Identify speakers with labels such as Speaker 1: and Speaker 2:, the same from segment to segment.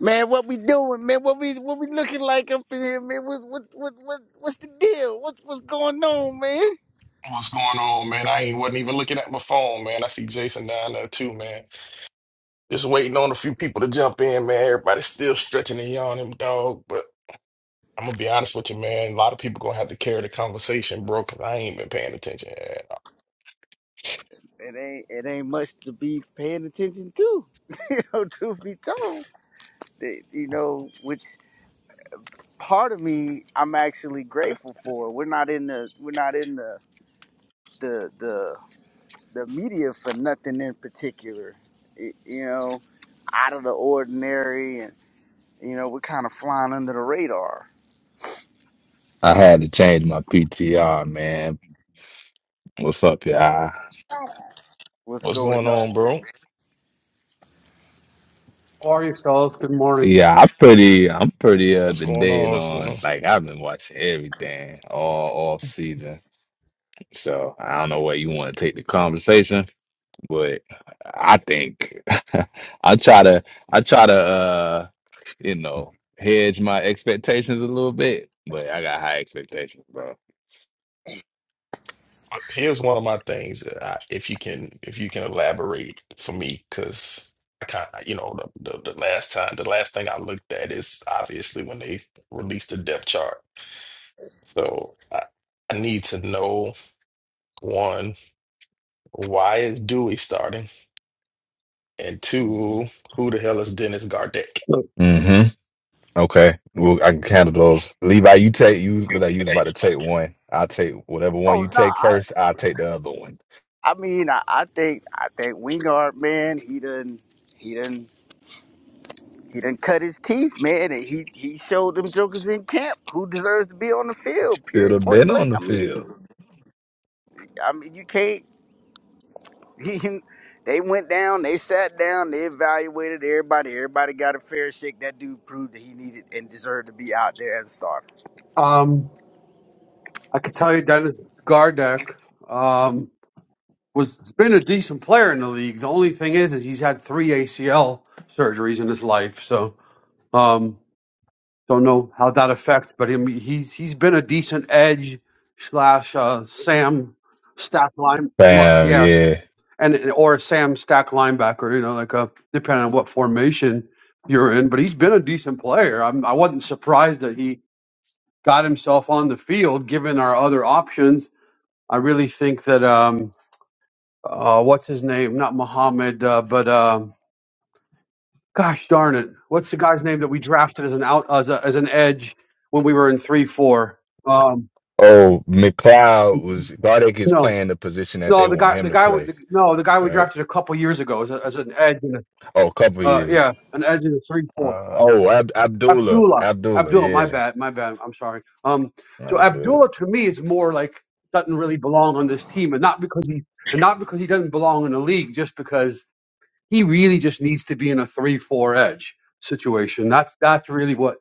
Speaker 1: Man, what we doing, man? What we what we looking like up in here, man? What what what what what's the deal? What's what's going on, man?
Speaker 2: What's going on, man? I ain't wasn't even looking at my phone, man. I see Jason down there too, man. Just waiting on a few people to jump in, man. Everybody's still stretching and yawning, dog. But I'm gonna be honest with you, man. A lot of people gonna have to carry the conversation, bro, because I ain't been paying attention at all.
Speaker 1: It ain't it ain't much to be paying attention to. you know, truth be told, That, you know, which part of me I'm actually grateful for. We're not in the we're not in the the the the media for nothing in particular. It, you know, out of the ordinary, and you know, we're kind of flying under the radar.
Speaker 3: I had to change my PTR, man. What's up, y'all?
Speaker 1: What's
Speaker 2: What's going
Speaker 1: going on?
Speaker 2: on, bro?
Speaker 4: How are you, fellas? Good morning.
Speaker 3: Yeah, I'm pretty. I'm pretty up
Speaker 2: What's
Speaker 3: to
Speaker 2: going on?
Speaker 3: date
Speaker 2: What's going
Speaker 3: on.
Speaker 2: on?
Speaker 3: Like I've been watching everything all off season. So I don't know where you want to take the conversation, but I think I try to. I try to. uh You know, hedge my expectations a little bit, but I got high expectations, bro.
Speaker 2: Here's one of my things that I, if you can, if you can elaborate for me, because I kind of, you know, the, the the last time, the last thing I looked at is obviously when they released the depth chart. So I, I need to know one, why is Dewey starting? And two, who the hell is Dennis Gardeck?
Speaker 3: Mm-hmm. Okay, well, I can handle those. Levi, you take you that you was about to take one. I'll take whatever one
Speaker 1: Oh
Speaker 3: you take
Speaker 1: no!
Speaker 3: first. I'll take the other one.
Speaker 1: I mean, I, I think I think Wingard, man, he done he done he done cut his teeth, man, and he he showed them jokers in camp who deserves to be on the field.
Speaker 3: Should
Speaker 1: Period,
Speaker 3: have
Speaker 1: point
Speaker 3: been
Speaker 1: blank.
Speaker 3: on the
Speaker 1: I mean,
Speaker 3: field.
Speaker 1: I mean, you can't. He, they went down, they sat down, they evaluated everybody. Everybody got a fair shake. That dude proved that he needed and deserved to be out there as a starter.
Speaker 4: Um, I can tell you, Dennis Gardeck um, was has been a decent player in the league. The only thing is, is he's had three ACL surgeries in his life, so um, don't know how that affects. But I mean, he's he's been a decent edge slash uh, Sam stack line, li-
Speaker 3: Bam,
Speaker 4: yes,
Speaker 3: yeah.
Speaker 4: and and- or Sam stack linebacker. You know, like a depending on what formation you're in. But he's been a decent player. I'm, I wasn't surprised that he got himself on the field, given our other options, I really think that um, uh, what's his name? Not Muhammad, uh, but um, gosh darn it, what's the guy's name that we drafted as an out as, a, as an edge when we were in three four? Um,
Speaker 3: Oh, McLeod was Gardeck is
Speaker 4: no,
Speaker 3: playing the position that they
Speaker 4: no, the
Speaker 3: want
Speaker 4: guy,
Speaker 3: him
Speaker 4: the
Speaker 3: to
Speaker 4: guy, we,
Speaker 3: play.
Speaker 4: the, no, the guy we
Speaker 3: Right?
Speaker 4: drafted a couple years ago as, a, as an edge in a,
Speaker 3: Oh, a couple
Speaker 4: uh,
Speaker 3: years.
Speaker 4: yeah, an edge in a three four.
Speaker 3: Uh, oh, Ab- Abdullah,
Speaker 4: Abdullah.
Speaker 3: Abdullah,
Speaker 4: Abdullah, my
Speaker 3: yeah.
Speaker 4: bad, my bad. I'm sorry. Um, so
Speaker 3: Oh, good.
Speaker 4: Abdullah to me is more like doesn't really belong on this team, and not because he and not because he doesn't belong in the league, just because he really just needs to be in a three-four edge situation. That's that's really what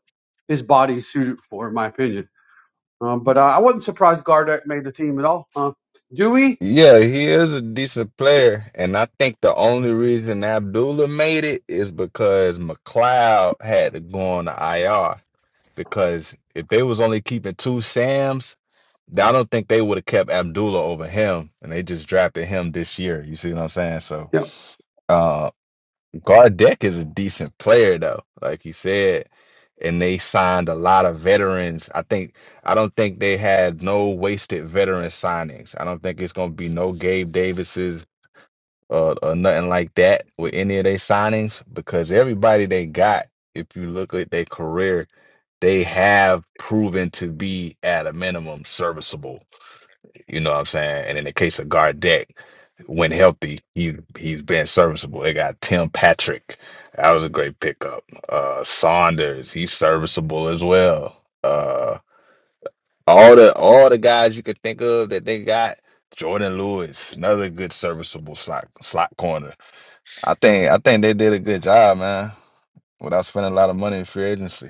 Speaker 4: his body is suited for, in my opinion. Um, but uh, I wasn't surprised Gardeck made the team at all. Uh, Dewey.
Speaker 3: Yeah, he is a decent player, and I think the only reason Abdullah made it is because McLeod had to go on the IR. because if they was only keeping two Sams, I don't think they would have kept Abdullah over him, and they just drafted him this year. You see what I'm saying? So, uh, Gardeck is a decent player though, like you said, and they signed a lot of veterans. I think I don't think they had no wasted veteran signings. I don't think it's gonna be no Gabe Davises or, or nothing like that with any of their signings because everybody they got, if you look at their career they have proven to be at a minimum serviceable. You know what I'm saying? And in the case of Gardeck, when healthy, he's he's been serviceable. They got Tim Patrick. That was a great pickup. Uh Saunders, he's serviceable as well. Uh all the all the guys you could think of that they got. Jordan Lewis, another good serviceable slot slot corner. I think I think they did a good job, man, without spending a lot of money in free agency.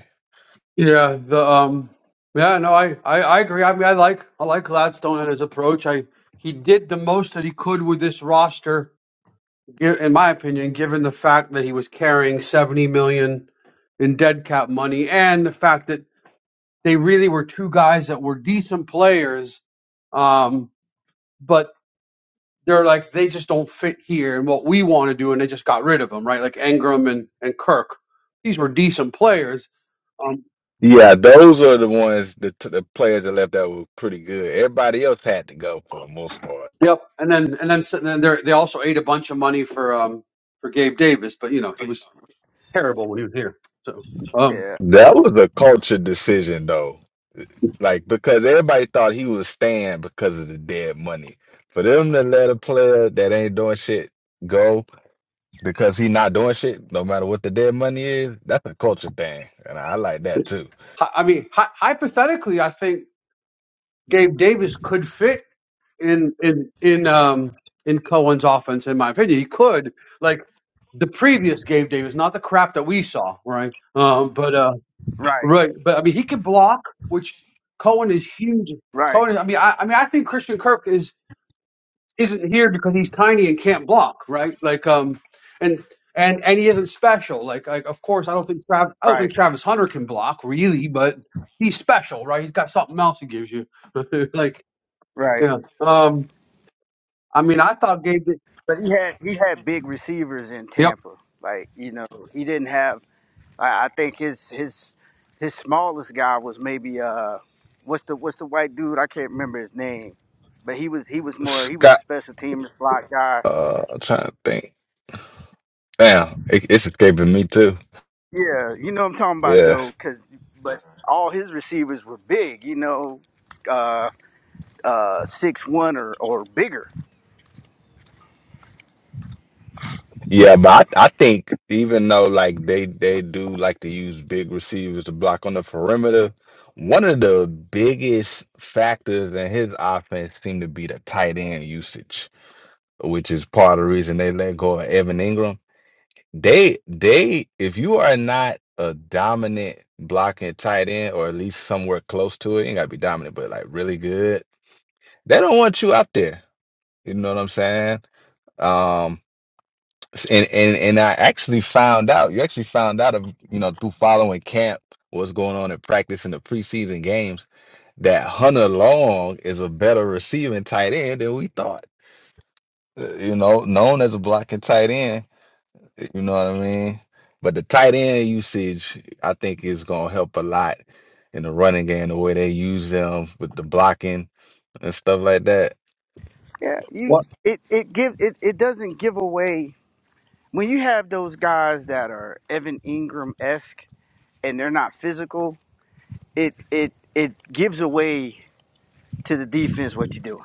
Speaker 4: Yeah, the um yeah, no, I, I I agree. I mean, I like I like Gladstone and his approach. I he did the most that he could with this roster, gi- in my opinion, given the fact that he was carrying 70 million in dead cap money and the fact that they really were two guys that were decent players um but they're like they just don't fit here and what we want to do and they just got rid of them, right? Like Ingram and and Kirk. These were decent players. um,
Speaker 3: Yeah, those are the ones the the players that left that were pretty good. Everybody else had to go for the most part.
Speaker 4: Yep. And then and then sitting in there, they also ate a bunch of money for um for Gabe Davis, but you know he was terrible when he was here. So um,
Speaker 1: Yeah,
Speaker 3: That was a culture decision though. Like because everybody thought he was staying because of the dead money. For them to let a player that ain't doing shit go because he not doing shit, no matter what the dead money is, that's a culture thing. And I like that too.
Speaker 4: hy- I mean, hy- hypothetically, I think Gabe Davis could fit in in in um in Cohen's offense. In my opinion, he could like the previous Gabe Davis, not the crap that we saw, right? Um, but uh,
Speaker 1: right,
Speaker 4: right, but I mean, he could block, which Cohen is huge.
Speaker 1: right,
Speaker 4: Cohen, is, I mean, I, I mean, I think Christian Kirk is isn't here because he's tiny and can't block, right? Like um and and and he isn't special. Like like of course I don't think Trav I don't
Speaker 1: right,
Speaker 4: think Travis Hunter can block really, but he's special, right? He's got something else he gives you. like
Speaker 1: right.
Speaker 4: yeah. Um I mean I thought Gabe did,
Speaker 1: But he had he had big receivers in
Speaker 4: Yep.
Speaker 1: Tampa. Like you know, he didn't have I, I think his his his smallest guy was maybe uh what's the what's the white dude? I can't remember his name. But he was he was more he was a
Speaker 3: Scott
Speaker 1: special team slot guy.
Speaker 3: uh I'm trying to think. Damn, it, it's escaping me too.
Speaker 1: Yeah, you know what I'm talking about
Speaker 3: Yeah.
Speaker 1: though, cause but all his receivers were big, you know, uh uh six one or, or bigger.
Speaker 3: Yeah, but I, I think even though like they they do like to use big receivers to block on the perimeter, one of the biggest factors in his offense seemed to be the tight end usage, which is part of the reason they let go of Evan Ingram. They they if you are not a dominant blocking tight end or at least somewhere close to it, you ain't gotta be dominant, but like really good, they don't want you out there. You know what I'm saying? Um, and and and I actually found out, you actually found out of, you know, through following camp, what's going on in practice in the preseason games, that Hunter Long is a better receiving tight end than we thought. Uh, You know, known as a blocking tight end, you know what I mean? But the tight end usage, I think, is gonna help a lot in the running game, the way they use them with the blocking and stuff like that.
Speaker 1: Yeah, you
Speaker 4: What
Speaker 1: it, it give it, it doesn't give away when you have those guys that are Evan Ingram esque and they're not physical, it it it gives away to the defense what you do.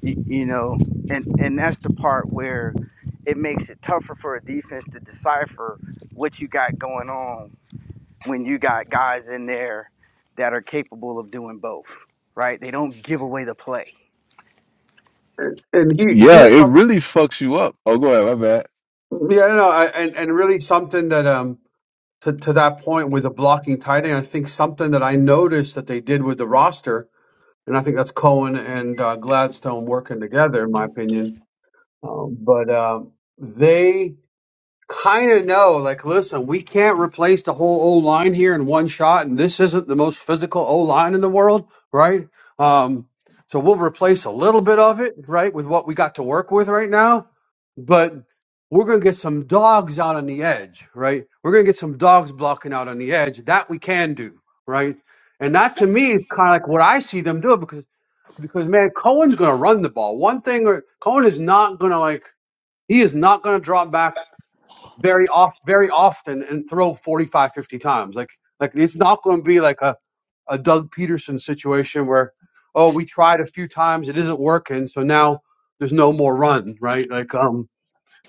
Speaker 1: You, you know, and and that's the part where it makes it tougher for a defense to decipher what you got going on when you got guys in there that are capable of doing both. Right? They don't give away the play.
Speaker 4: and he he
Speaker 3: Yeah,
Speaker 4: had
Speaker 3: it
Speaker 4: some
Speaker 3: really fucks you up. Oh, go ahead, my bad.
Speaker 4: yeah, no, I, and and really something that um to, to that point with the blocking tight end, I think something that I noticed that they did with the roster, and I think that's Cohen and uh, Gladstone working together, in my opinion Um, but um, they kind of know, like, listen, we can't replace the whole O line here in one shot, and this isn't the most physical O line in the world, right? Um, so we'll replace a little bit of it, right, with what we got to work with right now, but we're going to get some dogs out on the edge, right? We're going to get some dogs blocking out on the edge. That we can do, right? And that to me is kind of like what I see them do because because man, Cohen's going to run the ball. One thing, or Cohen is not going to like he is not going to drop back very off very often and throw 45, 50 times. Like like it's not going to be like a, a Doug Peterson situation where oh we tried a few times it isn't working so now there's no more run right like um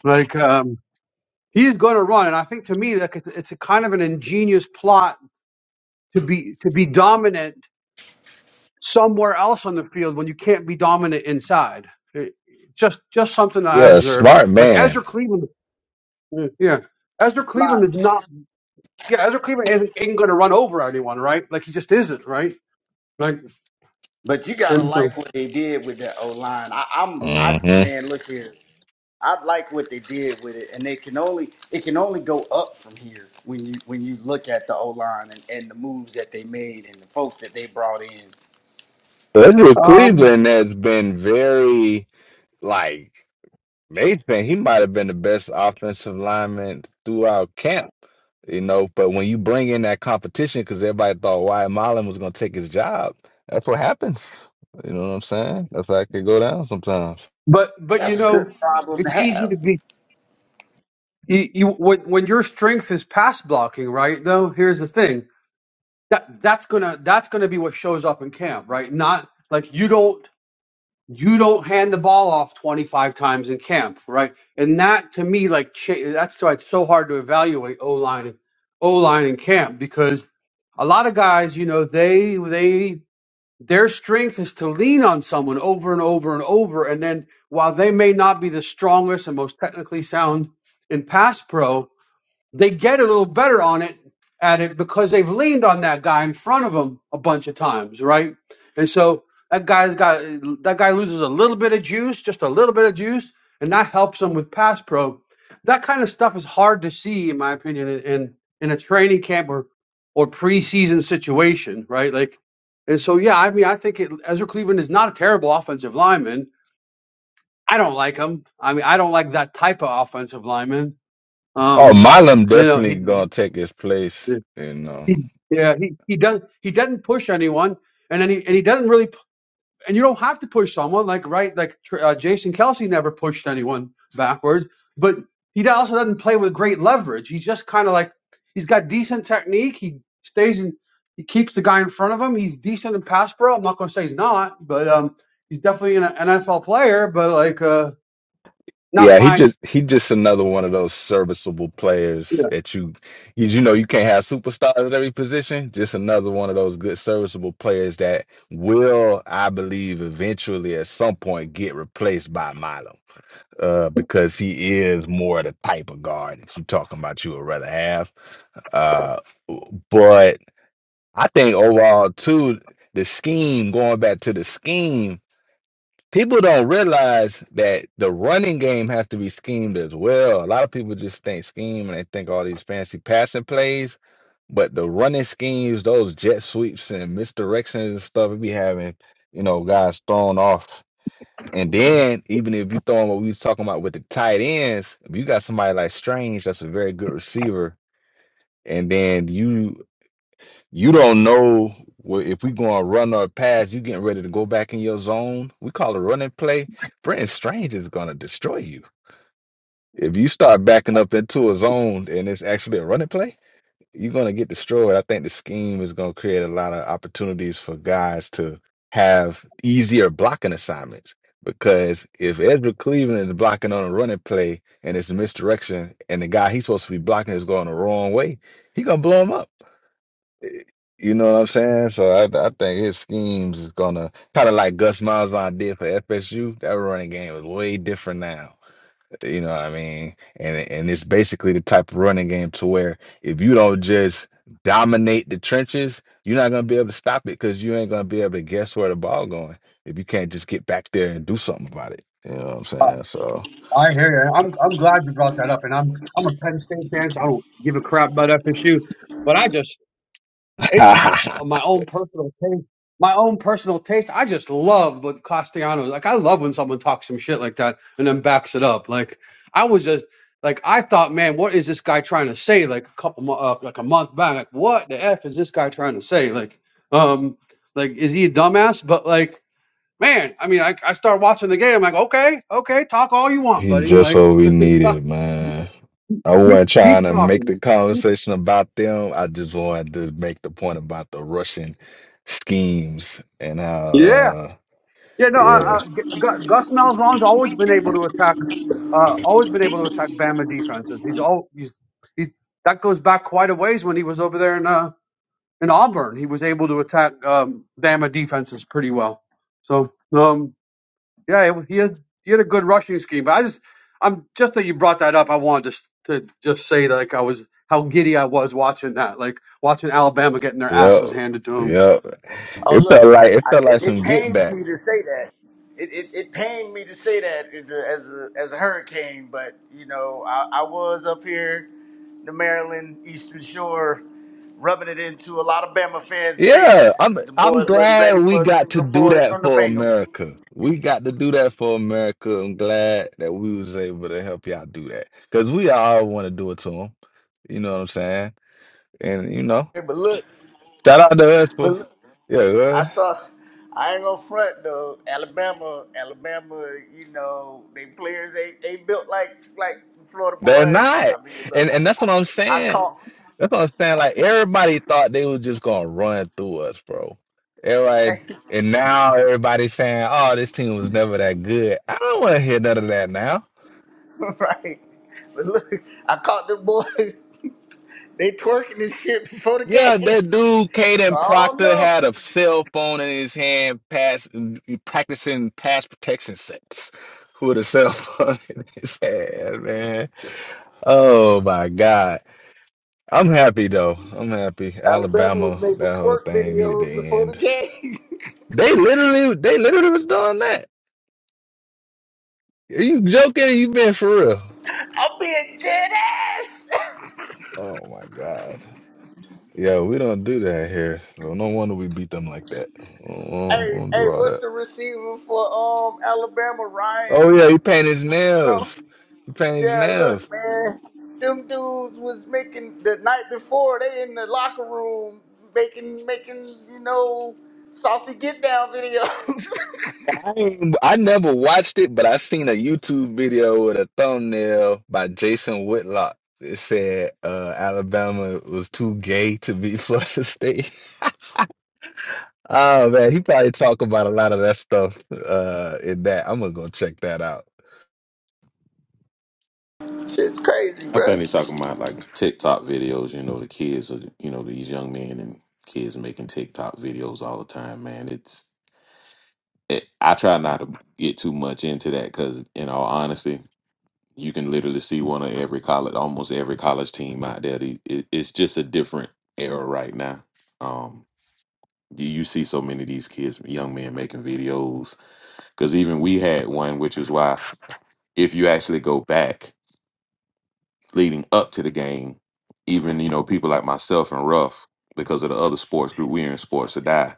Speaker 4: like um he's going to run and I think to me like it's, it's a kind of an ingenious plot to be to be dominant somewhere else on the field when you can't be dominant inside. It- just just something I
Speaker 3: Yeah,
Speaker 4: observed.
Speaker 3: smart
Speaker 4: Like
Speaker 3: man.
Speaker 4: Ezra Cleveland Mm, Yeah. Ezra Cleveland
Speaker 1: Lot.
Speaker 4: is not, yeah, Ezra Cleveland isn't, ain't going to run over anyone, right? Like, he just isn't, right? Like,
Speaker 1: But you gotta
Speaker 4: and
Speaker 1: like
Speaker 4: so,
Speaker 1: what they did with that O line. I, I'm I
Speaker 3: hmm
Speaker 1: man, look here. I like what they did with it, and they can only it can only go up from here when you when you look at the O line and, and the moves that they made and the folks that they brought in.
Speaker 3: Andrew
Speaker 4: um,
Speaker 3: Cleveland has been very like Mason. He might have been the best offensive lineman throughout camp, you know. But when you bring in that competition, because everybody thought Wyatt Mullen was going to take his job, that's what happens. You know what I'm saying? That's how it could go down sometimes.
Speaker 4: but, but you
Speaker 1: That's a good
Speaker 4: know,
Speaker 1: problem to
Speaker 4: it's easy
Speaker 1: have.
Speaker 4: to be, you, you when, when your strength is pass blocking, right? Though, here's the thing that, that's going to, that's going to be what shows up in camp, right? Not like you don't you don't hand the ball off 25 times in camp, right? And that to me, like, cha- that's why it's so hard to evaluate O line, O line in camp because a lot of guys, you know, they, they, their strength is to lean on someone over and over and over. And then while they may not be the strongest and most technically sound in pass pro, they get a little better on it at it because they've leaned on that guy in front of them a bunch of times, right? And so that guy's got that guy loses a little bit of juice, just a little bit of juice, and that helps him with pass pro. That kind of stuff is hard to see, in my opinion, in in, in a training camp or or preseason situation, right? Like, and so yeah, I mean, I think it, Ezra Cleveland is not a terrible offensive lineman. I don't like him. I mean, I don't like that type of offensive lineman.
Speaker 3: Oh,
Speaker 4: Um,
Speaker 3: Milam
Speaker 4: you know,
Speaker 3: definitely going
Speaker 4: he.
Speaker 3: to take his place. You know.
Speaker 4: He, yeah, he, he does he doesn't push anyone, and then he and he doesn't really p- and you don't have to push someone like right like tr- uh, Jason Kelsey never pushed anyone backwards, but he do- also doesn't play with great leverage. He's just kind of like he's got decent technique. He stays in he keeps the guy in front of him. He's decent in pass pro. I'm not going to say he's not, but um, he's definitely an NFL player. But like uh, not
Speaker 3: Yeah, he
Speaker 4: my.
Speaker 3: just he just another one of those serviceable players that you you, you know you can't have superstars at every position. Just another one of those good serviceable players that will, I believe, eventually at some point get replaced by Milo. Uh, because he is more the type of guard that you talking about you would rather have. Uh, but I think overall too, the scheme going back to the scheme people don't realize that the running game has to be schemed as well. A lot of people just think scheme and they think all these fancy passing plays, but the running schemes, those jet sweeps and misdirections and stuff, we be having, you know, guys thrown off. And then even if you throw in what we was talking about with the tight ends, if you got somebody like Strange, that's a very good receiver, and then you you don't know wh- if we going to run or pass. You getting ready to go back in your zone. We call it running play. Friend strange is going to destroy you. If you start backing up into a zone and it's actually a running play, you're going to get destroyed. I think the scheme is going to create a lot of opportunities for guys to have easier blocking assignments. Because if Ezra Cleveland is blocking on a running play and it's a misdirection, and the guy he's supposed to be blocking is going the wrong way, he gonna blow him up. You know what I'm saying? So I, I think his schemes is gonna kind of like Gus Malzahn did for FSU. That running game is way different now. You know what I mean? And and it's basically the type of running game to where if you don't just dominate the trenches, you're not gonna be able to stop it because you ain't gonna be able to guess where the ball going if you can't just get back there and do something about it. You know what I'm saying? So
Speaker 4: I hear you. I'm I'm glad you brought that up, and I'm I'm a Penn State fan, so I don't give a crap about FSU. But I just it's just my own personal taste. My own personal taste. I just love what Castellanos like. I love when someone talks some shit like that and then backs it up. Like I was just like I thought, man, what is this guy trying to say? Like a couple mo- uh, like a month back, like what the f is this guy trying to say? Like um like is he a dumbass? But like man, I mean, I, I start watching the game. I'm like, okay, okay, talk all you want,
Speaker 3: he
Speaker 4: buddy.
Speaker 3: just
Speaker 4: Like,
Speaker 3: what we
Speaker 4: talk,
Speaker 3: needed, man. I
Speaker 4: keep,
Speaker 3: wasn't trying
Speaker 4: keep
Speaker 3: to make
Speaker 4: talking.
Speaker 3: the conversation about them. I just wanted to make the point about the Russian schemes and how,
Speaker 4: Yeah.
Speaker 3: uh,
Speaker 4: Yeah. No, I, I,
Speaker 3: yeah,
Speaker 4: G- Gu- Gus Malzahn's always been able to attack, uh, always been able to attack Bama defenses. He's all, he's, he, that goes back quite a ways when he was over there in, uh, in Auburn. He was able to attack, um, Bama defenses pretty well. So, um, Yeah, it- he had he had a good rushing scheme. But I just, I'm just that you brought that up. I wanted to s- to just say like I was how giddy I was watching that, like watching Alabama getting their
Speaker 3: yep,
Speaker 4: asses handed to them.
Speaker 3: yep.
Speaker 1: Oh,
Speaker 3: It
Speaker 1: look,
Speaker 3: felt like it
Speaker 1: I,
Speaker 3: felt like
Speaker 1: it, it
Speaker 3: some get
Speaker 1: pains
Speaker 3: back.
Speaker 1: me to say that. It, it, it pained me to say that as a, as a, as a hurricane, but you know, I, I was up here, the Maryland Eastern Shore, rubbing it into a lot of Bama fans'
Speaker 3: Yeah,
Speaker 1: face.
Speaker 3: I'm
Speaker 1: The
Speaker 3: I'm
Speaker 1: boys wasn't
Speaker 3: glad
Speaker 1: ready
Speaker 3: we
Speaker 1: for it
Speaker 3: got
Speaker 1: from
Speaker 3: to
Speaker 1: the
Speaker 3: do
Speaker 1: boys
Speaker 3: that
Speaker 1: from the
Speaker 3: for
Speaker 1: Bingham.
Speaker 3: America. We got to do that for America. I'm glad that we was able to help y'all do that because we all want to do it to them. You know what I'm saying? And you know,
Speaker 1: But look,
Speaker 3: shout out to us
Speaker 1: but
Speaker 3: for
Speaker 1: look,
Speaker 3: yeah. Go ahead.
Speaker 1: I saw. I ain't gonna front though. Alabama, Alabama, you know, they players they they built like like Florida
Speaker 3: They're
Speaker 1: boys.
Speaker 3: not.
Speaker 1: I mean, look,
Speaker 3: And and that's what I'm
Speaker 1: I
Speaker 3: saying.
Speaker 1: caught
Speaker 3: That's what I'm saying. Like everybody thought they was just gonna run through us, bro. Everybody and now everybody's saying, Oh, this team was never that good. I don't wanna hear none of that now.
Speaker 1: right. But look, I caught the boys. They twerking this shit before the
Speaker 3: Yeah,
Speaker 1: game.
Speaker 3: that dude Caden
Speaker 1: Oh
Speaker 3: Proctor had
Speaker 1: no.
Speaker 3: a cell phone in his hand pass practicing pass protection sets with a cell phone in his hand, man. Oh my God. I'm happy though. I'm happy.
Speaker 1: Alabama was
Speaker 3: Alabama,
Speaker 1: making
Speaker 3: that whole
Speaker 1: twerk
Speaker 3: thing needed to
Speaker 1: videos before the
Speaker 3: end.
Speaker 1: game.
Speaker 3: They literally, they literally was doing that. Are you joking? or You been for real?
Speaker 1: I'm being dead ass.
Speaker 3: Oh my God. Yeah, we don't do that here. So no wonder we beat them like that. We don't,
Speaker 1: Hey,
Speaker 3: we don't
Speaker 1: hey,
Speaker 3: do all
Speaker 1: what's
Speaker 3: that.
Speaker 1: the receiver for um Alabama?
Speaker 3: Oh
Speaker 1: And
Speaker 3: yeah, he painted his
Speaker 1: so
Speaker 3: nails. He painted his
Speaker 1: yeah,
Speaker 3: nails.
Speaker 1: look, man. Them dudes was making the night before they in the locker room making making, you know, saucy get down video.
Speaker 3: I ain't- I never watched it, but I seen a YouTube video with a thumbnail by Jason Whitlock. It said uh, Alabama was too gay to be Florida State. Oh man, he probably talk about a lot of that stuff uh in that. I'm gonna go check that out.
Speaker 1: Shit's crazy,
Speaker 5: I
Speaker 1: bro.
Speaker 5: think they talking about like TikTok videos. You know, the kids are, you know, these young men and kids making TikTok videos all the time. Man, it's. It, I try not to get too much into that because, in all honesty, you can literally see one of every college, almost every college team out there. The- It, it's just a different era right now. Um, you, you see so many of these kids, young men making videos. Because even we had one, which is why if you actually go back. leading up to the game, even you know people like myself and Ruff, because of the other sports group we're in, sports to die.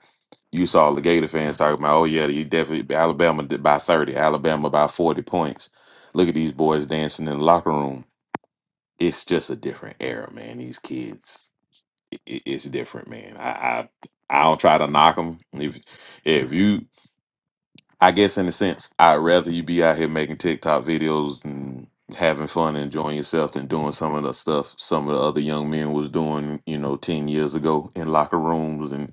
Speaker 5: You saw the Gator fans talking about, oh yeah, you definitely Alabama did by thirty, Alabama by forty points. Look at these boys dancing in the locker room. It's just a different era, man. These kids, i i- it's different, man. I, I I don't try to knock them. If if you I guess in a sense, I'd rather you be out here making TikTok videos and having fun and enjoying yourself than doing some of the stuff some of the other young men was doing, you know, 10 years ago in locker rooms and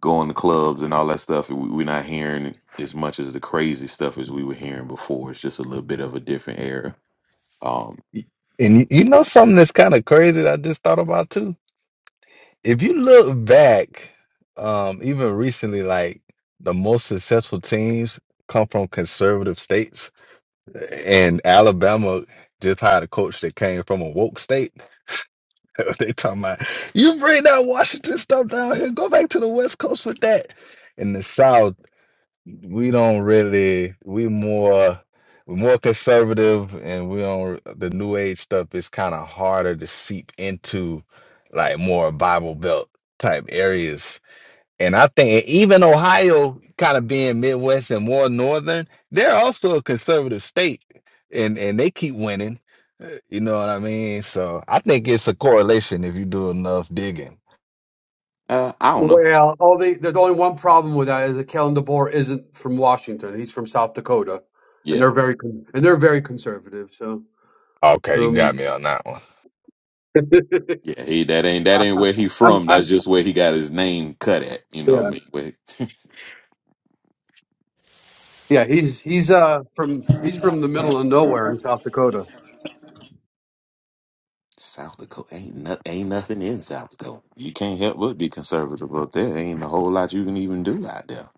Speaker 5: going to clubs and all that stuff. We- We're not hearing as much as the crazy stuff as we were hearing before. It's just a little bit of a different era. Um,
Speaker 3: Y- And y- you know something that's kind of crazy that I just thought about too? If you look back, um, even recently, like the most successful teams come from conservative states, and Alabama just hired a coach that came from a woke state. They talking about you bring that Washington stuff down here, go back to the West Coast with that. In the South. we don't really we more we're more conservative and we don't the new age stuff is kind of harder to seep into like more Bible Belt type areas. And I think even Ohio kind of being Midwest and more northern, they're also a conservative state and and they keep winning. Uh, You know what I mean? So I think it's a correlation if you do enough digging.
Speaker 5: uh, I don't know.
Speaker 4: Well, only there's only one problem with that is that Kellen DeBoer isn't from Washington. He's from South Dakota, and
Speaker 5: Yeah.
Speaker 4: they're very con- and they're very conservative. So,
Speaker 3: Okay, you got
Speaker 4: um,
Speaker 3: me on that one.
Speaker 5: Yeah, he that ain't that ain't where he
Speaker 4: I'm,
Speaker 5: from.
Speaker 4: I'm
Speaker 5: That's just where he got his name cut at. You know
Speaker 4: yeah
Speaker 5: what I mean? Where,
Speaker 4: yeah he's he's uh from he's from the middle of nowhere in South Dakota.
Speaker 5: South Dakota ain't no, ain't nothing in South Dakota. You can't help but be conservative up there. Ain't a whole lot you can even do out there.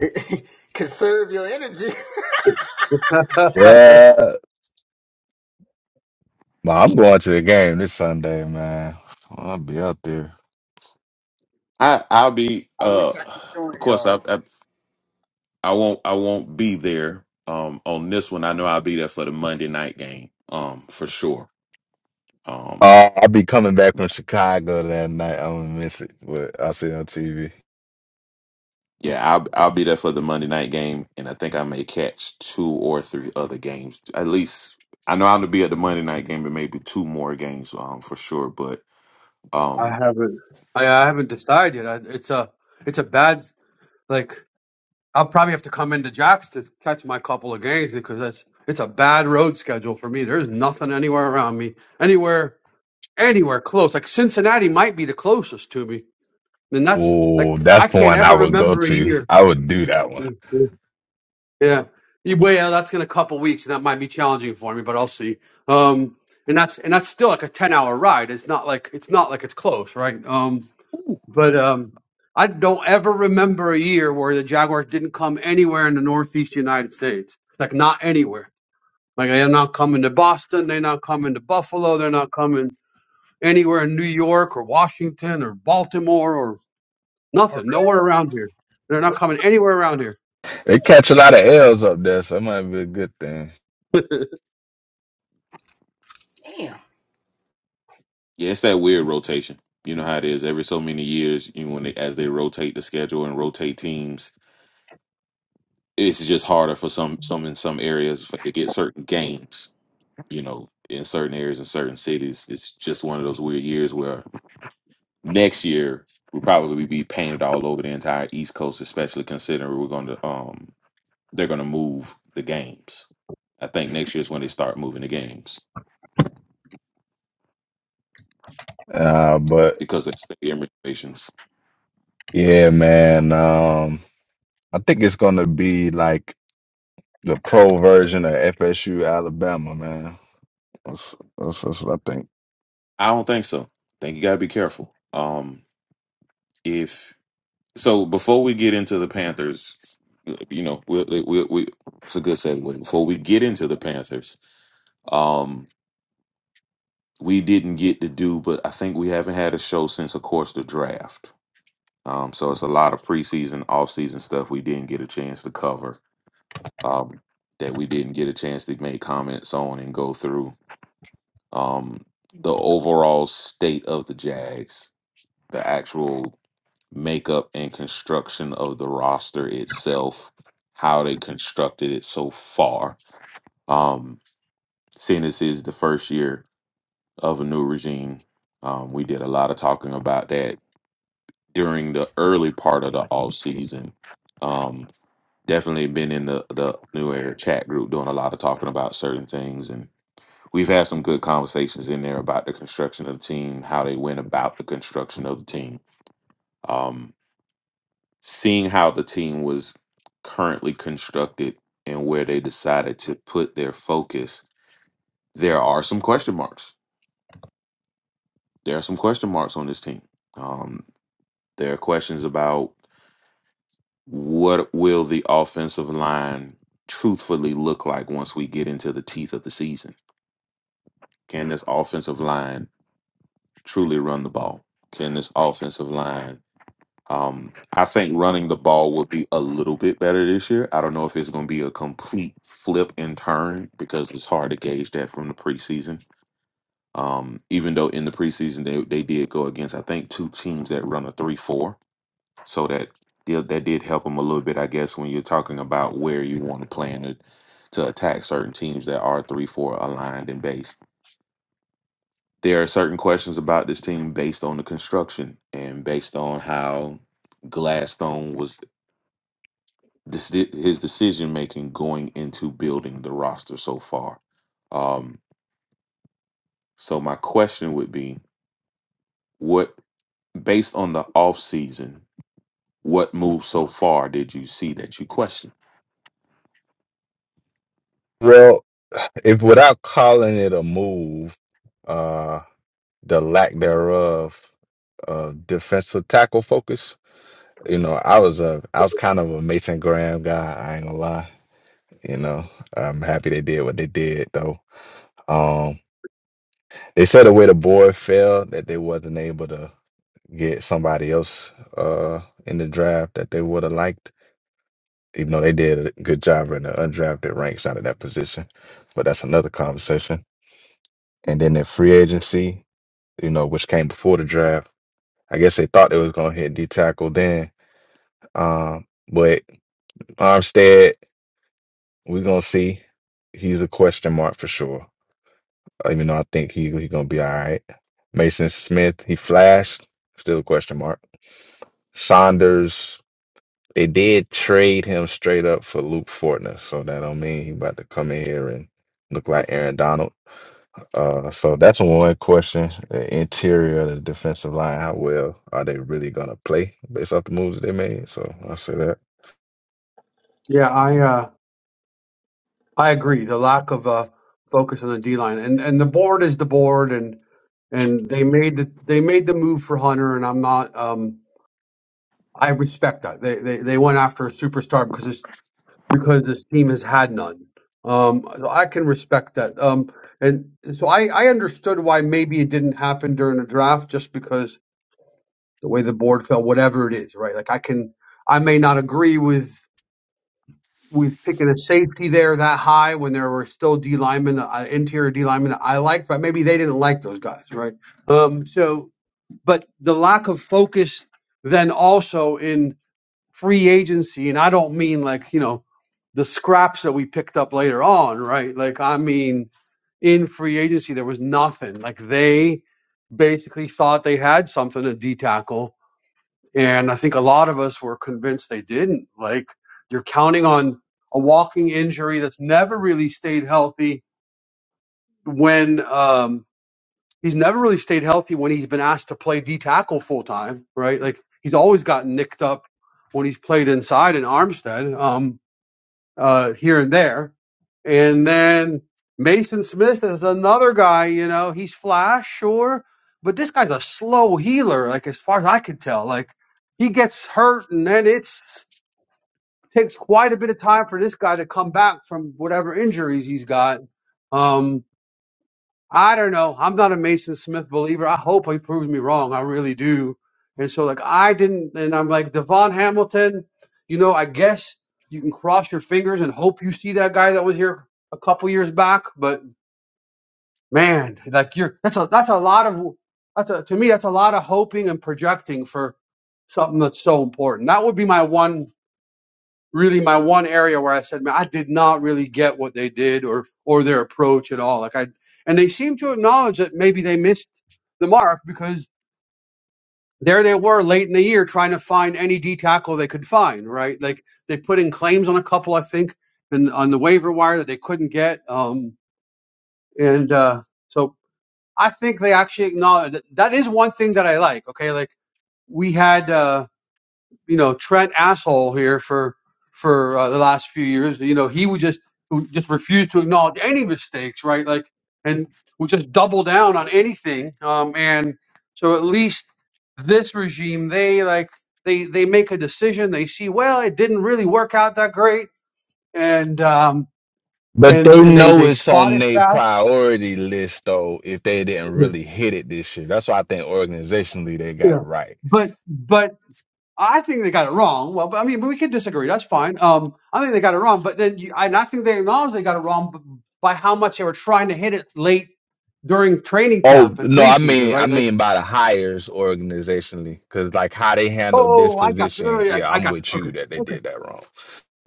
Speaker 1: Conserve your energy.
Speaker 3: Well. But I'm going to a game this Sunday, man. I'll be out there.
Speaker 5: I I'll be
Speaker 1: I wish
Speaker 5: uh,
Speaker 1: I could
Speaker 5: of
Speaker 1: join
Speaker 5: course I
Speaker 1: y'all.
Speaker 5: I, I won't I won't be there um on this one. I know I'll be there for the Monday night game um for sure. Um
Speaker 3: Uh, I'll be coming back from Chicago that night. I'm gonna miss it, but I'll see it on TV.
Speaker 5: yeah I'll I'll be there for the Monday night game and I think I may catch two or three other games at least. I know I'm gonna be at the Monday night game and maybe two more games um for sure. But
Speaker 4: I
Speaker 5: um.
Speaker 4: haven't. I, I haven't decided. I, it's a. It's a bad. Like I'll probably have to come into Jack's to catch my couple of games because that's. It's a bad road schedule for me. There's nothing anywhere around me. Anywhere. Anywhere close. Like Cincinnati might be the closest to me, and that's
Speaker 3: Oh,
Speaker 4: like I
Speaker 3: that's
Speaker 4: can't
Speaker 3: one I
Speaker 4: ever
Speaker 3: would go
Speaker 4: remember a
Speaker 3: to.
Speaker 4: year.
Speaker 3: I would do that one.
Speaker 4: Yeah. You- Well, yeah, that's in a couple weeks, and that might be challenging for me, but I'll see. Um, and that's and that's still like a ten hour ride. It's not like it's not like it's close, right? Um, But um, I don't ever remember a year where the Jaguars didn't come anywhere in the Northeast United States. Like not anywhere. Like they're not coming to Boston. They're not coming to Buffalo. They're not coming anywhere in New York or Washington or Baltimore or
Speaker 1: For
Speaker 4: nothing.
Speaker 1: real.
Speaker 4: Nowhere around here. They're not
Speaker 1: What?
Speaker 4: coming anywhere around here.
Speaker 3: They catch a lot of L's up there, so it might be a good thing.
Speaker 1: Damn.
Speaker 5: Yeah, it's that weird rotation. You know how it is. Every so many years, you know, when they as they rotate the schedule and rotate teams, it's just harder for some some in some areas for- to get certain games. You know, in certain areas in certain cities, it's just one of those weird years where next year we'll probably be painted all over the entire East Coast, especially considering we're going to um they're going to move the games. I think next year is when they start moving the games
Speaker 3: Uh, but
Speaker 5: because of stadium renovations.
Speaker 3: yeah, man. Um, I think it's gonna be like the pro version of FSU Alabama, man. That's that's, that's what I think.
Speaker 5: I don't think so. I think you got to be careful. Um. if so before we get into the panthers you know we we, we it's a good segue before we get into the panthers um we didn't get to do but i think we haven't had a show since of course the draft um so it's a lot of preseason offseason stuff we didn't get a chance to cover um that we didn't get a chance to make comments on and go through um the overall state of the jags the actual makeup and construction of the roster itself, how they constructed it so far. Um, seeing this is the first year of a new regime, um, we did a lot of talking about that during the early part of the off season. Um, definitely been in the the new era chat group doing a lot of talking about certain things and. We've had some good conversations in there about the construction of the team, how they went about the construction of the team. Um, seeing how the team was currently constructed and where they decided to put their focus, there are some question marks. There are some question marks on this team. Um, there are questions about what will the offensive line truthfully look like once we get into the teeth of the season. Can this offensive line truly run the ball? Can this offensive line Um, I think running the ball will be a little bit better this year. I don't know if it's going to be a complete flip and turn because it's hard to gauge that from the preseason. Um, even though in the preseason they, they did go against I think two teams that run a three four, so that did, that did help them a little bit. I guess when you're talking about where you want to plan to, to attack certain teams that are three four aligned and based. There are certain questions about this team based on the construction and based on how Gladstone was this, his decision making going into building the roster so far. Um, so my question would be, what based on the off season, what moves so far did you see that you question?
Speaker 3: Well, if without calling it a move, uh, the lack thereof of defensive tackle focus, you know, I was a I was kind of a Mason Graham guy. I ain't gonna lie. You know, I'm happy they did what they did though. Um, they said the way the board fell that they wasn't able to get somebody else uh in the draft that they would have liked. Even though they did a good job in the undrafted ranks out of that position, but that's another conversation. And then in free agency, you know, which came before the draft. I guess they thought they was gonna hit D tackle then. Um, but Armstead, we're gonna see. He's a question mark for sure. Even though I think he he gonna be all right. Mason Smith, he flashed, still a question mark. Saunders, they did trade him straight up for Luke Fortner, so that don't mean he about to come in here and look like Aaron Donald. Uh, so that's one question. The interior of the defensive line, how well are they really gonna play based off the moves that they made? So I say that.
Speaker 4: Yeah, I uh, I agree. The lack of uh, focus on the D line and and the board is the board and and they made the they made the move for Hunter and I'm not um I respect that. They they, they went after a superstar because this because this team has had none. Um, so I can respect that. Um, and so I I understood why maybe it didn't happen during the draft just because the way the board fell, whatever it is, right? Like I can I may not agree with with picking a safety there that high when there were still D linemen, uh, interior D linemen that I liked, but maybe they didn't like those guys, right? Um, so but the lack of focus then also in free agency, and I don't mean like, you know, the scraps that we picked up later on, right? Like, I mean, in free agency, there was nothing. Like, they basically thought they had something to D tackle. And I think a lot of us were convinced they didn't. Like, you're counting on a walking injury that's never really stayed healthy when, um, he's never really stayed healthy when he's been asked to play D tackle full time, right? Like he's always gotten nicked up when he's played inside in Armstead, um, uh, here and there. And then Mason Smith is another guy, you know, he's flash, sure, but this guy's a slow healer, like as far as I can tell. Like he gets hurt and then it's takes quite a bit of time for this guy to come back from whatever injuries he's got. Um, I don't know. I'm not a Mason Smith believer. I hope he proves me wrong. I really do. And so, like, I didn't, and I'm like, Devon Hamilton, you know, I guess you can cross your fingers and hope you see that guy that was here a couple years back. But man, like, you're, that's a, that's a lot of, that's a, to me, that's a lot of hoping and projecting for something that's so important. That would be my one really my one area where I said, man, I did not really get what they did or or their approach at all. Like I and they seem to acknowledge that maybe they missed the mark because there they were late in the year trying to find any D tackle they could find, right? Like they put in claims on a couple, I think, and on the waiver wire that they couldn't get. Um and uh so I think they actually acknowledge that, that is one thing that I like. Okay, like we had uh you know Trent asshole here for for uh, the last few years. You know he would just who just refuse to acknowledge any mistakes, right? Like and would just double down on anything. Um, and so at least this regime, they like they they make a decision. They see well, it didn't really work out that great, and um,
Speaker 3: But they
Speaker 4: and and they
Speaker 3: know
Speaker 4: they
Speaker 3: it's
Speaker 4: spot
Speaker 3: on
Speaker 4: it
Speaker 3: their
Speaker 4: fast.
Speaker 3: priority list though, if they didn't really hit it this year. That's why I think organizationally they got
Speaker 4: Yeah.
Speaker 3: it right.
Speaker 4: But but I think they got it wrong. Well, but I mean, but we could disagree. That's fine. Um, I think they got it wrong, but then you, I, and I think they acknowledge they got it wrong b- by how much they were trying to hit it late during training
Speaker 3: Oh
Speaker 4: camp and
Speaker 3: no, I
Speaker 4: preseason,
Speaker 3: mean I
Speaker 4: right? Like,
Speaker 3: mean by the hires organizationally, because like how they handled this
Speaker 4: oh, I got you. Oh,
Speaker 3: position,
Speaker 4: yeah,
Speaker 3: yeah,
Speaker 4: I, I
Speaker 3: I'm
Speaker 4: got
Speaker 3: with
Speaker 4: you. Okay,
Speaker 3: you that they
Speaker 4: okay,
Speaker 3: did that wrong.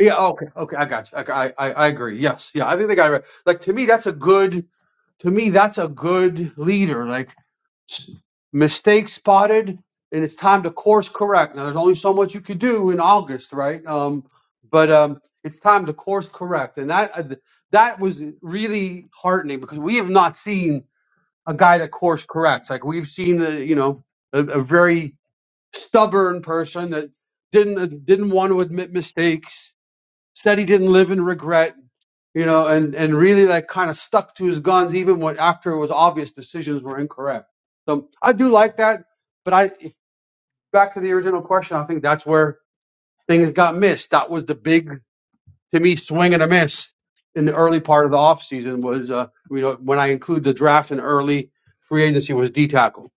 Speaker 4: yeah, okay, okay, I got you. Okay, I, I, I agree. Yes, yeah, I think they got it. Right. Like to me, that's a good. To me, that's a good leader. Like Mistake spotted, and it's time to course correct. Now, there's only so much you could do in August, right? Um, but um, it's time to course correct, and that uh, that was really heartening because we have not seen a guy that course corrects. Like we've seen, a, you know, a, a very stubborn person that didn't uh, didn't want to admit mistakes said he didn't live in regret, you know, and, and really like kind of stuck to his guns even when after it was obvious decisions were incorrect. So I do like that, but I if back to the original question, I think that's where things got missed. That was the big to me swing and a miss in the early part of the offseason was uh you know when I include the draft and early free agency was D tackle.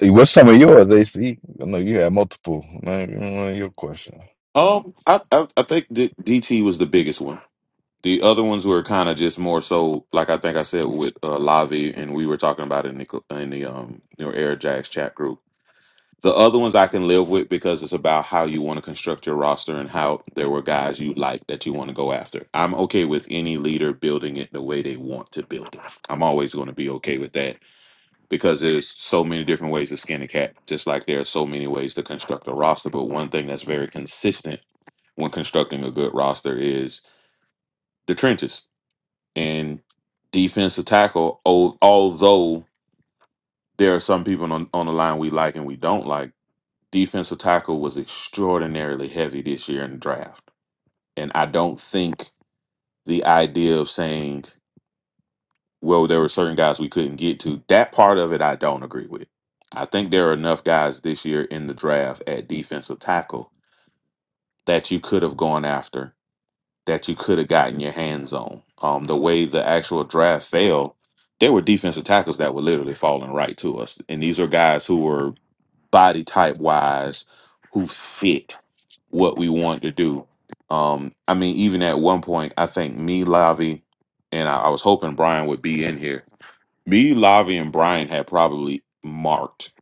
Speaker 3: Hey, What's some of yours, AC? I know you had multiple. Man, you know, your question.
Speaker 5: Um, I I, I think D- DT was the biggest one. The other ones were kind of just more so, like I think I said with uh, Lavi, and we were talking about it in the in the um your Air Jacks chat group. The other ones I can live with because it's about how you want to construct your roster and how there were guys you like that you want to go after. I'm okay with any leader building it the way they want to build it. I'm always going to be okay with that because there's so many different ways to skin a cat, just like there are so many ways to construct a roster. But one thing that's very consistent when constructing a good roster is the trenches and defensive tackle. al- Although there are some people on, on the line we like and we don't like defensive tackle was extraordinarily heavy this year in the draft. And I don't think the idea of saying, well, there were certain guys we couldn't get to, that part of it I don't agree with. I think there are enough guys this year in the draft at defensive tackle that you could have gone after, that you could have gotten your hands on. Um, the way the actual draft fell, there were defensive tackles that were literally falling right to us. And these are guys who were body type wise who fit what we wanted to do. Um, I mean, even at one point, I think me, Lavi, and I, I was hoping Brian would be in here. Me, Lavi, and Brian had probably marked.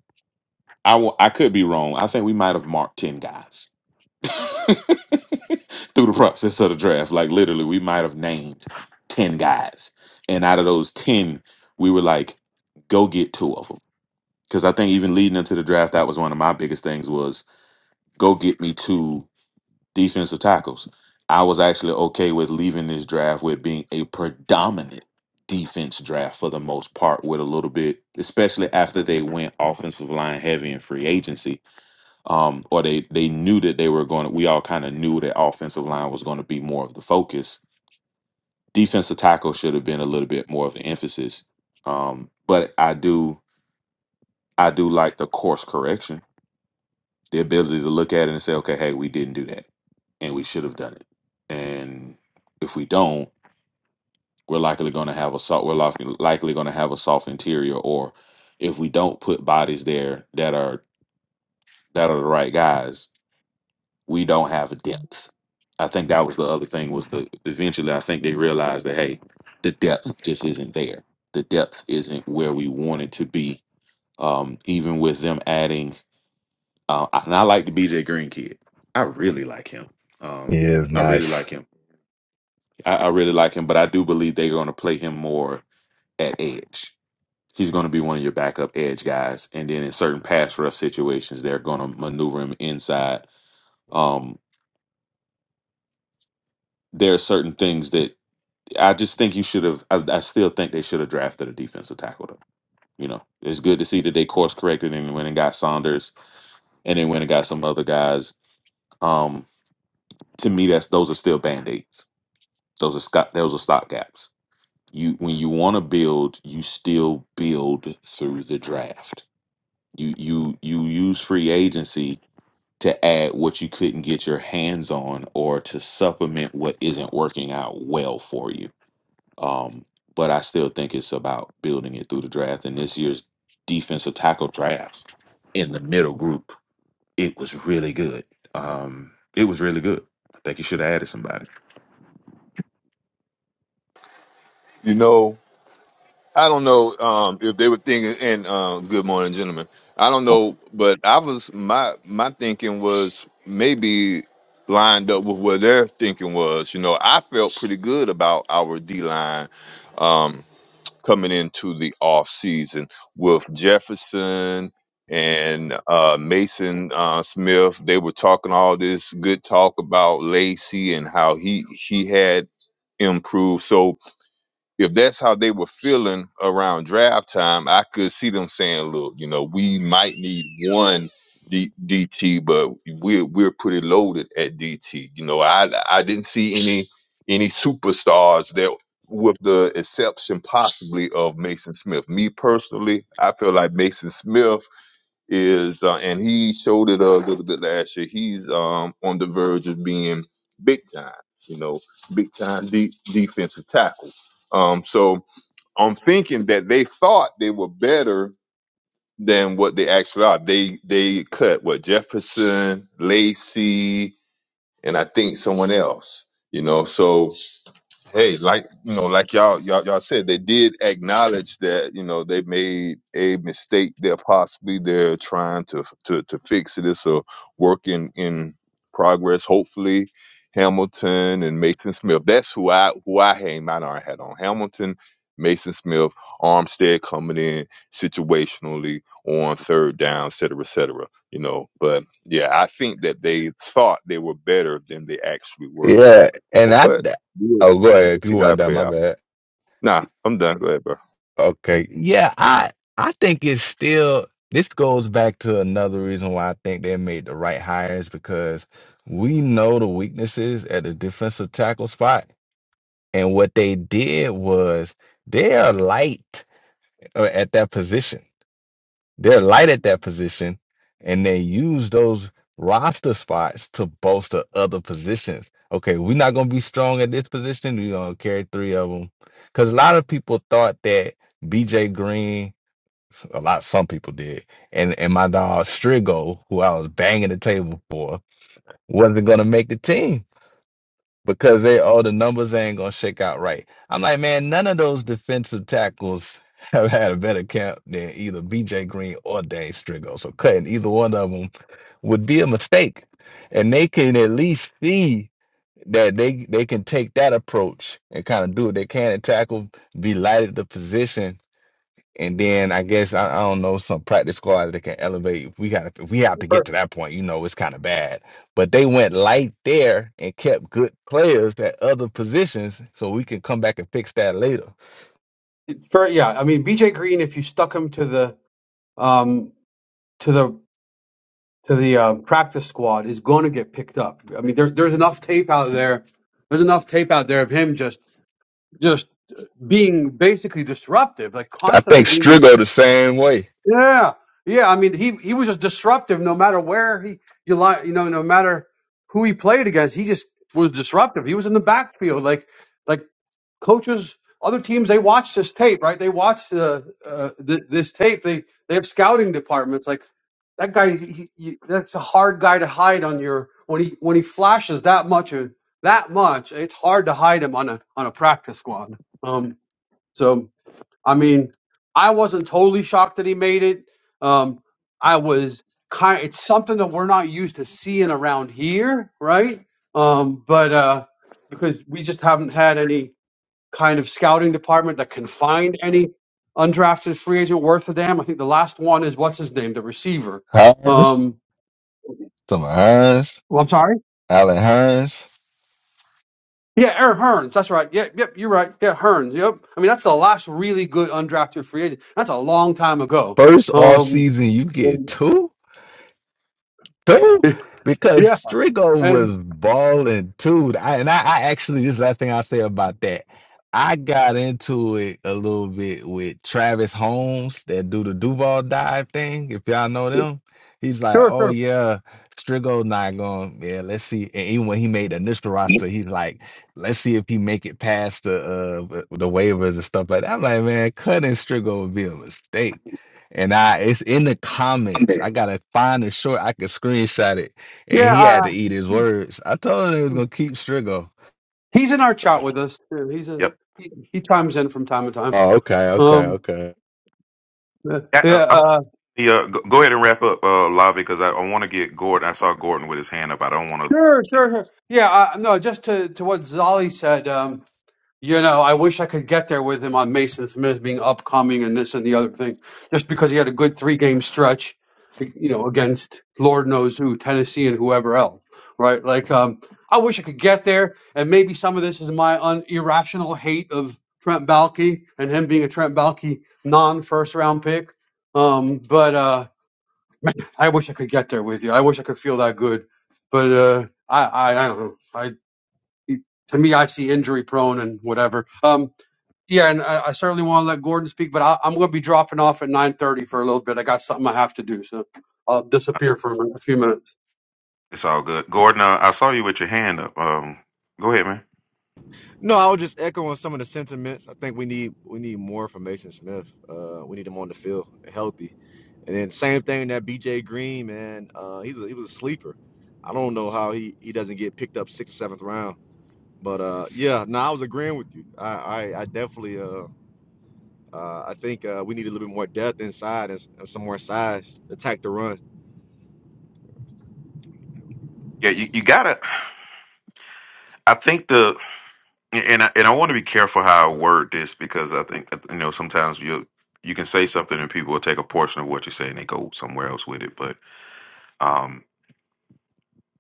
Speaker 5: I wa- I could be wrong. I think we might have marked ten guys through the process of the draft. Like literally, we might have named ten guys, and out of those ten, we were like, "Go get two of them." Because I think even leading into the draft, that was one of my biggest things was go get me two defensive tackles. I was actually okay with leaving this draft with being a predominant defense draft for the most part, with a little bit, especially after they went offensive line heavy in free agency. Um, or they they knew that they were going to, we all kind of knew that offensive line was going to be more of the focus. Defensive tackle should have been a little bit more of an emphasis. Um, but I do I do like the course correction the ability to look at it and say, okay, hey, we didn't do that and we should have done it. And if we don't, we're likely going to have a soft, we're likely, likely going to have a soft interior. Or if we don't put bodies there that are that are the right guys, we don't have depth. I think that was the other thing was the eventually I think they realized that hey, the depth just isn't there. The depth isn't where we want it to be. Um, even with them adding Uh, and I like the BJ Green kid. I really like him. Um,
Speaker 3: Yeah, it's
Speaker 5: I really
Speaker 3: nice.
Speaker 5: like him. I, I really like him, but I do believe they're going to play him more at edge. He's going to be one of your backup edge guys, and then in certain pass rush situations, they're going to maneuver him inside. Um, there are certain things that I just think you should have. I, I still think they should have drafted a defensive tackle. Though. You know, it's good to see that they course corrected and went and got Saunders, and then went and got some other guys. Um, to me, that's those are still band aids Those are stock. Those are stock gaps. You when you want to build, you still build through the draft. You you you use free agency to add what you couldn't get your hands on or to supplement what isn't working out well for you. Um, but I still think it's about building it through the draft. And this year's defensive tackle drafts in the middle group it was really good. Um, it was really good. I think you should have added somebody.
Speaker 6: You know, I don't know um, if they were thinking. And uh, good morning, gentlemen. I don't know, but I was my my thinking was maybe lined up with what their thinking was. You know, I felt pretty good about our D line um, coming into the off season with Jefferson and uh, Mason uh, Smith. They were talking all this good talk about Lacey and how he he had improved. So if that's how they were feeling around draft time, I could see them saying, "Look, you know, we might need one D- DT, but we're we're pretty loaded at DT." You know, I I didn't see any any superstars that, with the exception possibly of Mason Smith. Me personally, I feel like Mason Smith is uh, and he showed it a little bit last year. He's um on the verge of being big time, you know, big time de- defensive tackle. Um, so I'm thinking that they thought they were better than what they actually are. They they cut what Jefferson, Lacey, and I think someone else. You know, so hey, like you know, like y'all y'all y'all said, they did acknowledge that you know they made a mistake. That possibly they're trying to to to fix it. It's a work in in progress. Hopefully, Hamilton and Mason Smith. That's who I who I hang my darn hat on. Hamilton, Mason Smith, Armstead coming in situationally on third down, et cetera, et cetera. You know, but yeah, I think that they thought they were better than they actually were there.
Speaker 3: Yeah, and I.
Speaker 6: But yeah.
Speaker 3: Oh, go ahead. If
Speaker 6: Let's
Speaker 3: you
Speaker 6: see how
Speaker 3: want
Speaker 6: it
Speaker 3: down,
Speaker 6: play
Speaker 3: my
Speaker 6: out.
Speaker 3: bad.
Speaker 6: Nah, I'm done. Go ahead, bro.
Speaker 3: Okay. Yeah, I I think it's still this goes back to another reason why I think they made the right hires because we know the weaknesses at the defensive tackle spot, and what they did was they are light uh, at that position. They're light at that position, and they use those roster spots to bolster other positions. Okay, we're not going to be strong at this position. We're going to carry three of them. Because a lot of people thought that BJ Green, a lot, some people did, and, and my dog Strigo, who I was banging the table for, wasn't going to make the team because they all the numbers ain't gonna shake out right. I'm like, man, none of those defensive tackles have had a better camp than either BJ Green or Dane Strigo. So cutting either one of them would be a mistake. And they can at least see that they they can take that approach and kind of do what they can and tackle, be light at the position and then I guess I, I don't know some practice squads that can elevate. If we got to, we have to get
Speaker 4: For,
Speaker 3: to that point, you know, it's kind of bad. But they went light there and kept good players at other positions, so we can come back and fix that later.
Speaker 4: for yeah, I mean BJ Green if you stuck him to the um to the to the uh, practice squad is going to get picked up. I mean, there, there's enough tape out there. There's enough tape out there of him just just being basically disruptive, like
Speaker 3: I
Speaker 4: constantly
Speaker 3: think
Speaker 4: being
Speaker 3: Strigo the same way.
Speaker 4: yeah, yeah. I mean, he he was just disruptive. No matter where he you li you know, no matter who he played against, he just was disruptive. He was in the backfield, like like coaches, other teams. They watch this tape, right? They watch uh, uh, th- this tape. They they have scouting departments. Like that guy, he, he, that's a hard guy to hide on your when he when he flashes that much or that much. It's hard to hide him on a on a practice squad. Um, so. I mean, I wasn't totally shocked that he made it. Um, I was kind. It's something that we're not used to seeing around here, right? Um, but uh, because we just haven't had any kind of scouting department that can find any undrafted free agent worth a damn. I think the last one is what's his name, the receiver.
Speaker 3: Hines,
Speaker 4: Um,
Speaker 3: some Hines,
Speaker 4: well, I'm sorry.
Speaker 3: Allen Hines.
Speaker 4: Yeah, Aaron Hearns. That's right. Yeah, yep, you're right. Yeah, Hearns. Yep. I mean, that's the last really good undrafted free agent. That's a long time ago.
Speaker 3: First off
Speaker 4: Um,
Speaker 3: season, you get two. too because
Speaker 4: Yeah,
Speaker 3: Strigo was
Speaker 4: and
Speaker 3: balling too. I, and I, I actually, this is the last thing I'll say about that. I got into it a little bit with Travis Holmes that do the Duval dive thing. If y'all know them, he's like,
Speaker 4: sure,
Speaker 3: oh
Speaker 4: sure.
Speaker 3: yeah, Strigo not going. Yeah, let's see. And even when he made the initial roster, he's like, let's see if he make it past the uh, the waivers and stuff like that. I'm like, man, cutting Strigo would be a mistake and I, it's in the comments. I gotta find the short. I could screenshot it. And
Speaker 4: Yeah,
Speaker 3: he had
Speaker 4: uh,
Speaker 3: to eat his words. I told him they was gonna keep Strigo.
Speaker 4: he's in our chat with us too. He's a
Speaker 5: Yep.
Speaker 4: he, he chimes in from time to time.
Speaker 3: Oh, okay, okay,
Speaker 4: Um,
Speaker 3: okay.
Speaker 4: uh,
Speaker 5: Yeah,
Speaker 4: yeah,
Speaker 5: uh, I'm on
Speaker 4: uh,
Speaker 5: the, uh, go go ahead and wrap up, uh, Lavi, because I, I want to get Gordon. I saw Gordon with his hand up. I don't want to.
Speaker 4: sure, sure, sure. Yeah, uh, no, just to to what Zolly said. Um, You know, I wish I could get there with him on Mason Smith being upcoming and this and the other thing, just because he had a good three game stretch, you know, against Lord knows who, Tennessee and whoever else, right? Like, um, I wish I could get there, and maybe some of this is my un- irrational hate of Trent Baalke and him being a Trent Baalke non first round pick. Um, but uh, I wish I could get there with you. I wish I could feel that good, but uh, I, I, I don't know. I to me, I see injury prone and whatever. Um, yeah, and I, I certainly want to let Gordon speak, but I, I'm going to be dropping off at 9:30 for a little bit. I got something I have to do, so I'll disappear for a few minutes.
Speaker 5: It's all good. Gordon, uh, I saw you with your hand. Um, go ahead, man.
Speaker 7: No, I was just echoing some of the sentiments. I think we need we need more from Mason Smith. Uh, we need him on the field, healthy. And then same thing that B.J. Green, man. Uh, he's a, he was a sleeper. I don't know how he, he doesn't get picked up sixth or seventh round. But uh, yeah, no, I was agreeing with you. I I, I definitely uh, uh, I think uh, we need a little bit more depth inside and, and some more size to attack the run.
Speaker 5: Yeah, you, you gotta. I think the and I, and I want to be careful how I word this because I think you know sometimes you you can say something and people will take a portion of what you say and they go somewhere else with it. But um,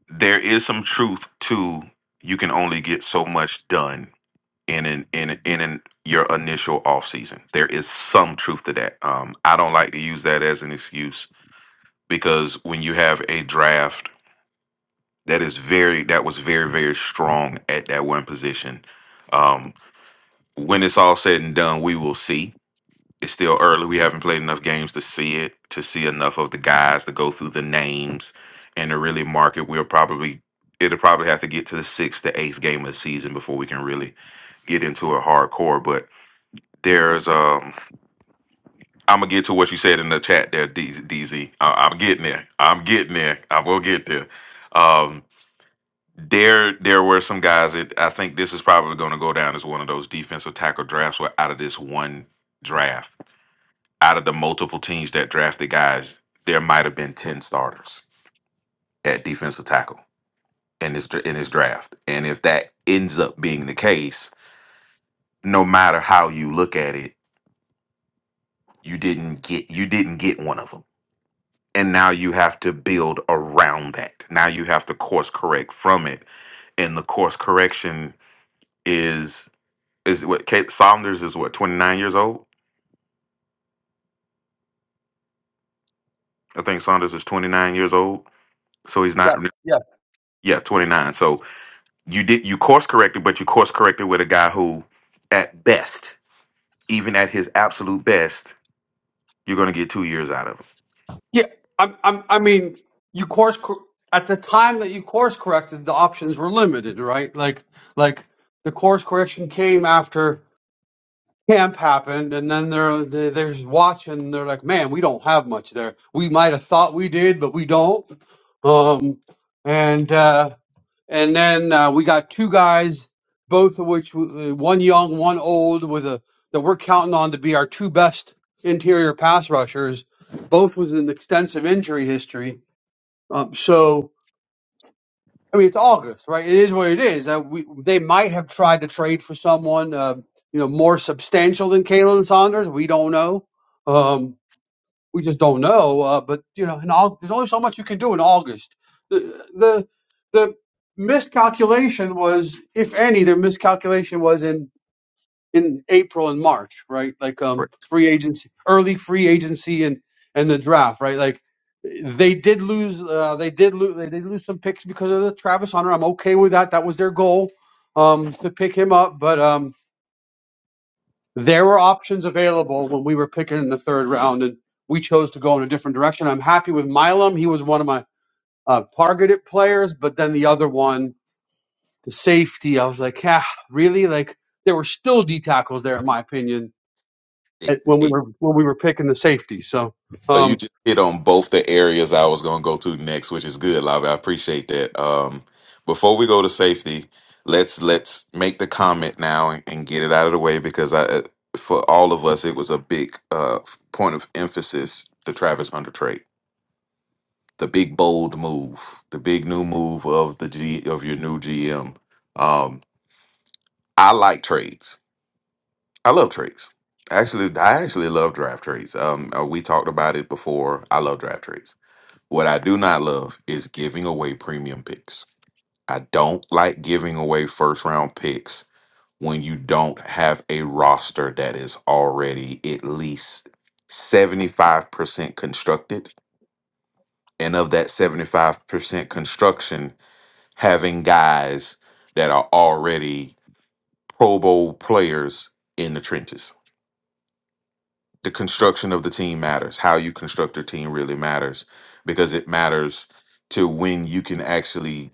Speaker 5: there is some truth to you can only get so much done in an, in in an, your initial off season. There is some truth to that. Um, I don't like to use that as an excuse because when you have a draft that is very that was very very strong at that one position. Um, when it's all said and done, we will see it's still early. We haven't played enough games to see it, to see enough of the guys to go through the names and to really mark it. We'll probably it'll probably have to get to the sixth to eighth game of the season before we can really get into it hardcore. But there's um I'm gonna get to what you said in the chat there, D- DZ. I- I'm getting there. I'm getting there. I will get there. Um, there there were some guys that I think this is probably going to go down as one of those defensive tackle drafts where out of this one draft out of the multiple teams that drafted guys, there might have been 10 starters at defensive tackle in this in this draft. And if that ends up being the case, no matter how you look at it, you didn't get you didn't get one of them. And now you have to build around that. Now you have to course correct from it. And the course correction is is what Kate Saunders is what 29 years old. I think Saunders is 29 years old. So he's not
Speaker 4: Yeah, yes,
Speaker 5: yeah, 29. So you did you course corrected, but you course corrected with a guy who, at best, even at his absolute best, you're going to get two years out of him.
Speaker 4: yeah. I'm, I'm, I mean, you course cor- at the time that you course corrected, the options were limited, right? Like, like the course correction came after camp happened, and then they're they, they're watching. and They're like, man, we don't have much there. We might have thought we did, but we don't. Um, and uh and then uh, we got two guys, both of which w- uh, one young, one old, with a that we're counting on to be our two best interior pass rushers. Both with an extensive injury history. Um, so I mean, it's August, right? It is what it is. Uh, we, they might have tried to trade for someone, uh, you know, more substantial than Kalen Saunders. We don't know. Um, we just don't know. Uh, but you know, in all, there's only so much you can do in August. The the the miscalculation was, if any, the miscalculation was in in April and March, right? Like
Speaker 5: Right.
Speaker 4: um, free agency, early free agency, and and the draft, right? Like they did lose, uh, they did lose, they did lose some picks because of the Travis Hunter. I'm okay with that. That was their goal um, to pick him up, but um, there were options available when we were picking in the third round, and we chose to go in a different direction. I'm happy with Milam. He was one of my uh, targeted players, but then the other one, the safety, I was like, ah, really? Like there were still D tackles there, in my opinion,
Speaker 5: It-
Speaker 4: at, when we
Speaker 5: it-
Speaker 4: were when we were picking the safety. So,
Speaker 5: So you
Speaker 4: um,
Speaker 5: just hit on both the areas I was going to go to next, which is good, Lavi. I appreciate that. Um, before we go to safety, let's let's make the comment now and, and get it out of the way because I, uh, for all of us, it was a big uh, point of emphasis. The Travis Hunter trade. the big bold move, the big new move of the G of your new GM. Um, I like trades. I love trades. Actually, I actually love draft trades. Um, uh, we talked about it before. I love draft trades. What I do not love is giving away premium picks. I don't like giving away first round picks when you don't have a roster that is already at least 75% constructed. And of that 75% construction, having guys that are already Pro Bowl players in the trenches. The construction of the team matters. How you construct your team really matters because it matters to when you can actually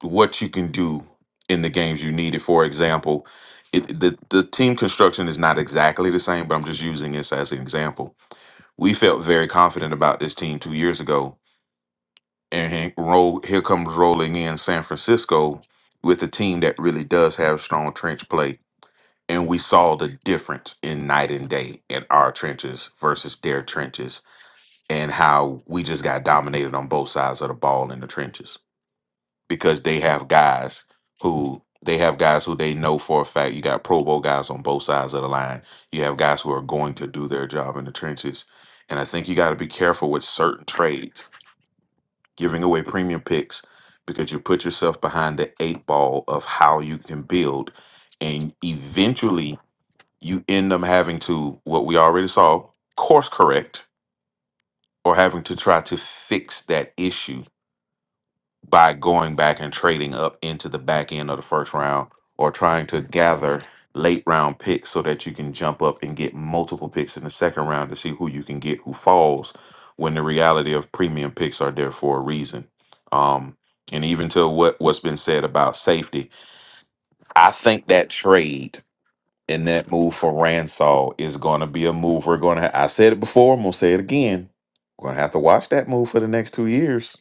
Speaker 5: what you can do in the games you need it. For example, it, the the team construction is not exactly the same, but I'm just using this as an example. We felt very confident about this team two years ago and he roll, here comes rolling in San Francisco with a team that really does have strong trench play. And we saw the difference in night and day in our trenches versus their trenches and how we just got dominated on both sides of the ball in the trenches because they have guys who they have guys who they know for a fact. You got Pro Bowl guys on both sides of the line. You have guys who are going to do their job in the trenches. And I think you got to be careful with certain trades giving away premium picks because you put yourself behind the eight ball of how you can build. And eventually you end up having to, what we already saw, course correct or having to try to fix that issue by going back and trading up into the back end of the first round or trying to gather late round picks so that you can jump up and get multiple picks in the second round to see who you can get who falls when the reality of premium picks are there for a reason. Um, and even to what, what's been said about safety, I think that trade and that move for Ransaw is going to be a move we're going to. I said it before, I'm going to say it again. We're going to have to watch that move for the next two years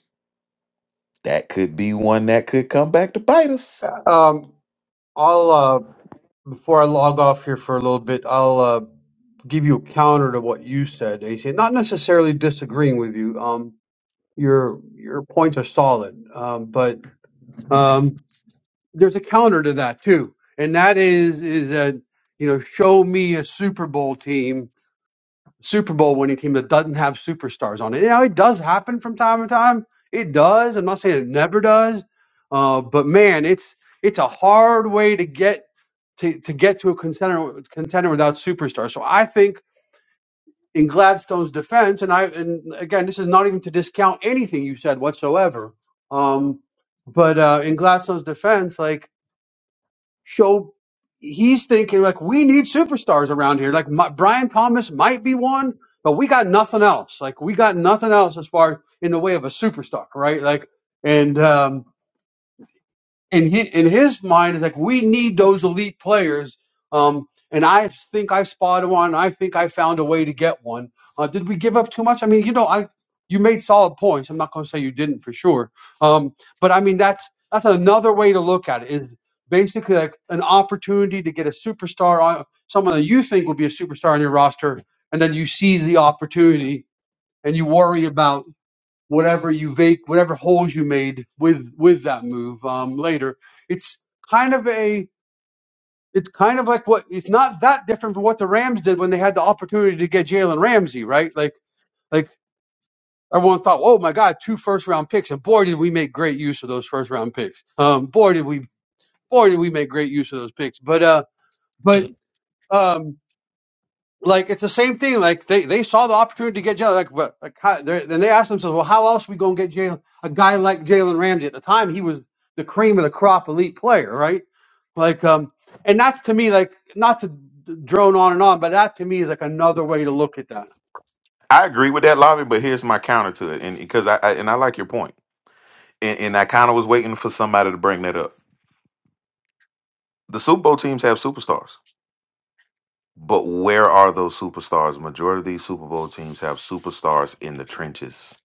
Speaker 5: that could be one that could come back to bite us.
Speaker 4: um, I'll uh, before I log off here for a little bit, I'll uh, give you a counter to what you said, AC. Not necessarily disagreeing with you. Um, your your points are solid. Um, but um, there's a counter to that too, and that is is that you know show me a Super Bowl team, Super Bowl winning team that doesn't have superstars on it. Now it does happen from time to time. It does. I'm not saying it never does, uh, but man, it's it's a hard way to get to, to get to a contender contender without superstars. So I think in Gladstone's defense, and I and again, this is not even to discount anything you said whatsoever. Um, but uh, in Gladstone's defense, like show, he's thinking like we need superstars around here. Like my, Brian Thomas might be one, but we got nothing else. Like we got nothing else as far in the way of a superstar, right? Like and um, in his, in his mind is like we need those elite players. Um, and I think I spotted one. I think I found a way to get one. Uh, did we give up too much? I mean, you know, I you made solid points. I'm not going to say you didn't for sure. Um, but I mean, that's that's another way to look at it. Is basically like an opportunity to get a superstar on someone that you think will be a superstar on your roster, and then you seize the opportunity and you worry about whatever you vac whatever holes you made with with that move um, later. It's kind of a it's kind of like what it's not that different from what the Rams did when they had the opportunity to get Jalen Ramsey, right? Like like everyone thought, oh my God, two first round picks, and boy did we make great use of those first round picks. Um, boy did we boy did we make great use of those picks. But uh, but
Speaker 2: Mm.
Speaker 4: um, like it's the same thing. Like they, they saw the opportunity to get Jalen. Like, but like, how, they're- then they asked themselves, well, how else we gonna get Jalen? A guy like Jalen Ramsey at the time, he was the cream of the crop, elite player, right? Like, um, and that's to me like not to drone on and on, but that to me is like another way to look at that.
Speaker 5: I agree with that lobby, but here's my counter to it, and because I, I and I like your point, and, and I kind of was waiting for somebody to bring that up. The Super Bowl teams have superstars, but where are those superstars? Majority of these Super Bowl teams have superstars in the trenches.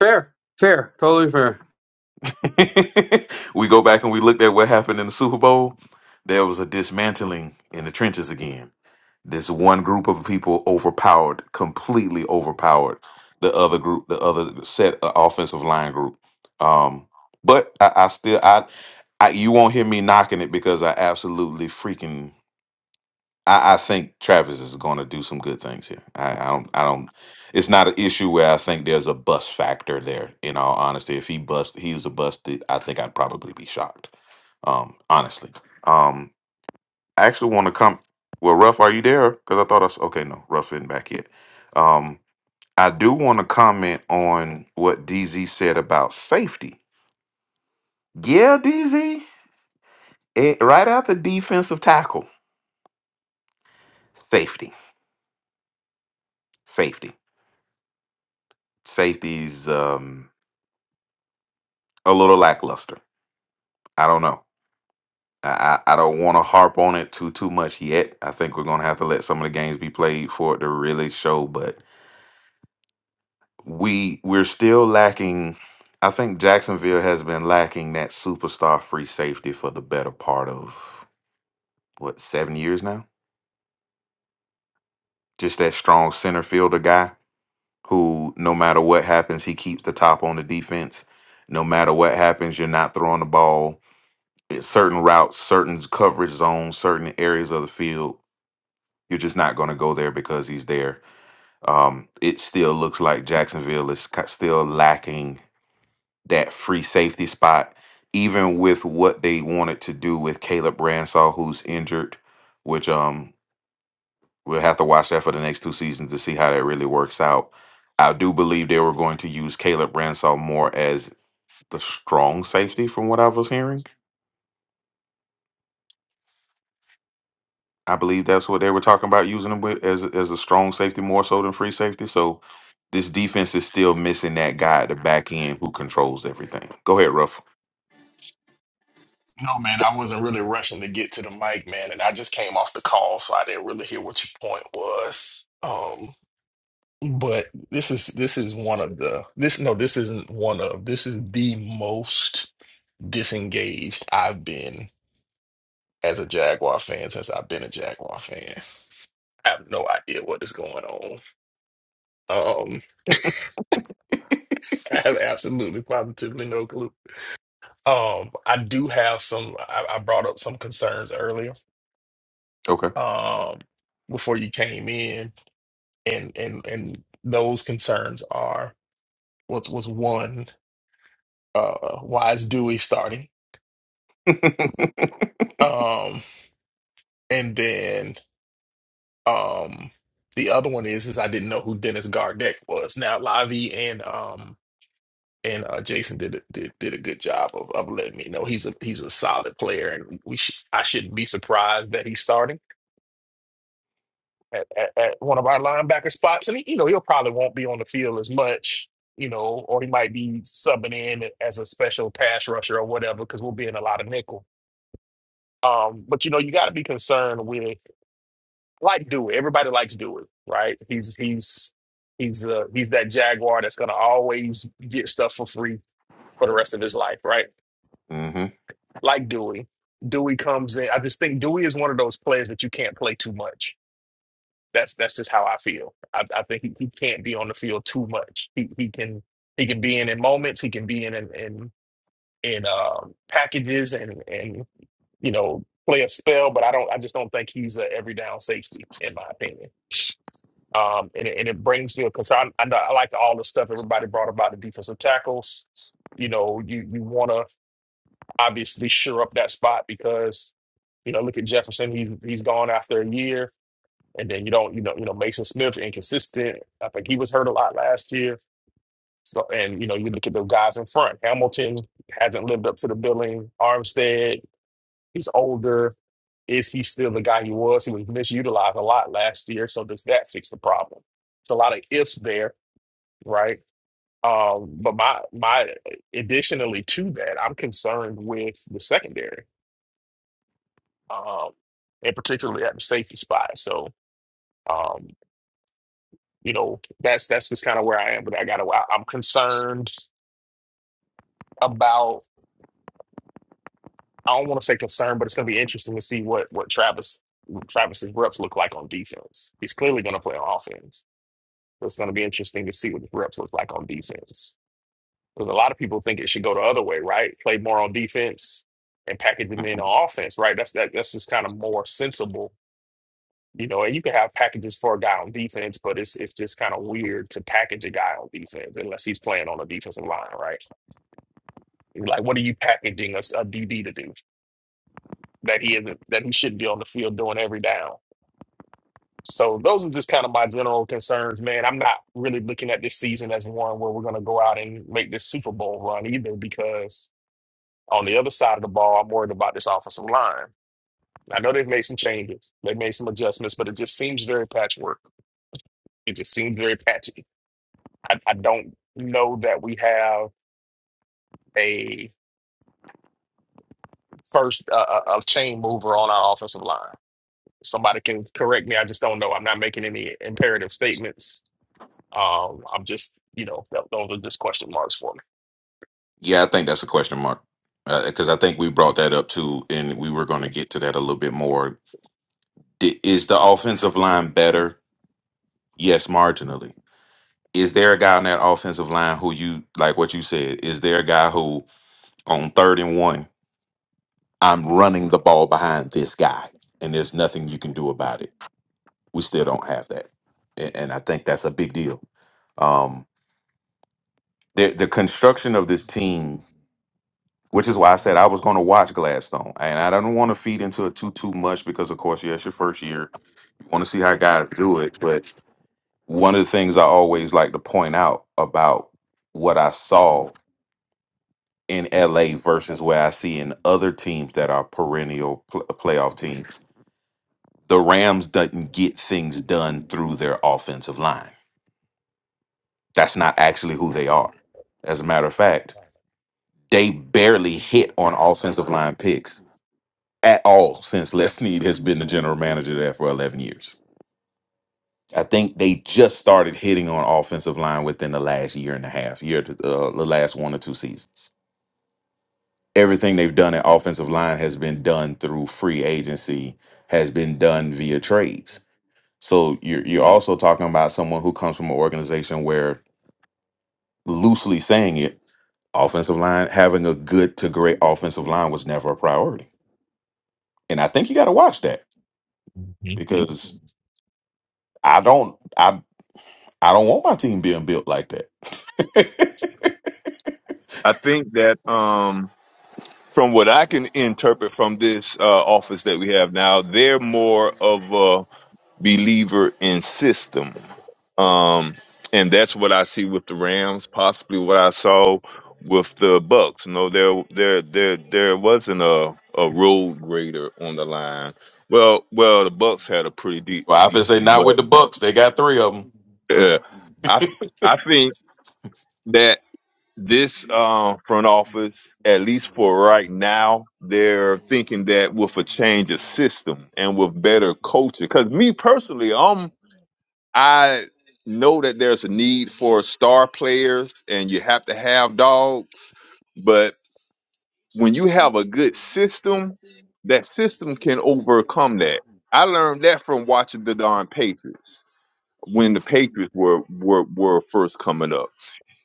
Speaker 4: Fair, fair, totally fair.
Speaker 5: we go back and we looked at what happened in the Super Bowl. There was a dismantling in the trenches again. This one group of people overpowered, completely overpowered the other group, the other set uh, offensive line group. Um, but I, I still, I, I, you won't hear me knocking it because I absolutely freaking. I, I think Travis is going to do some good things here. I, I don't. I don't. It's not an issue where I think there's a bust factor there. In all honesty, if he bust, he was a busted. I think I'd probably be shocked. Um, honestly. Um, I actually want to come. Well, Ruff, are you there? Because I thought I s- okay. No, Ruff isn't back yet. Um, I do want to comment on what DZ said about safety. Yeah, DZ, it, right after defensive tackle, safety, safety, safety's um a little lackluster. I don't know. I I, I don't want to harp on it too too much yet. I think we're gonna have to let some of the games be played for it to really show. But we we're still lacking. I think Jacksonville has been lacking that superstar free safety for the better part of what seven years now. Just that strong center fielder guy who, no matter what happens, he keeps the top on the defense. No matter what happens, you're not throwing the ball. It's certain routes, certain coverage zones, certain areas of the field. You're just not going to go there because he's there. Um, it still looks like Jacksonville is ki- still lacking that free safety spot, even with what they wanted to do with Caleb Bransall, who's injured, which um we'll have to watch that for the next two seasons to see how that really works out. I do believe they were going to use Caleb Bransall more as the strong safety, from what I was hearing. I believe that's what they were talking about using him with as as a strong safety more so than free safety. So this defense is still missing that guy at the back end who controls everything. Go ahead, Ruff.
Speaker 2: No, man, I wasn't really rushing to get to the mic, man, and I just came off the call, so I didn't really hear what your point was. Um, but this is this is one of the this no, this isn't one of this is the most disengaged I've been as a Jaguar fan since I've been a Jaguar fan. I have no idea what is going on. Um. I have absolutely positively no clue. Um, I do have some. I, I brought up some concerns earlier,
Speaker 5: Okay.
Speaker 2: um, before you came in, and and and those concerns are what was one, uh, why is Dewey starting? Um, and then um, the other one is is I didn't know who Dennis Gardeck was. Now Lavi and um and uh, Jason did a- did did a good job of, of letting me know he's a he's a solid player, and we sh I shouldn't be surprised that he's starting at, at, at one of our linebacker spots. And he, you know he'll probably won't be on the field as much, you know, or he might be subbing in as a special pass rusher or whatever because we'll be in a lot of nickel. Um, but you know you got to be concerned with like Dewey. Everybody likes Dewey, right? He's he's he's uh, he's that Jaguar that's gonna always get stuff for free for the rest of his life, right?
Speaker 5: hmm
Speaker 2: like Dewey. Dewey comes in. I just think Dewey is one of those players that you can't play too much. That's that's just how I feel. I, I think he, he can't be on the field too much. He he can he can be in in moments. He can be in in in, in um, packages and and you know play a spell. But I don't. I just don't think he's a every down safety in my opinion. Um, and it, and it brings me because I I, know, I like all the stuff everybody brought about the defensive tackles. You know, you you want to obviously shore up that spot because you know look at Jefferson he's he's gone after a year and then you don't you know you know Mason Smith inconsistent I think he was hurt a lot last year so and you know you look at the guys in front Hamilton hasn't lived up to the billing Armstead he's older is he still the guy he was he was misutilized a lot last year so does that fix the problem it's a lot of ifs there right um but my my additionally to that I'm concerned with the secondary um, and particularly at the safety spot. So, um, you know, that's that's just kind of where I am. But I got to, I'm concerned about. I don't want to say concerned, but it's going to be interesting to see what what Travis Travis's reps look like on defense. He's clearly going to play on offense. So it's going to be interesting to see what his reps look like on defense. Because a lot of people think it should go the other way, right? Play more on defense and package them in on offense, right? That's that. That's just kind of more sensible You know, and you can have packages for a guy on defense, but it's it's just kind of weird to package a guy on defense unless he's playing on a defensive line, right? It's Like, what are you packaging a, s- a DB to do that he isn't that he should be on the field doing every down? So those are just kind of my general concerns, man. I'm not really looking at this season as one where we're going to go out and make this Super Bowl run either, because on the other side of the ball, I'm worried about this offensive line. I know they've made some changes, they've made some adjustments, but it just seems very patchwork. It just seems very patchy. I, I don't know that we have a first uh, a a- a chain mover on our offensive line. Somebody can correct me. I just don't know. I'm not making any imperative statements. Um, I'm just, you know, th- those are just question marks for
Speaker 5: Yeah, I think that's a question mark because I think we brought that up too, and we were going to get to that a little bit more. D- is the offensive line better? Yes, marginally. Is there a guy on that offensive line who you like what you said? Is there a guy who on third and one, I'm running the ball behind this guy, and there's nothing you can do about it? We still don't have that, and, and I think that's a big deal. Um, the the construction of this team which is why I said I was going to watch Gladstone, and I don't want to feed into it too too much because, of course, yes, your first year, you want to see how guys do it. But one of the things I always like to point out about what I saw in LA versus where I see in other teams that are perennial pl- uh, playoff teams, the Rams doesn't get things done through their offensive line. That's not actually who they are. As a matter of fact, they barely hit on offensive line picks at all since Les Snead has been the general manager there for 11 years. I think they just started hitting on offensive line within the last year and a half, year to uh, the last one or two seasons. Everything they've done at offensive line has been done through free agency, has been done via trades. So you're you're also talking about someone who comes from an organization where, loosely saying it, offensive line having a good to great offensive line was never a priority. And I think you got to watch that
Speaker 2: me. Mhm.
Speaker 5: because I don't. I don't want my team being built like that.
Speaker 6: I think that um, from what I can interpret from this uh, office that we have now, they're more of a believer in system, um, and that's what I see with the Rams. Possibly what I saw with the Bucks. You know, there there there there wasn't a a road grader on the line. Well, well, the Bucks had a pretty de-
Speaker 5: well, I should say
Speaker 6: decent
Speaker 5: not
Speaker 6: one,
Speaker 5: with the Bucks. They got three of them.
Speaker 6: but uh, I I think. that. this uh, front office, at least for right now, they're thinking that with a change of system and with better culture. Because me personally, um, I know that there's a need for star players, and you have to have dogs. But when you have a good system, that system can overcome that. I learned that from watching the darn Patriots when the Patriots were were were first coming up.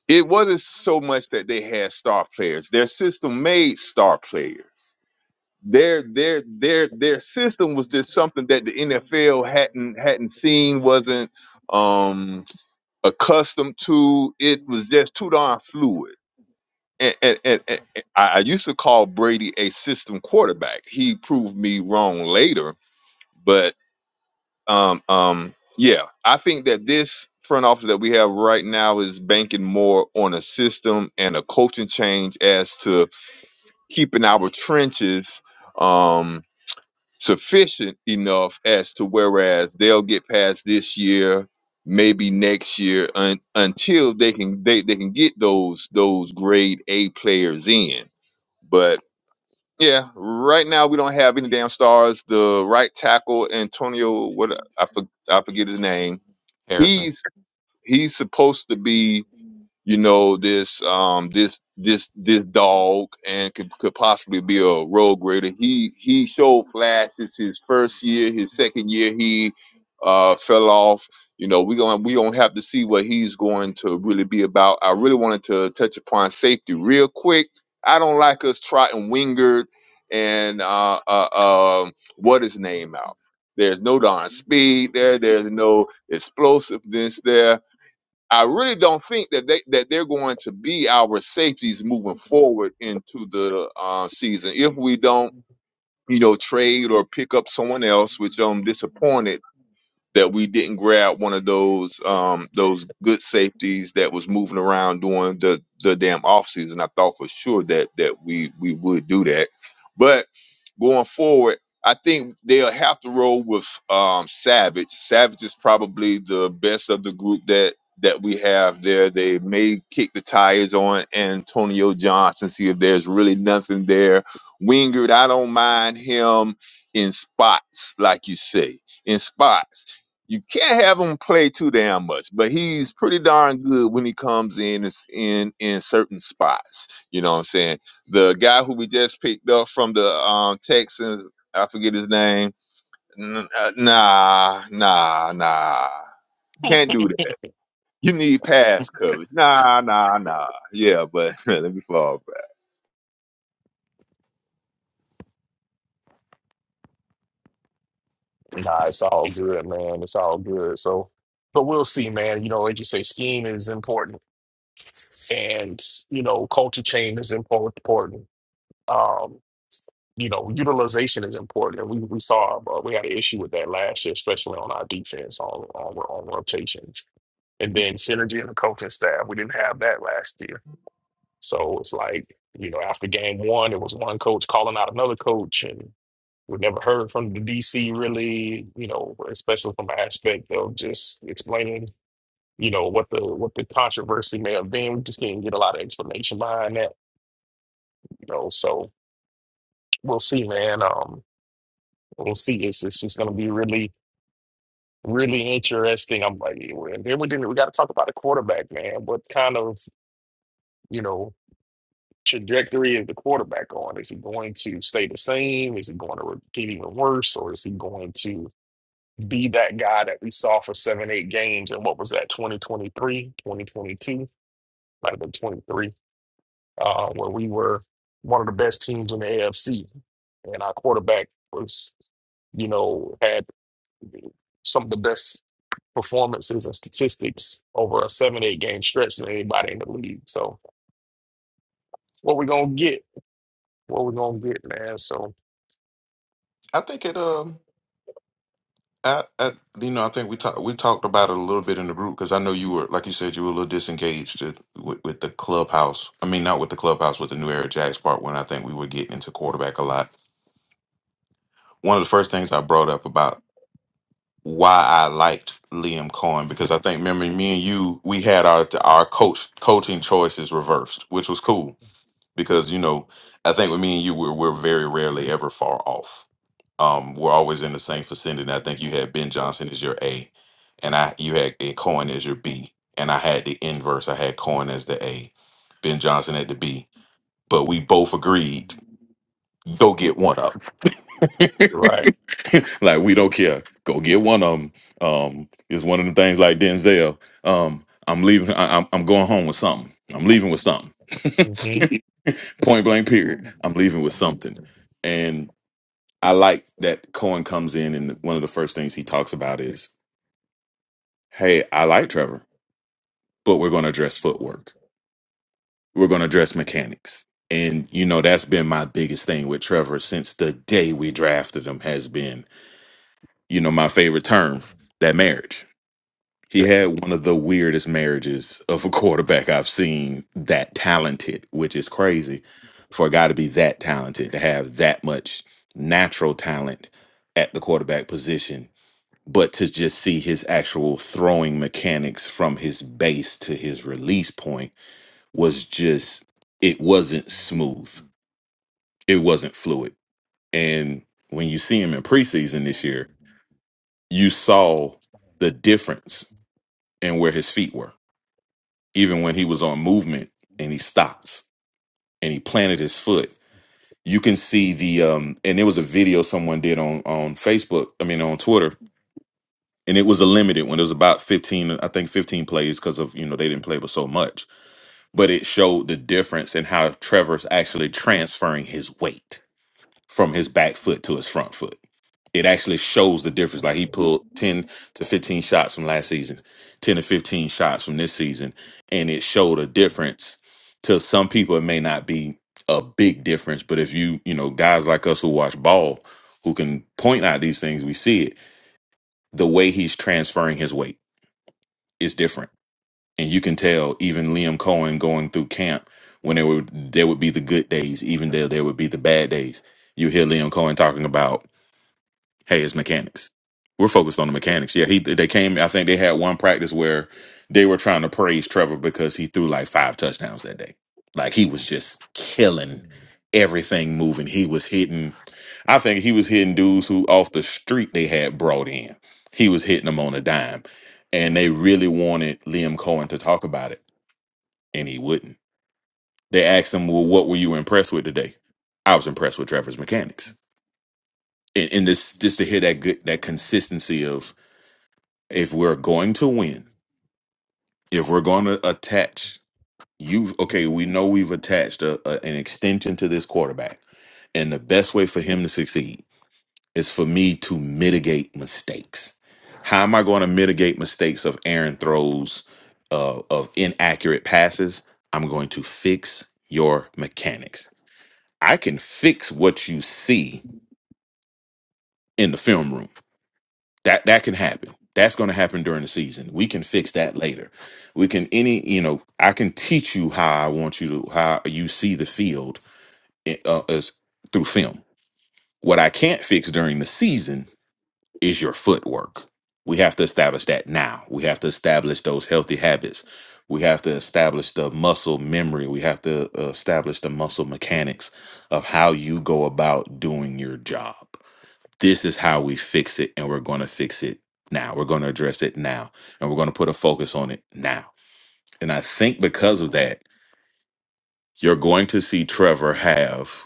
Speaker 6: It wasn't so much that they had star players. Their system made star players. Their their their their system was just something that the NFL hadn't hadn't seen, wasn't um accustomed to. It was just too darn fluid. And, and, and, and I I used to call Brady a system quarterback. He proved me wrong later, but. Um, um, yeah, I think that this front office that we have right now is banking more on a system and a coaching change as to keeping our trenches um, sufficient enough as to whereas they'll get past this year, maybe next year, un- until they can they, they can get those those grade A players in. But yeah, right now we don't have any damn stars. The right tackle Antonio, what I, for, I forget his name
Speaker 5: Harrison,
Speaker 6: He's he's supposed to be you know this um this this this dog and could could possibly be a road grader. He he showed flashes his first year, his second year he uh fell off. You know, we going to we gonna have to see what he's going to really be about. I really wanted to touch upon safety real quick. I don't like us trotting Wingard and uh uh um what is name out. There's no darn speed there. There's no explosiveness there I really don't think that they that they're going to be our safeties moving forward into the uh, season if we don't, you know, trade or pick up someone else, which I'm disappointed that we didn't grab one of those um those good safeties that was moving around during the the damn offseason. I thought for sure that that we we would do that, but going forward, I think they'll have to roll with um Savage. Savage is probably the best of the group that that we have there. They may kick the tires on Antonio Johnson, see if there's really nothing there. Wingard, I don't mind him in spots, like you say in spots. You can't have him play too damn much, but he's pretty darn good when he comes in is in in certain spots. You know what I'm saying? The guy who we just picked up from the um Texans, I forget his name. N- uh, Nah, nah, nah. Can't do that. You need pass coverage. Nah, nah, nah. Yeah, but let me fall back.
Speaker 2: Nah, it's all good, man. It's all good. So, but we'll see, man. You know, as you say, scheme is important, and you know, culture change is impor- important. Um, you know, utilization is important. And we, we saw uh, we had an issue with that last year, especially on our defense on, on on rotations. And then synergy in the coaching staff, we didn't have that last year. So it's like you know, after game one, it was one coach calling out another coach, and we never heard from the DC really. You know, especially from the aspect of just explaining. You know what the what the controversy may have been. We just didn't get a lot of explanation behind that. You know, so we'll see, man. Um, we'll see. It's it's just gonna be really really interesting. I'm like, "Yeah, and then we didn't. We got to talk about the quarterback, man. What kind of you know trajectory is the quarterback on? Is he going to stay the same? Is he going to get even worse, or is he going to be that guy that we saw for seven, eight games? And what was that? twenty twenty three, twenty twenty two, 2022, might have been 23, uh, where we were one of the best teams in the AFC, and our quarterback was, you know, had some of the best. performances and statistics over a seven, eight game stretch than anybody in the league. So what we gonna get? What we gonna get, man? So
Speaker 5: I think it. Um, I, I you know, I think we talked we talked about it a little bit in the group because I know you were like you said you were a little disengaged at- with, with the clubhouse. I mean, not with the clubhouse, with the new era Jacks part when I think we would get into quarterback a lot. One of the first things I brought up about why I liked Liam Cohen because I think remember me and you we had our our coach coaching choices reversed, which was cool because you know i think with me and you we're, we're very rarely ever far off um we're always in the same vicinity and i think you had ben johnson as your a and i you had a cohen as your b and i had the inverse i had cohen as the a ben johnson at the b but we both agreed go get one up
Speaker 2: right.
Speaker 5: like we don't care. Go get one of them. Um, it's one of the things like Denzel. Um, I'm leaving. I, I'm I'm going home with something. I'm leaving with something.
Speaker 2: hmm
Speaker 5: Point blank. Period. I'm leaving with something. And I like that Cohen comes in, and one of the first things he talks about is, "Hey, I like Trevor, but we're going to address footwork. We're going to address mechanics." And you know that's been my biggest thing with Trevor since the day we drafted him has been you know, my favorite term, that marriage. He
Speaker 2: Yeah.
Speaker 5: had one of the weirdest marriages of a quarterback I've seen that talented, which is crazy for a guy to be that talented, to have that much natural talent at the quarterback position, but to just see his actual throwing mechanics from his base to his release point was just, it wasn't smooth. It wasn't fluid. And when you see him in preseason this year, you saw the difference and where his feet were. Even when he was on movement and he stops and he planted his foot, you can see the um and there was a video someone did on on Facebook, I mean on Twitter, and it was a limited one. It was about 15, I think 15 plays because of, you know, they didn't play with so much. But it showed the difference in how Trevor's actually transferring his weight from his back foot to his front foot it actually shows the difference. Like he pulled 10 to 15 shots from last season, 10 to 15 shots from this season, and it showed a difference. To some people, it may not be a big difference, but if you, you know, guys like us who watch ball, who can point out these things, we see it. The way he's transferring his weight is different. And you can tell even Liam Cohen going through camp when there would there would be the good days, even though there would be the bad days. You hear Liam Cohen talking about hey, it's mechanics. We're focused on the mechanics. Yeah, he they came. I think they had one practice where they were trying to praise Trevor because he threw like five touchdowns that day. Like he was just killing everything moving. He was hitting. I think he was hitting dudes who off the street they had brought in. He was hitting them on a dime, and they really wanted Liam Cohen to talk about it, and he wouldn't. They asked him, "Well, what were you impressed with today?" I was impressed with Trevor's mechanics, and, and this just to hear that good that consistency of if we're going to win, if we're going to attach you, okay, we know we've attached a, a- an extension to this quarterback, and the best way for him to succeed is for me to mitigate mistakes. How am I going to mitigate mistakes of Aaron throws uh, of inaccurate passes? I'm going to fix your mechanics. I can fix what you see in the film room. That that can happen. That's going to happen during the season. We can fix that later. We can any you know I can teach you how I want you to how you see the field i- uh, as through film. What I can't fix during the season is your footwork. We have to establish that now. We have to establish those healthy habits. We have to establish the muscle memory. We have to uh, establish the muscle mechanics of how you go about doing your job this is how we fix it and we're going to fix it now we're going to address it now and we're going to put a focus on it now and i think because of that you're going to see trevor have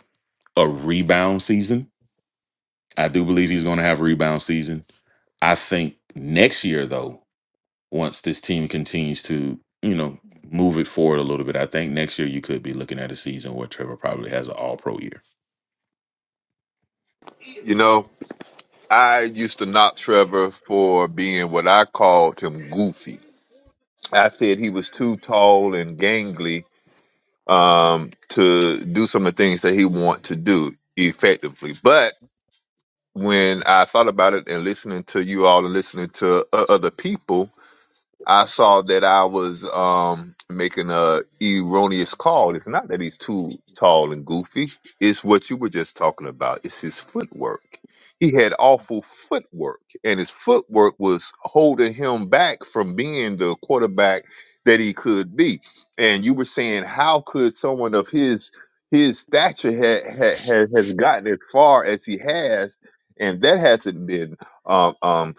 Speaker 5: a rebound season i do believe he's going to have a rebound season i think next year though once this team continues to you know move it forward a little bit i think next year you could be looking at a season where trevor probably has an all pro year
Speaker 6: You know, I used to knock Trevor for being what I called him goofy. I said he was too tall and gangly um, to do some of the things that he want to do effectively. But when I thought about it and listening to you all and listening to o- other people, I saw that I was um making a erroneous call. It's not that he's too tall and goofy. It's what you were just talking about. It's his footwork. He had awful footwork, and his footwork was holding him back from being the quarterback that he could be. And you were saying, how could someone of his his stature ha, ha, ha, has gotten as far as he has? And that hasn't been um. um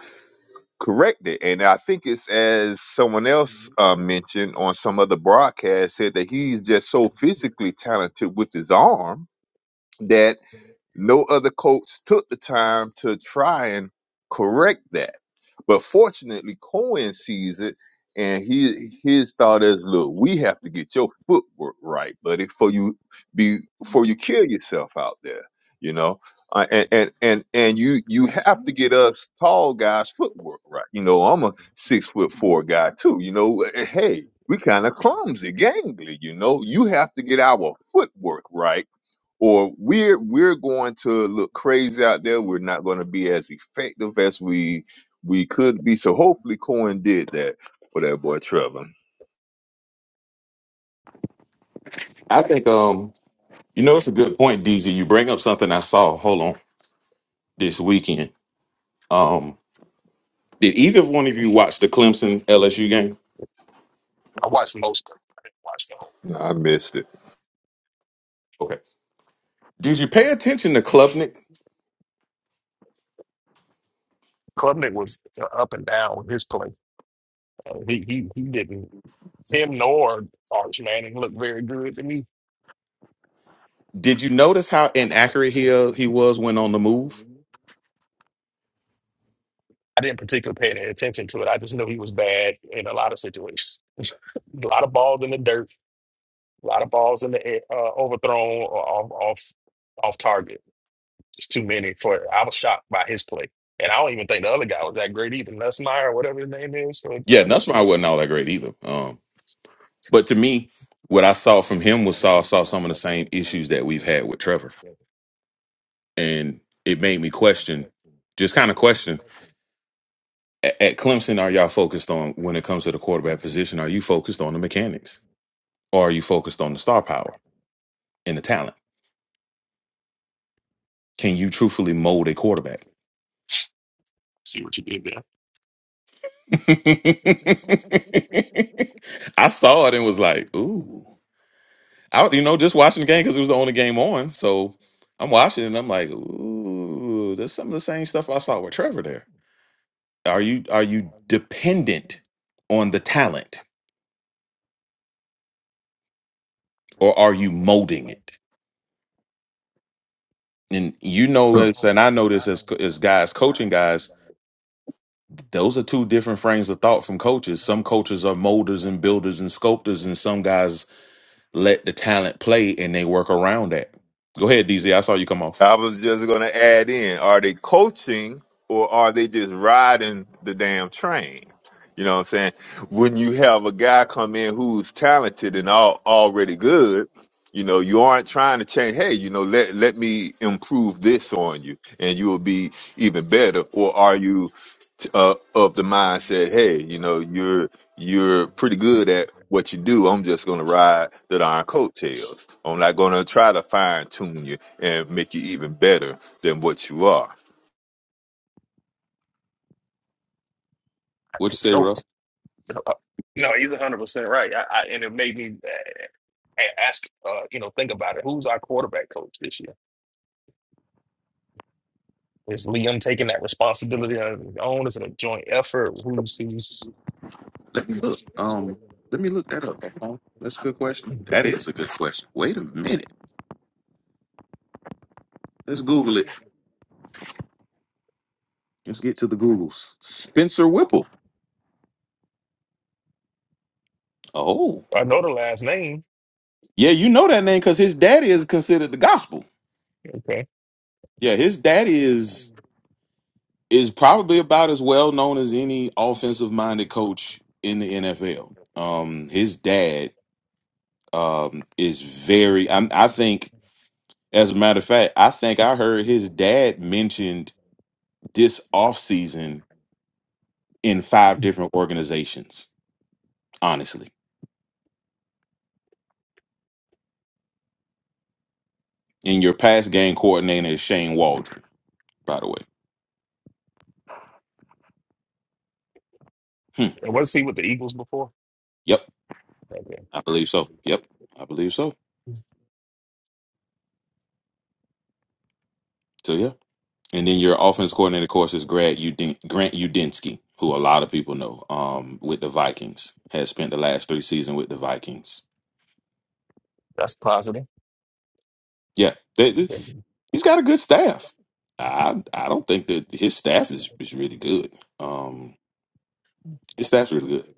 Speaker 6: corrected. And I think it's as someone else uh, mentioned on some other broadcast said that he's just so physically talented with his arm that no other coach took the time to try and correct that. But fortunately, Cohen sees it, and he his thought is, "Look, we have to get your footwork right, buddy, for you be before you kill yourself out there, you know." Uh, and, and and and you you have to get us tall guys footwork right. You know, I'm a six foot four guy too. You know, hey, we kind of clumsy, gangly. You know, you have to get our footwork right or we're we're going to look crazy out there. We're not going to be as effective as we we could be. So hopefully, Cohen did that for that boy Trevor.
Speaker 5: i think um you know it's a good point dz you bring up something i saw hold on this weekend um. Did either one of you watch the Clemson LSU game?
Speaker 2: I watched most of it. I didn't watch the whole
Speaker 6: I missed it.
Speaker 5: Okay. Did you pay attention to Klubnik?
Speaker 2: Klubnik was uh, up and down with his play. Uh, he he he didn't him nor Arch Manning looked very good to me.
Speaker 5: Did you notice how inaccurate
Speaker 2: I
Speaker 5: he uh, he was when on the move?
Speaker 2: didn't particularly pay any attention to it. I just knew he was bad in a lot of situations. a lot of balls in the dirt, a lot of balls in the air, uh, overthrown or off off off target. It's too many for. I was shocked by his play, and I don't even think the other guy was that great either. Nussmeyer or whatever his name is for the
Speaker 5: Yeah,
Speaker 2: LSU.
Speaker 5: Nussmeyer wasn't all that great either. Um, but to me, what I saw from him was saw saw some of the same issues that we've had with Trevor, and it made me question, just kind of question. At, at Clemson, are y'all focused on when it comes to the quarterback position? Are you focused on the mechanics, or are you focused on the star power and the talent? Can you truthfully mold a quarterback?
Speaker 2: See what you did there.
Speaker 5: I saw it and was like, ooh. I, you know, just watching the game because it was the only game on. So I'm watching and I'm like, ooh, there's some of the same stuff I saw with Trevor there. Are you are you dependent on the talent or are you molding it? And you know this, and I know this as co- as guys coaching guys, those are two different frames of thought from coaches. Some coaches are molders and builders and sculptors, and some guys let the talent play and they work around that. Go ahead, DZ. I saw you come off.
Speaker 6: I was just going to add in: Are they coaching or are they just riding the damn train? You know what I'm saying? When you have a guy come in who's talented and all already good, you know you aren't trying to change. Hey, you know, let let me improve this on you, and you will be even better. Or are you? uh, of the mindset, hey, you know, you're you're pretty good at what you do. I'm just gonna ride the darn coattails. I'm not gonna try to fine tune you and make you even better than what you are.
Speaker 5: What you say,
Speaker 2: So
Speaker 5: Ruff?
Speaker 2: uh, no, he's one hundred percent right. I, I, and it made me uh, ask, uh, you know, think about it. Who's our quarterback coach this year? Is Liam taking that responsibility on his own? Is it a joint effort? Who's who's?
Speaker 5: Let me look. Um, let me look that up. Hold on. That's a good question. That is a good question. Wait a minute. Let's Google it. Let's get to the Googles. Spencer Whipple. Oh,
Speaker 2: I know the last name.
Speaker 5: Yeah, you know that name because his daddy is considered the gospel.
Speaker 2: Okay.
Speaker 5: Yeah, his daddy is is probably about as well known as any offensive minded coach in the NFL. Um, his dad um is very. I, I think. As a matter of fact, I think I heard his dad mentioned this offseason in five different organizations, honestly. And your past game coordinator is Shane Waldron, by the way. Hmm.
Speaker 2: And was he with the Eagles before?
Speaker 5: Yep,
Speaker 2: Okay.
Speaker 5: I believe so. Yep, I believe so. So, yeah. And then your offense coordinator, of course, is Grant, Uden- Grant Udinski, who a lot of people know um, with the Vikings, has spent the last three seasons with the Vikings.
Speaker 2: That's positive.
Speaker 5: Yeah, they, they- he's got a good staff. I I don't think that his staff is, is really good. Um, His staff's really good.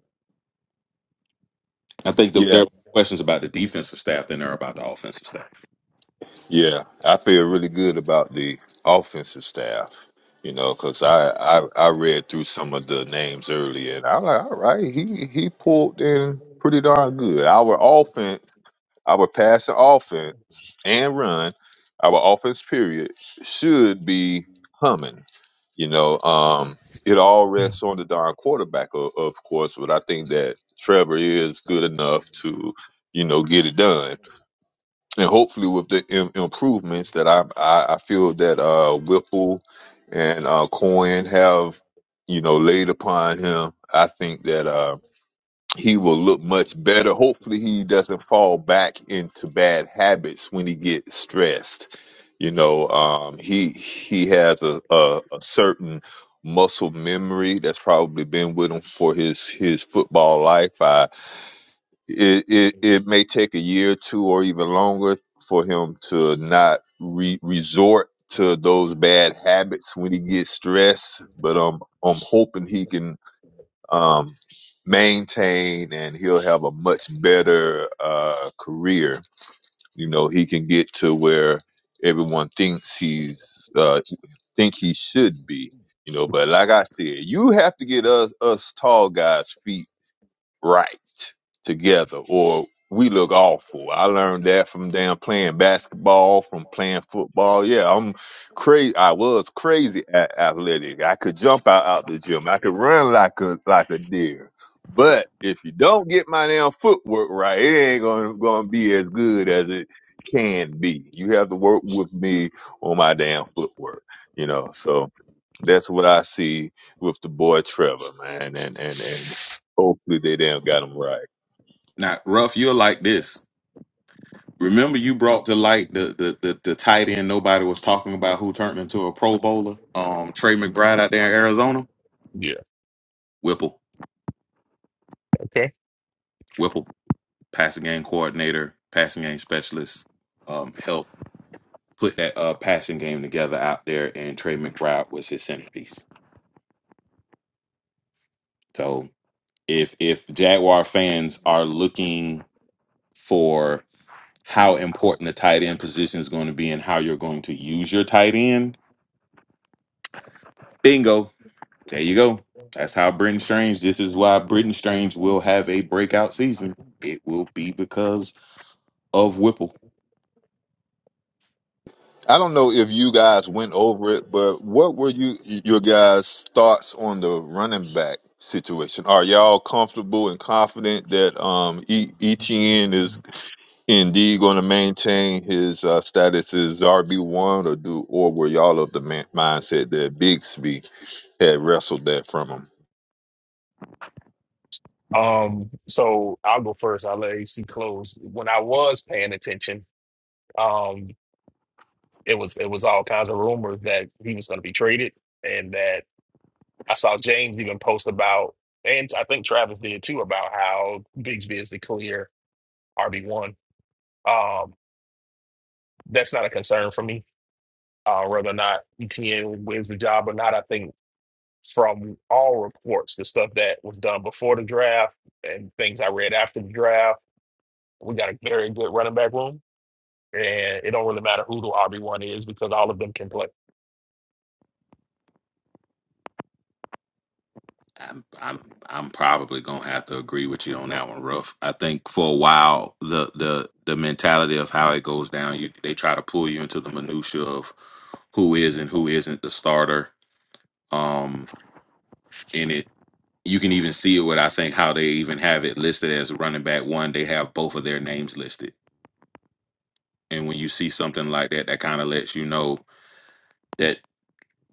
Speaker 5: I think that
Speaker 6: Yeah,
Speaker 5: there are questions about the defensive staff than there are about the offensive staff.
Speaker 6: yeah. I feel really good about the offensive staff, you know, because I, I I read through some of the names earlier, and I'm like, all right, he he pulled in pretty darn good. Our offense Our passing offense and run, our offense period should be humming. You know, um, it all rests on the darn quarterback, of, of course, but I think that Trevor is good enough to, you know, get it done. And hopefully, with the Im- improvements that I, I I feel that uh Whipple and uh Coin have, you know, laid upon him, I think that. uh, he will look much better. Hopefully, he doesn't fall back into bad habits when he gets stressed. You know, um, he he has a, a, a certain muscle memory that's probably been with him for his his football life. I, it, it it may take a year or two or even longer for him to not re- resort to those bad habits when he gets stressed. But um, I'm hoping he can um, maintain and he'll have a much better uh, career. You know, he can get to where everyone thinks he's uh, think he should be. You know, but like I said, you have to get us us tall guys feet right together or we look awful. I learned that from damn playing basketball, from playing football. Yeah, I'm crazy. I was crazy a- athletic. I could jump out, out the gym. I could run like a like a deer. But if you don't get my damn footwork right, it ain't gonna gonna be as good as it can be. You have to work with me on my damn footwork. You know, so that's what I see with the boy Trevor, man, and and and hopefully they damn got him right.
Speaker 5: Now, Ruff, you're like this. Remember, you brought to light the the the, the tight end nobody was talking about who turned into a Pro Bowler. Um, Trey McBride out there in Arizona.
Speaker 2: Yeah.
Speaker 5: Whipple,
Speaker 2: Okay.
Speaker 5: Whipple. passing game coordinator, passing game specialist, um, helped put that uh, passing game together out there, and Trey McBride was his centerpiece. So if if Jaguar fans are looking for how important the tight end position is going to be and how you're going to use your tight end, bingo, there you go. That's how Britton Strange. This is why Britton Strange will have a breakout season. It will be because of Whipple.
Speaker 6: I don't know if you guys went over it, but what were you your guys' thoughts on the running back situation? Are y'all comfortable and confident that um e- ETN is indeed going to maintain his uh, status as RB one, or do or were y'all of the man- mindset that Bigsby had wrestled that from him?
Speaker 2: Um, so I'll go first. I'll let AC close. When I was paying attention, um, it was it was all kinds of rumors that he was going to be traded, and that I saw James even post about, and I think Travis did too, about how Bigsby is the clear RB one. Um, that's not a concern for me. Uh, whether or not ETN wins the job or not, I think from all reports, the stuff that was done before the draft and things I read after the draft We got a very good running back room, and it don't really matter who the RB one is because all of them can play.
Speaker 5: I'm I'm I'm probably gonna have to agree with you on that one, Ruff. I think for a while the the the mentality of how it goes down, you they try to pull you into the minutia of who is and who isn't the starter. Um, in it, you can even see it with I think how they even have it listed as running back one. They have both of their names listed, and when you see something like that, that kind of lets you know that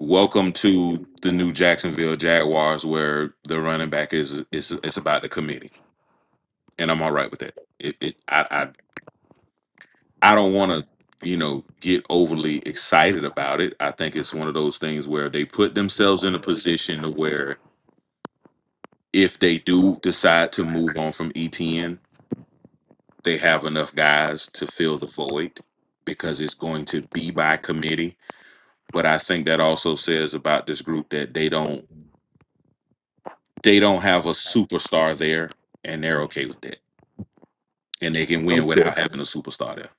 Speaker 5: welcome to the new Jacksonville Jaguars, where the running back is is it's about the committee. and I'm all right with that. It, it I, I I don't want to you know get overly excited about it. I think it's one of those things where they put themselves in a position to where if they do decide to move on from ETN, they have enough guys to fill the void because it's going to be by committee. But I think that also says about this group that they don't they don't have a superstar there, and they're okay with that. and they can win without having a superstar there.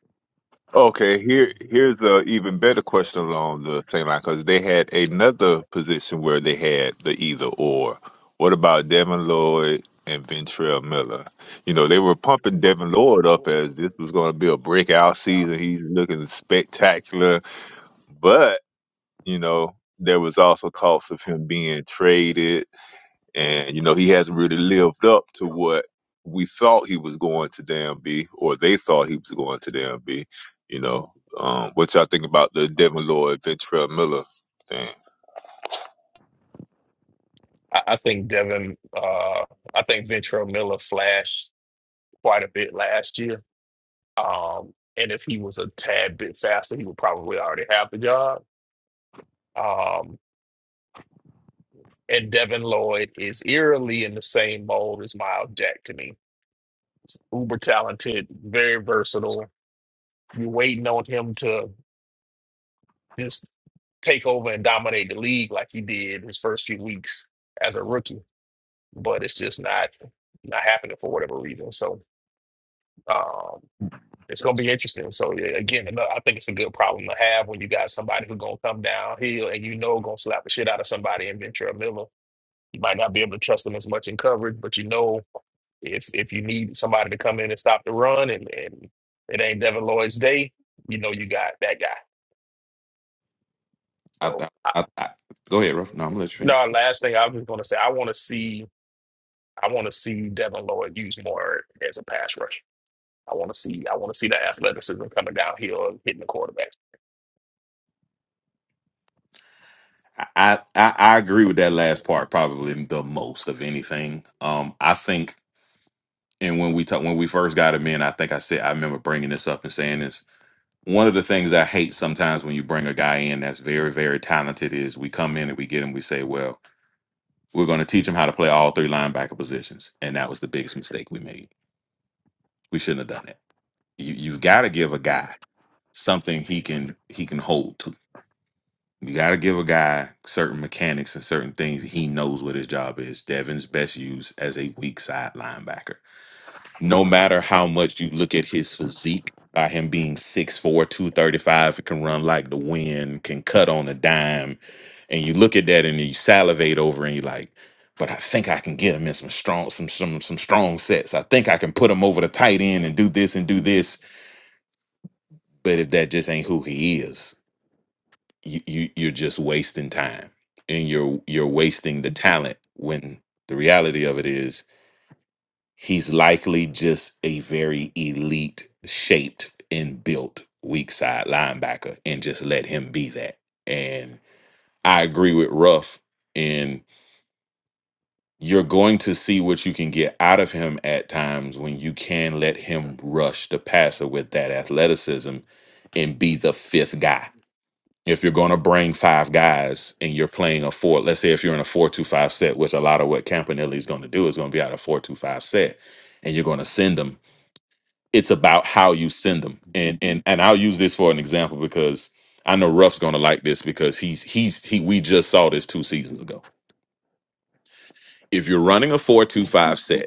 Speaker 6: Okay, here here's a even better question along the same line because they had another position where they had the either or. What about Devin Lloyd and Ventrell Miller? You know, they were pumping Devin Lloyd up as this was going to be a breakout season. He's looking spectacular, but you know, there was also talks of him being traded and, you know, he hasn't really lived up to what we thought he was going to damn be, or they thought he was going to damn be, you know. Um, what y'all think about the Devin Lloyd, Ventrell Miller thing?
Speaker 2: I, I think Devin, uh, I think Ventrell Miller flashed quite a bit last year. Um, and if he was a tad bit faster, he would probably already have the job. Um, and Devin Lloyd is eerily in the same mold as Miles Jack to me. He's uber talented, very versatile. You're waiting on him to just take over and dominate the league like he did his first few weeks as a rookie. But it's just not not happening for whatever reason. So um, it's going to be interesting. So yeah, again, another- I think it's a good problem to have when you got somebody who's going to come downhill and you know going to slap the shit out of somebody in Ventura Miller. You might not be able to trust them as much in coverage, but you know if if you need somebody to come in and stop the run and, and it ain't Devin Lloyd's day, you know you got that guy.
Speaker 5: I,
Speaker 2: So
Speaker 5: I,
Speaker 2: I,
Speaker 5: I, I, go ahead, Ruff. No, I'm gonna let you
Speaker 2: no,
Speaker 5: finish.
Speaker 2: last thing I was going to say, I want to see. I want to see Devin Lloyd used more as a pass rusher. I want to see I want to see the athleticism coming downhill and hitting the quarterback.
Speaker 5: I, I, I I agree with that last part probably the most of anything. Um, I think, and when we talk, when we first got him in, I think I said I remember bringing this up and saying this. one of the things I hate sometimes when you bring a guy in that's very, very talented is we come in and we get him, we say, well, we're going to teach him how to play all three linebacker positions. And that was the biggest mistake we made. We shouldn't have done that. You, you've got to give a guy something he can he can hold to. You got to give a guy certain mechanics and certain things he knows what his job is. Devin's best used as a weak side linebacker no matter how much you look at his physique, by him being six four, two thirty five, 235, can run like the wind, can cut on a dime. And you look at that and you salivate over and you're like, but I think I can get him in some strong, some some some strong sets. I think I can put him over the tight end and do this and do this. But if that just ain't who he is, you, you you're just wasting time. And you're you're wasting the talent when the reality of it is he's likely just a very elite shaped and built weak side linebacker and just let him be that. And I agree with Ruff And you're going to see what you can get out of him at times when you can let him rush the passer with that athleticism and be the fifth guy. If you're going to bring five guys and you're playing a four, let's say if you're in a four-two-five set, which a lot of what Campanelli is going to do is going to be out of four-two-five set, and you're going to send them it's about how you send them and and and i'll use this for an example because i know ruff's going to like this because he's he's he we just saw this two seasons ago if you're running a 425 set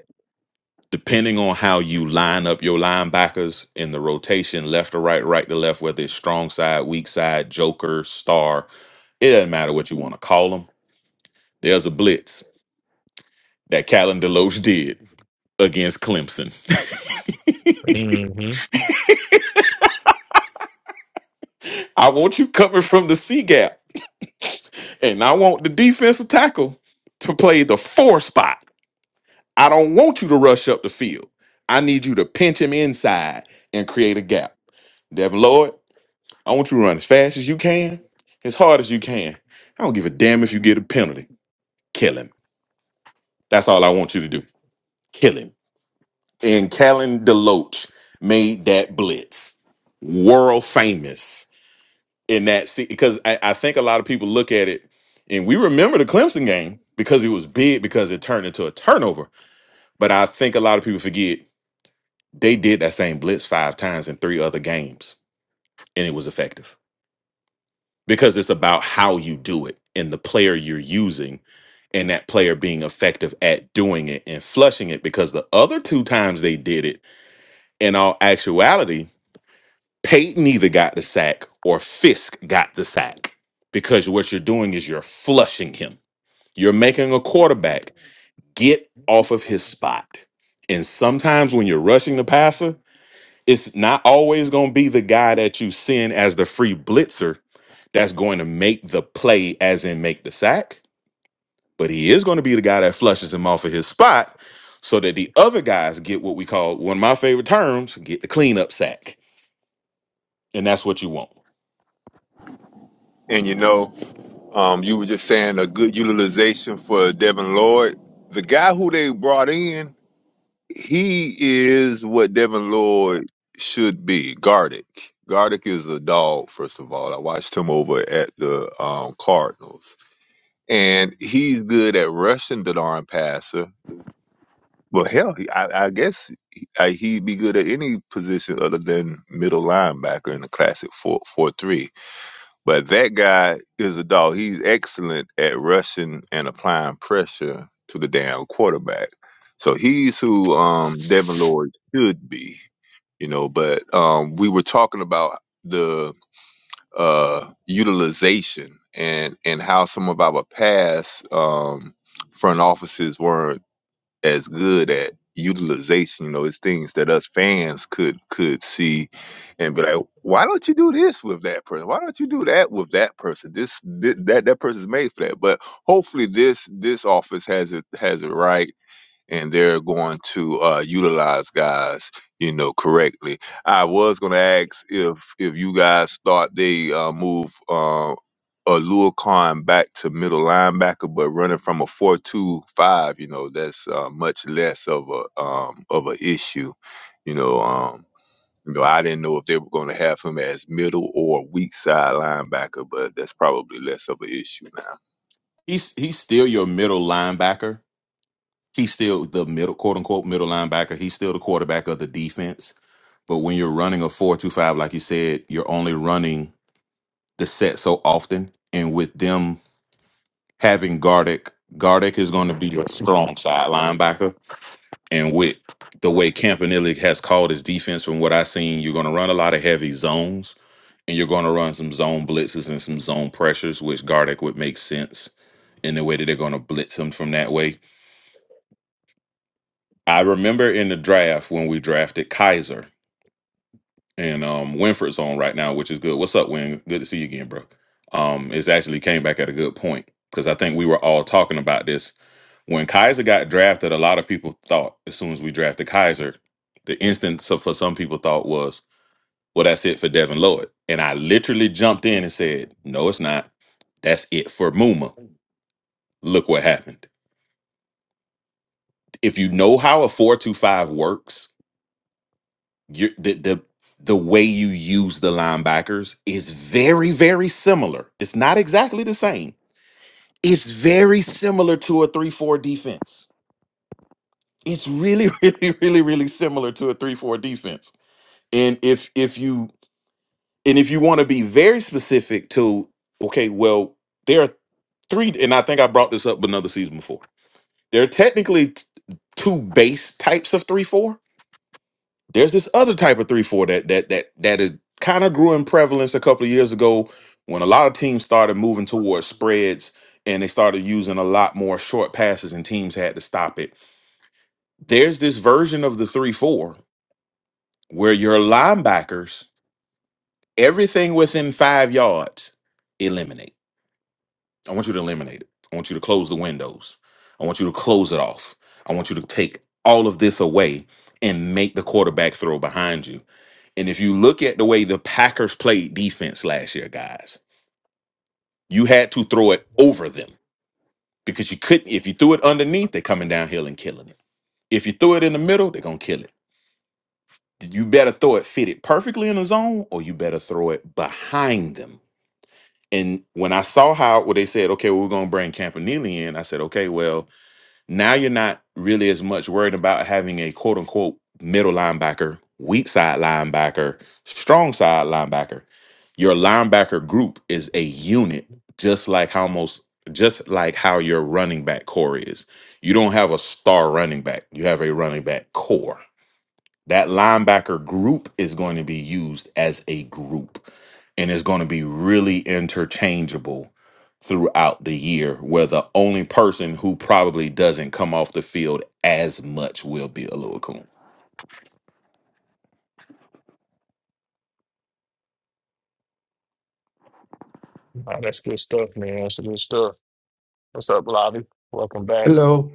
Speaker 5: depending on how you line up your linebackers in the rotation left to right right to left whether it's strong side weak side joker star it doesn't matter what you want to call them there's a blitz that Callan Deloach did against Clemson.
Speaker 2: hmm
Speaker 5: I want you coming from the C gap and I want the defensive tackle to play the four spot. I don't want you to rush up the field. I need you to pinch him inside and create a gap. Devin Lloyd, I want you to run as fast as you can, as hard as you can. I don't give a damn if you get a penalty. Kill him. That's all I want you to do. Kill him. And Callan DeLoach made that blitz world famous. in that seat, because I, I think a lot of people look at it and we remember the Clemson game because it was big because it turned into a turnover. But I think a lot of people forget they did that same blitz five times in three other games and it was effective because it's about how you do it and the player you're using and that player being effective at doing it and flushing it because the other two times they did it in all actuality Peyton either got the sack or Fisk got the sack because what you're doing is you're flushing him You're making a quarterback get off of his spot. And sometimes when you're rushing the passer, it's not always going to be the guy that you send as the free blitzer that's going to make the play, as in make the sack, but he is going to be the guy that flushes him off of his spot so that the other guys get what we call one of my favorite terms get the cleanup sack and that's what you want.
Speaker 6: And you know, um, you were just saying a good utilization for Devin Lloyd. The guy who they brought in He is what Devin Lloyd should be. Gardick. Gardick is a dog, first of all. I watched him over at the um, Cardinals. And he's good at rushing the darn passer. Well, hell, he, I, I guess he, I, he'd be good at any position other than middle linebacker in the classic four-four-three. But that guy is a dog. He's excellent at rushing and applying pressure to the damn quarterback. So he's who um, Devin Lloyd should be, you know. But um, we were talking about the uh, utilization and and how some of our past um, front offices weren't as good at utilization. You know, it's things that us fans could could see and be like, why don't you do this with that person? Why don't you do that with that person? This, thi- that that person's made for that. But hopefully, this this office has it has it right and they're going to uh, utilize guys, you know, correctly. I was going to ask if if you guys thought they uh, move uh, Alua Khan back to middle linebacker, but running from a four-two-five, you know, that's uh, much less of a um, of a issue, you know. Um, you know, I didn't know if they were going to have him as middle or weak side linebacker, but that's probably less of an issue now.
Speaker 5: He's he's still your middle linebacker. He's still the middle quote unquote middle linebacker. He's still the quarterback of the defense. But when you're running a four two five, like you said, you're only running the set so often, and with them having Gardeck, Gardeck is going to be your strong side linebacker. And with the way Campanelli has called his defense, from what I've seen, you're going to run a lot of heavy zones, and you're going to run some zone blitzes and some zone pressures, which Gardeck would make sense in the way that they're going to blitz him from that way. I remember in the draft when we drafted Kaiser. and um Winford's on right now, which is good. What's up, Win? Good to see you again, bro. Um, it's actually came back at a good point because I think we were all talking about this when Kaiser got drafted. A lot of people thought as soon as we drafted Kaiser, the instant of, for some people thought was, well, that's it for Devin Lloyd, and I literally jumped in and said, no, it's not. That's it for Muma. Look what happened. If you know how a four two five works, you the, the the way you use the linebackers is very very similar. It's not exactly the same. It's very similar to a 3-4 defense. It's really really really really similar to a 3-4 defense. And if if you and if you want to be very specific to okay, well, there are three and I think I brought this up another season before. There are technically t- two base types of 3-4 There's this other type of three four that that that that is kind of grew in prevalence a couple of years ago when a lot of teams started moving towards spreads and they started using a lot more short passes and teams had to stop it. There's this version of the three four where your linebackers everything within five yards eliminate. I want you to eliminate it. I want you to close the windows. I want you to close it off. I want you to take all of this away and make the quarterback throw behind you And if you look at the way the Packers played defense last year, guys, you had to throw it over them because you couldn't. If you threw it underneath, they're coming downhill and killing it. If you threw it in the middle, they're going to kill it. You better throw it fitted perfectly in the zone or you better throw it behind them. And when I saw how, where they said, okay, well, we're going to bring Campanile in, I said, okay, well, Now you're not really as much worried about having a quote unquote middle linebacker, weak side linebacker, strong side linebacker. Your linebacker group is a unit, just like how most just like how your running back core is. You don't have a star running back. You have a running back core. That linebacker group is going to be used as a group and is going to be really interchangeable throughout the year, where the only person who probably doesn't come off the field as much will be Alua
Speaker 2: Oh, that's good stuff, man. That's good stuff. What's up, Lobby? Welcome back.
Speaker 4: Hello.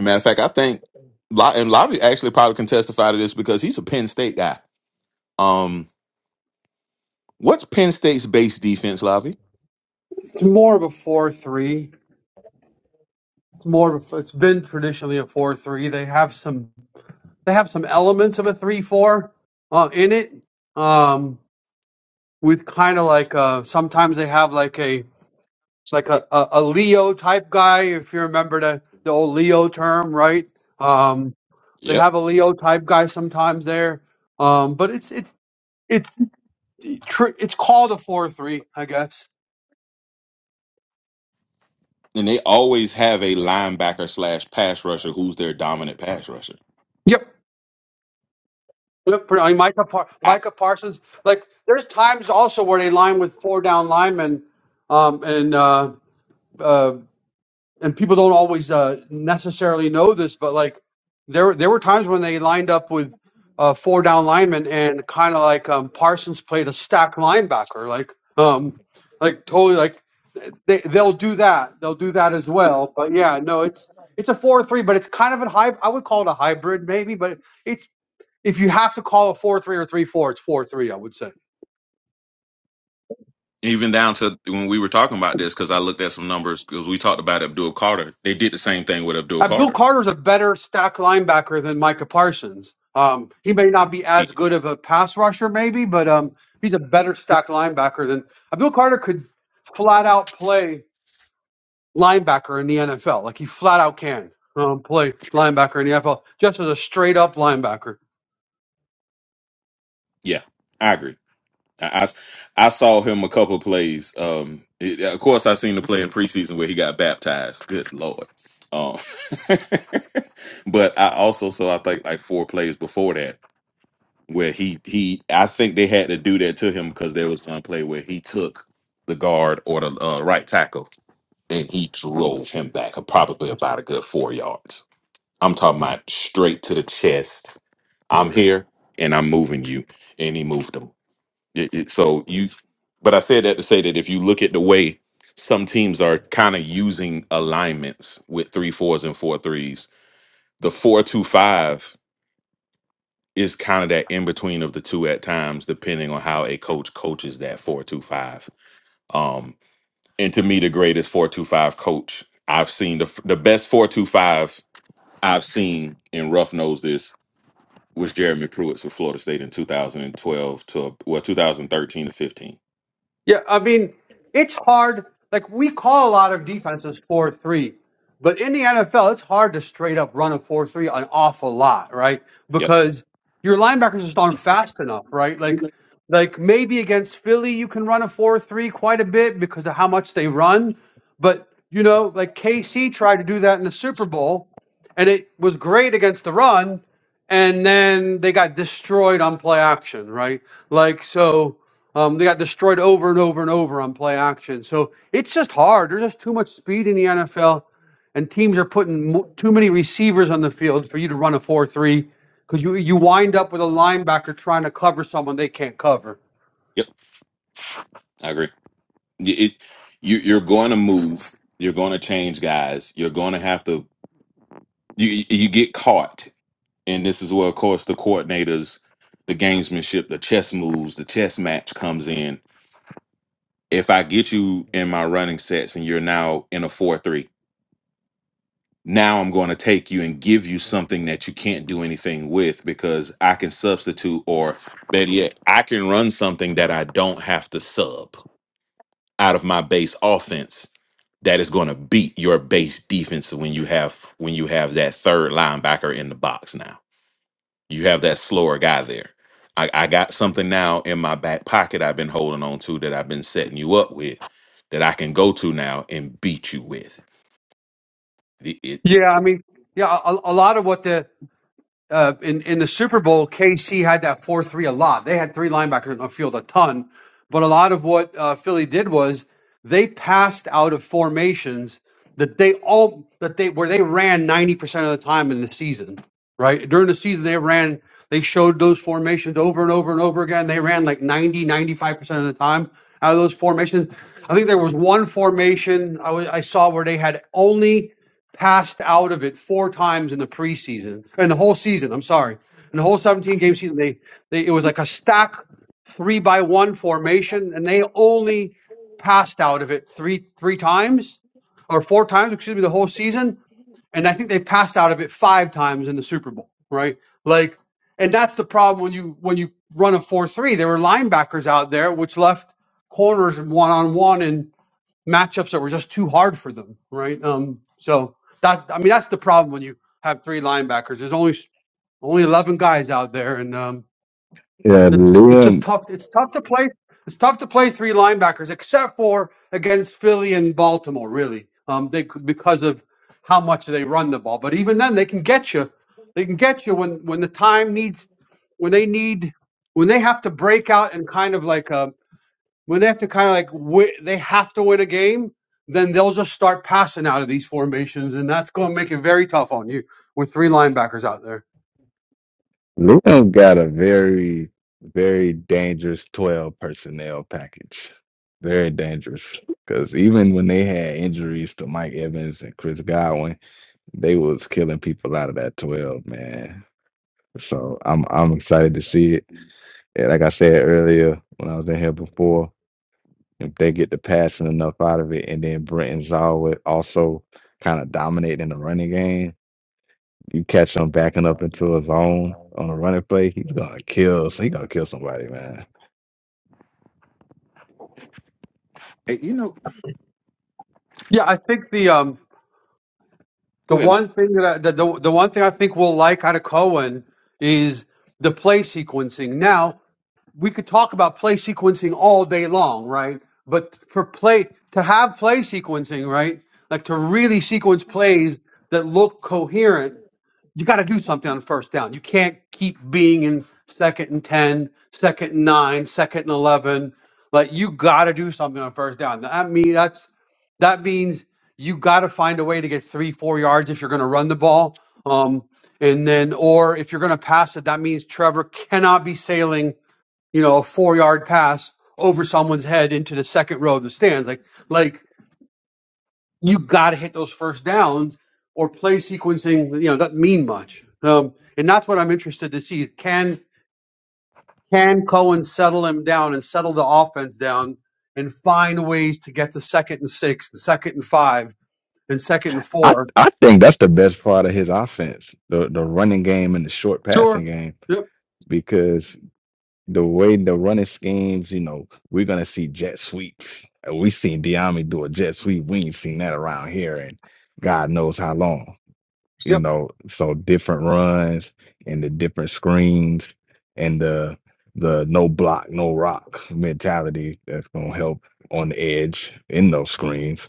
Speaker 5: Matter of fact, I think Lo- and Lobby actually probably can testify to this because he's a Penn State guy. Um, what's Penn State's base defense, Lobby?
Speaker 4: It's more of a four-three. It's more of a, it's been traditionally a four-three. They have some they have some elements of a three-four uh, in it. Um. with kind of like uh sometimes they have like a like a, a, a Leo type guy, if you remember the, the old Leo term, right? Um they
Speaker 5: Yep.
Speaker 4: have a Leo type guy sometimes there. Um but it's it's it's tr- it's called a four three, I guess.
Speaker 5: And they always have a linebacker slash pass rusher who's their dominant pass rusher.
Speaker 4: Yep. Yep, pretty- I mean, Micah, Par- Micah Parsons. Like, there's times also where they line with four down linemen, um, and uh, uh, and people don't always uh, necessarily know this, but like there there were times when they lined up with uh, four down linemen and kind of like um, Parsons played a stack linebacker, like um, like totally like they they'll do that they'll do that as well. But yeah, no, it's it's a four three, but it's kind of a high. I would call it a hybrid maybe, but it's if you have to call it four three or three four, it's four three. I would say.
Speaker 5: even down to when we were talking about this because I looked at some numbers because we talked about Abdul Carter. They did the same thing with Abdul
Speaker 4: Abdul
Speaker 5: Carter.
Speaker 4: Carter's a better stack linebacker than Micah Parsons. Um, he may not be
Speaker 5: He,
Speaker 4: as good of a pass rusher, maybe, but um, he's a better stack linebacker than Abdul Carter could flat out play linebacker in the NFL. Like he flat out can um, play linebacker in the NFL, just as a straight up linebacker.
Speaker 5: yeah, I agree. I, I, I saw him a couple of plays. Um, it- yeah, of course, I seen the play in preseason where he got baptized. Good lord. Um, but I also saw I think like four plays before that where he he I think they had to do that to him because there was one play where he took the guard or the uh, right tackle and he drove him back, uh, probably about a good four yards. I'm talking about straight to the chest. I'm here and I'm moving you, and he moved him. It- it- so you, but I said that to say that if you look at the way some teams are kind of using alignments with three fours and four threes, the four two five is kind of that in between of the two at times, depending on how a coach coaches that four two five. Um, and to me the greatest 425 coach i've seen the, the best 425 i've seen and rough knows this was jeremy pruitt for florida state in 2012 to well 2013 to 15
Speaker 4: Yeah, I mean, it's hard. Like we call a lot of defenses four three, but in the NFL, it's hard to straight up run a four three an awful lot, right?
Speaker 5: yep
Speaker 4: Because your linebackers just aren't fast enough, right? Like, like maybe against Philly, you can run a four three quite a bit because of how much they run. But you know, like KC tried to do that in the Super Bowl, and it was great against the run, and then they got destroyed on play action, right? Like so. Um, they got destroyed over and over and over on play action. So it's just hard. There's just too much speed in the NFL, and teams are putting mo- too many receivers on the field for you to run a four-three because you you wind up with a linebacker trying to cover someone they can't cover.
Speaker 5: yep i agree Y- it, you, you're going to move you're going to change guys you're going to have to you, you get caught and this is where of course the coordinators the gamesmanship the chess moves the chess match comes in if i get you in my running sets and you're now in a 4-3 now I'm going to take you and give you something that you can't do anything with because I can substitute, or better yet, I can run something that I don't have to sub out of my base offense that is going to beat your base defense when you have when you have that third linebacker in the box now. You have that slower guy there. I, I got something now in my back pocket I've been holding on to that I've been setting you up with that I can go to now and beat you with. The, it, the,
Speaker 4: Yeah, I mean, yeah, a, a lot of what the uh, in in the Super Bowl, KC had that four three a lot. They had three linebackers on the field a ton, but a lot of what uh, Philly did was they passed out of formations that they all that they where they ran ninety percent of the time in the season. Right during the season, they ran. They showed those formations over and over and over again. They ran like 90, 95% of the time out of those formations. I think there was one formation I wa- I saw where they had only passed out of it four times in the preseason in the whole season. I'm sorry, in the whole 17 game season, they, they it was like a stack three by one formation, and they only passed out of it three three times or four times, excuse me, the whole season. And I think they passed out of it five times in the Super Bowl, right? Like, and that's the problem when you when you run a four three. There were linebackers out there, which left corners one on one and matchups that were just too hard for them, right? Um, so that I mean that's the problem when you have three linebackers. There's only only eleven guys out there, and um,
Speaker 3: Yeah,
Speaker 4: it's it's just
Speaker 3: Liam.
Speaker 4: tough. It's tough to play. It's tough to play three linebackers, except for against Philly and Baltimore. Really, um, they could- because of how much they run the ball. But even then, they can get you. They can get you when when the time needs when they need when they have to break out and kind of like um when they have to kind of like wi- they have to win a game, then they'll just start passing out of these formations, and that's going to make it very tough on you with three linebackers out there.
Speaker 3: Liam got a very, very dangerous twelve personnel package. Very dangerous. Because even when they had injuries to Mike Evans and Chris Godwin, they was killing people out of that twelve, man. So I'm I'm excited to see it. And like I said earlier when I was in here before. if they get the passing enough out of it, and then Brenton Zaw also kind of dominate in the running game. You catch him backing up into a zone on a running play, he's gonna kill. So he's gonna kill somebody, man.
Speaker 5: eh, you know,
Speaker 4: Yeah, I think the um the
Speaker 5: go ahead.
Speaker 4: one thing that I, the, the the one thing I think we'll like out of Cohen is the play sequencing. Now we could talk about play sequencing all day long, right? But for play to have play sequencing, right? Like to really sequence plays that look coherent you got to do something on first down. You can't keep being in second and 10, second and nine, second and 11. Like you got to do something on first down. That mean that's that means you got to find a way to get three, four yards if you're going to run the ball. Um, and then, or if you're going to pass it, that means Trevor cannot be sailing, you know, a four yard pass over someone's head into the second row of the stands. Like, like you got to hit those first downs or play sequencing, you know, doesn't mean much. Um, and that's what I'm interested to see. Can can Cohen settle him down and settle the offense down and find ways to get to second and six, and second and five, and second and
Speaker 3: I
Speaker 4: four?
Speaker 3: I think that's the best part of his offense, the the running game and the short
Speaker 4: Sure.
Speaker 3: passing game,
Speaker 4: Yep,
Speaker 3: because the way the running schemes, you know, we're gonna see jet sweeps. And We seen Diami do a jet sweep. We ain't seen that around here, and God knows how long. you
Speaker 4: yep.
Speaker 3: know, so different runs and the different screens and the the no block, no rock mentality that's gonna help on the edge in those screens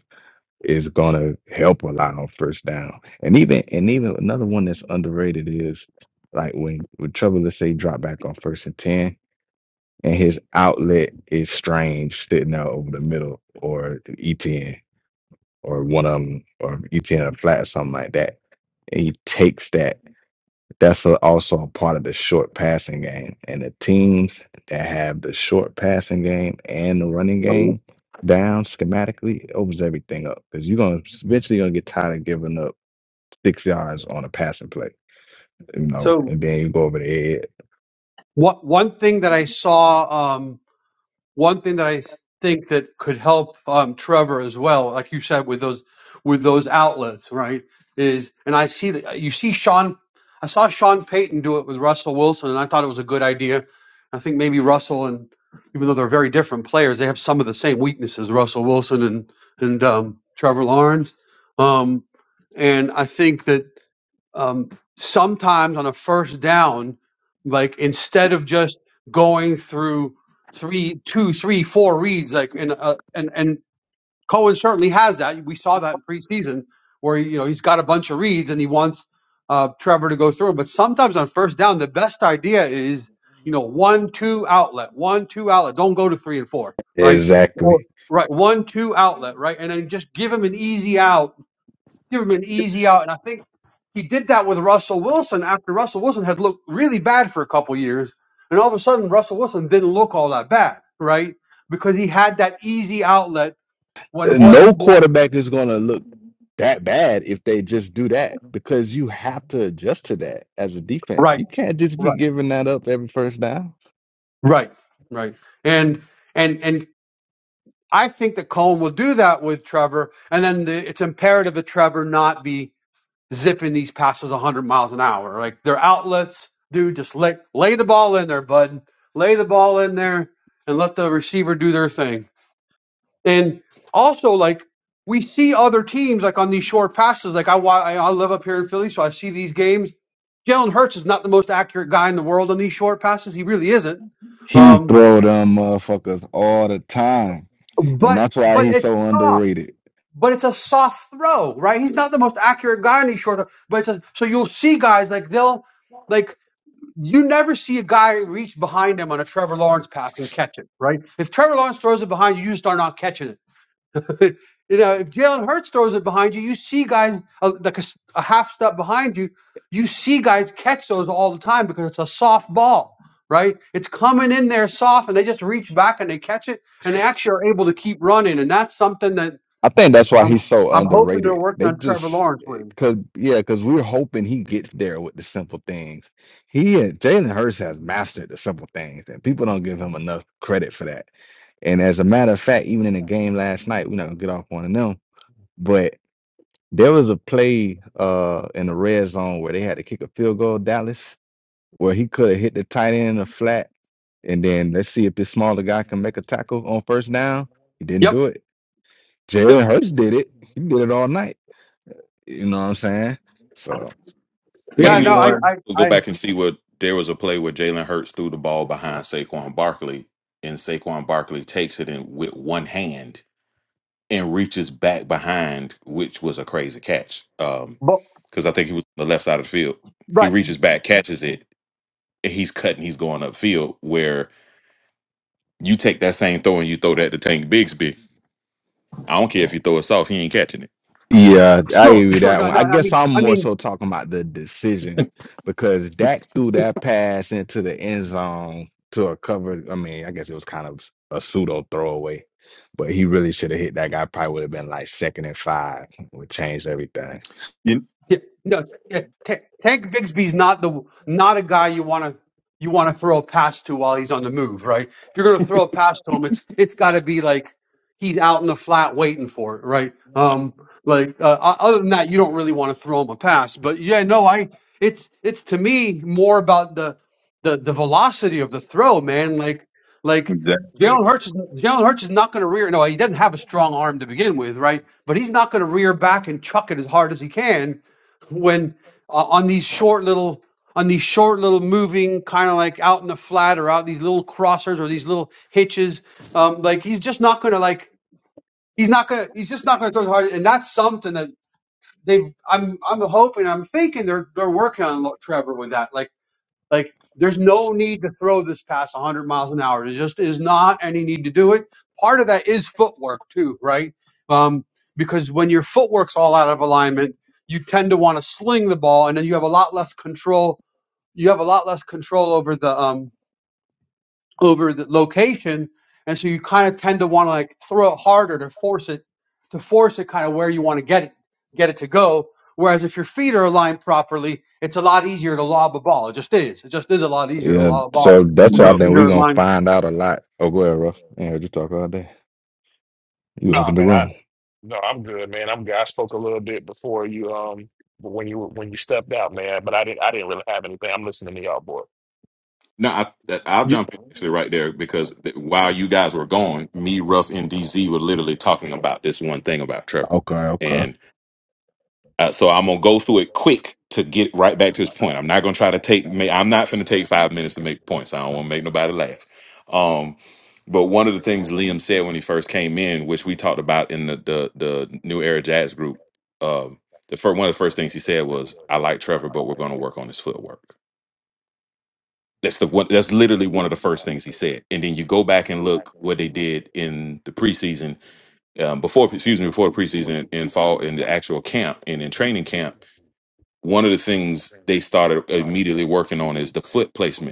Speaker 3: is gonna help a lot on first down. And even and even another one that's underrated is like when when Trevor let's say drop back on first and ten and his outlet is strange sitting out over the middle or ETN or one of them or ETN a flat something like that and he takes that that's a, also a part of the short passing game. And the teams that have the short passing game and the running game down schematically it opens everything up because you're gonna eventually gonna get tired of giving up six yards on a passing play, you know,
Speaker 4: So
Speaker 3: and then you go over the head.
Speaker 4: what one thing that I saw? um, one thing that I think that could help um, Trevor as well, like you said, with those with those outlets, right? Is and I see that you see Sean. I saw Sean Payton do it with Russell Wilson, and I thought it was a good idea. I think maybe Russell and even though they're very different players, they have some of the same weaknesses. Russell Wilson and and um, Trevor Lawrence, um, and I think that um, sometimes on a first down, like instead of just going through three, two, three, four reads, like in a, and and Cohen certainly has that. We saw that in preseason where you know he's got a bunch of reads and he wants uh, Trevor to go through 'em. But sometimes on first down, the best idea is you know one, two outlet, one, two outlet. Don't go to three and four, right?
Speaker 3: Exactly.
Speaker 4: Right, one, two outlet, right, and then just give him an easy out give him an easy out. And I think he did that with Russell Wilson after Russell Wilson had looked really bad for a couple years. And all of a sudden, Russell Wilson didn't look all that bad, right? Because he had that easy outlet when what
Speaker 3: No
Speaker 4: he wanted.
Speaker 3: quarterback is gonna look that bad if they just do that because you have to adjust to that as a defense.
Speaker 4: Right,
Speaker 3: You can't just be
Speaker 4: right,
Speaker 3: giving that up every first down.
Speaker 4: right, right. And and and I think that Cohen will do that with Trevor, and then the, it's imperative that Trevor not be zipping these passes 100 miles an hour. Like their outlets, dude, just lay, lay the ball in there, bud. Lay the ball in there and let the receiver do their thing. And also, like, we see other teams, like, on these short passes. Like, I, wa- I I live up here in Philly, so I see these games. Jalen Hurts is not the most accurate guy in the world on these short passes. He really isn't.
Speaker 3: He
Speaker 4: Um,
Speaker 3: throw them motherfuckers all the time, and
Speaker 4: but
Speaker 3: that's why
Speaker 4: but
Speaker 3: he's
Speaker 4: it's
Speaker 3: so underrated.
Speaker 4: but it's a soft throw, right? He's not the most accurate guy in these short, but it's a, so you'll see guys like they'll like you never see a guy reach behind him on a Trevor Lawrence pass and catch it, right? If Trevor Lawrence throws it behind you, you start not catching it. you know, if Jalen Hurts throws it behind you, you see guys uh, like a, s- a half step behind you. You see guys catch those all the time because it's a soft ball, right? It's coming in there soft, and they just reach back and they catch it, and they actually are able to keep running. And that's something that
Speaker 3: I think that's why
Speaker 4: I'm
Speaker 3: he's so
Speaker 4: I'm hoping they're
Speaker 3: underrated.
Speaker 4: working
Speaker 3: They
Speaker 4: on
Speaker 3: just
Speaker 4: Trevor Lawrence with.
Speaker 3: cause yeah, cause we're hoping he gets there with the simple things. He Jalen Hurts has mastered the simple things, and people don't give him enough credit for that. And as a matter of fact, even in the game last night, we're not gonna get off one of them. but. There was a play uh in the red zone where they had to kick a field goal, Dallas, where he could have hit the tight end in the flat, and then let's see if this smaller guy can make a tackle on first down. He didn't do
Speaker 4: Yep.
Speaker 3: it.
Speaker 4: Yep.
Speaker 3: Jalen Hurts did it. He did it all night. You know what I'm saying? So.
Speaker 5: But
Speaker 6: Any-
Speaker 4: Yeah.
Speaker 5: you
Speaker 4: No.
Speaker 5: you can
Speaker 4: I. I.
Speaker 5: also go
Speaker 4: I.
Speaker 5: back and see what there was a play where Jalen Hurts threw the ball behind Saquon Barkley, and Saquon Barkley takes it in with one hand and reaches back behind, which was a crazy catch. Um,
Speaker 4: But,
Speaker 5: because I think he was on the left side of the field.
Speaker 4: right.
Speaker 5: He reaches back, catches it, and he's cutting, he's going upfield. Where you take that same throw and you throw that to Tank Bigsby. I don't care if you throw it soft, he ain't catching it.
Speaker 3: Yeah, I agree
Speaker 4: Sure,
Speaker 3: with
Speaker 4: sure.
Speaker 3: that
Speaker 4: No,
Speaker 3: one.
Speaker 4: no.
Speaker 3: I
Speaker 4: I
Speaker 3: guess
Speaker 4: mean,
Speaker 3: I'm
Speaker 4: I
Speaker 3: more
Speaker 4: mean,
Speaker 3: so talking about the decision because Dak threw that pass into the end zone to a cover. I mean, I guess it was kind of a pseudo throwaway, but he really should have hit that guy. Probably would have been like second and five, would change everything.
Speaker 6: You-
Speaker 4: Yeah, no, yeah, Ta- Tank Bigsby's not the not a guy you want to you want to throw a pass to while he's on the move, right? If you're going to throw a pass to him, it's it's got to be like he's out in the flat waiting for it, right? Um, like uh, o- other than that, you don't really want to throw him a pass. But yeah, no, I it's it's to me more about the the the velocity of the throw, man. Like like.
Speaker 6: exactly.
Speaker 4: Jalen Hurts, is- Jalen Hurts is not going to rear. No, he doesn't have a strong arm to begin with, right? But he's not going to rear back and chuck it as hard as he can when uh, on these short little on these short little moving kind of like out in the flat or out these little crossers or these little hitches um like he's just not gonna like he's not gonna he's just not gonna throw it hard and that's something that they i'm i'm hoping i'm thinking they're they're working on lo- trevor with that like like, there's no need to throw this past 100 miles an hour. There just is not any need to do it. Part of that is footwork too, right? Um, because when your footwork's all out of alignment, you tend to want to sling the ball, and then you have a lot less control. You have a lot less control over the um, over the location, and so you kind of tend to want to like throw it harder to force it to force it kind of where you want to get it get it to go. Whereas if your feet are aligned properly, it's a lot easier to lob a ball. It just is. It just is a lot easier to
Speaker 3: Yeah,
Speaker 4: lob a ball
Speaker 3: so that's
Speaker 4: when
Speaker 3: why
Speaker 6: No.
Speaker 4: your
Speaker 3: I
Speaker 4: feet
Speaker 3: think we're
Speaker 4: are
Speaker 3: gonna
Speaker 4: aligned.
Speaker 3: find out a lot. Oh, go ahead, Ruff. I ain't heard you talk all day. You
Speaker 2: No,
Speaker 3: opened the
Speaker 2: man, I
Speaker 3: room.
Speaker 2: no, I'm good, man. I'm good. I spoke a little bit before you um when you when you stepped out, man, but I didn't I didn't really have anything. I'm listening to y'all, boy.
Speaker 5: No, I, that- I'll jump in actually right there because th- while you guys were going, me, Ruff, and DZ were literally talking about this one thing about Trevor.
Speaker 3: Okay, okay.
Speaker 5: And uh, so I'm going to go through it quick to get right back to his point. I'm not going to try to take, ma- I'm not going to take five minutes to make points. I don't want to make nobody laugh. Um, but one of the things Liam said when he first came in, which we talked about in the, the, the New Era Jazz group, um, the first, one of the first things he said was, I like Trevor, but we're going to work on his footwork that's the one. That's literally one of the first things he said. And then you go back and look what they did in the preseason, um, before excuse me, before the preseason in fall in the actual camp and in training camp. One of the things they started immediately working on is the foot placement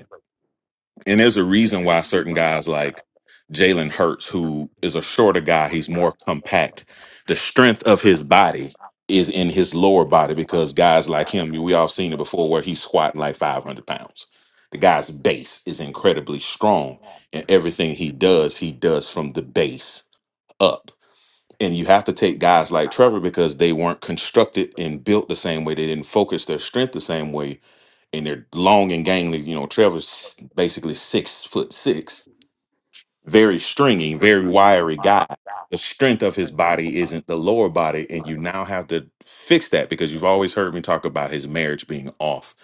Speaker 5: and there's a reason why certain guys like Jalen Hurts, who is a shorter guy, he's more compact. The strength of his body is in his lower body because guys like him, we all seen it before, where he's squatting like 500 pounds. The guy's base is incredibly strong, and everything he does, he does from the base up. And you have to take guys like Trevor because they weren't constructed and built the same way. They didn't focus their strength the same way and they're long and gangly. You know, Trevor's basically six foot six, very stringy, very wiry guy. The strength of his body isn't the lower body, and you now have to fix that because you've always heard me talk about his marriage being off.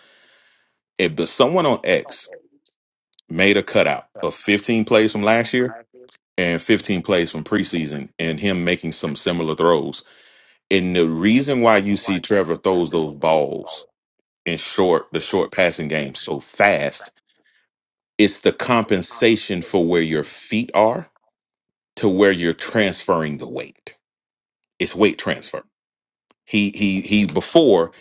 Speaker 5: If but someone on X made a cutout of 15 plays from last year and 15 plays from preseason, and him making some similar throws, and the reason why you see Trevor throws those balls in short, the short passing game so fast It's the compensation for where your feet are to where you're transferring the weight. It's weight transfer. He he he before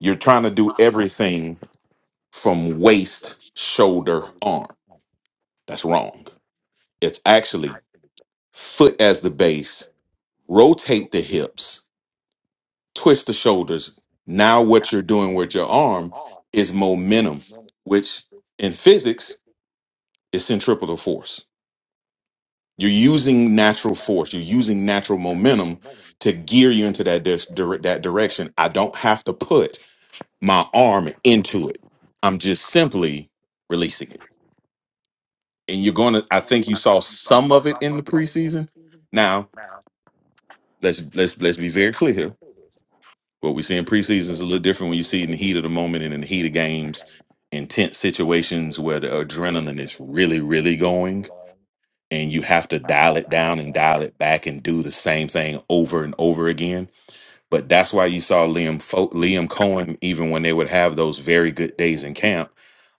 Speaker 5: you're trying to do everything from waist, shoulder, arm. That's wrong. It's actually foot as the base, rotate the hips, twist the shoulders. Now what you're doing with your arm is momentum, which in physics is centripetal force You're using natural force. You're using natural momentum to gear you into that dis- dire- that direction. I don't have to put my arm into it. I'm just simply releasing it. And you're going to. I think you saw some of it in the preseason. Now let's let's let's be very clear. here. What we see in preseason is a little different when you see it in the heat of the moment and in the heat of games, intense situations where the adrenaline is really really going and you have to dial it down and dial it back and do the same thing over and over again. But that's why you saw Liam Fo- Liam Cohen even when they would have those very good days in camp.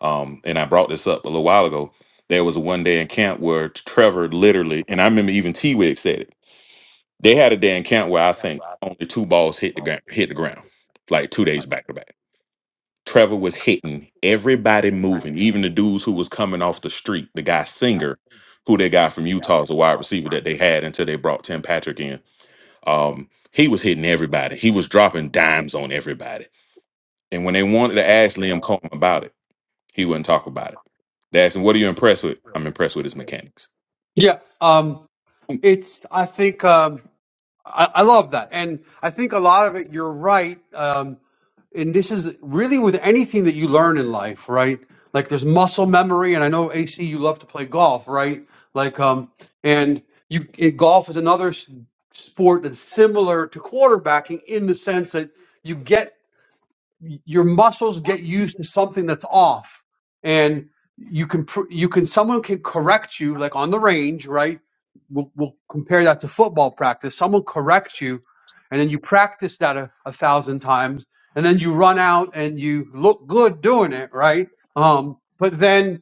Speaker 5: Um, and I brought this up a little while ago. There was one day in camp where Trevor literally, and I remember even T Wig said it. They had a day in camp where I think only two balls hit the ground, hit the ground, like two days back to back. Trevor was hitting everybody moving, even the dudes who was coming off the street. The guy Singer, who they got from Utah as a wide receiver that they had until they brought Tim Patrick in. Um, he was hitting everybody. He was dropping dimes on everybody. And when they wanted to ask Liam Coleman about it, he wouldn't talk about it. They asked him, "What are you impressed with?" I'm impressed with his mechanics.
Speaker 4: Yeah. Um.
Speaker 5: Yep,
Speaker 4: It's. I think. Um. I, I love that, and I think a lot of it. You're right. Um and this is really with anything that you learn in life, right? Like there's muscle memory, and I know AC, you love to play golf, right? Like, um, and you it, golf is another s- sport that's similar to quarterbacking in the sense that you get your muscles get used to something that's off and you can pr- you can someone can correct you like on the range right we'll, we'll compare that to football practice someone corrects you and then you practice that a, a thousand times and then you run out and you look good doing it right um but then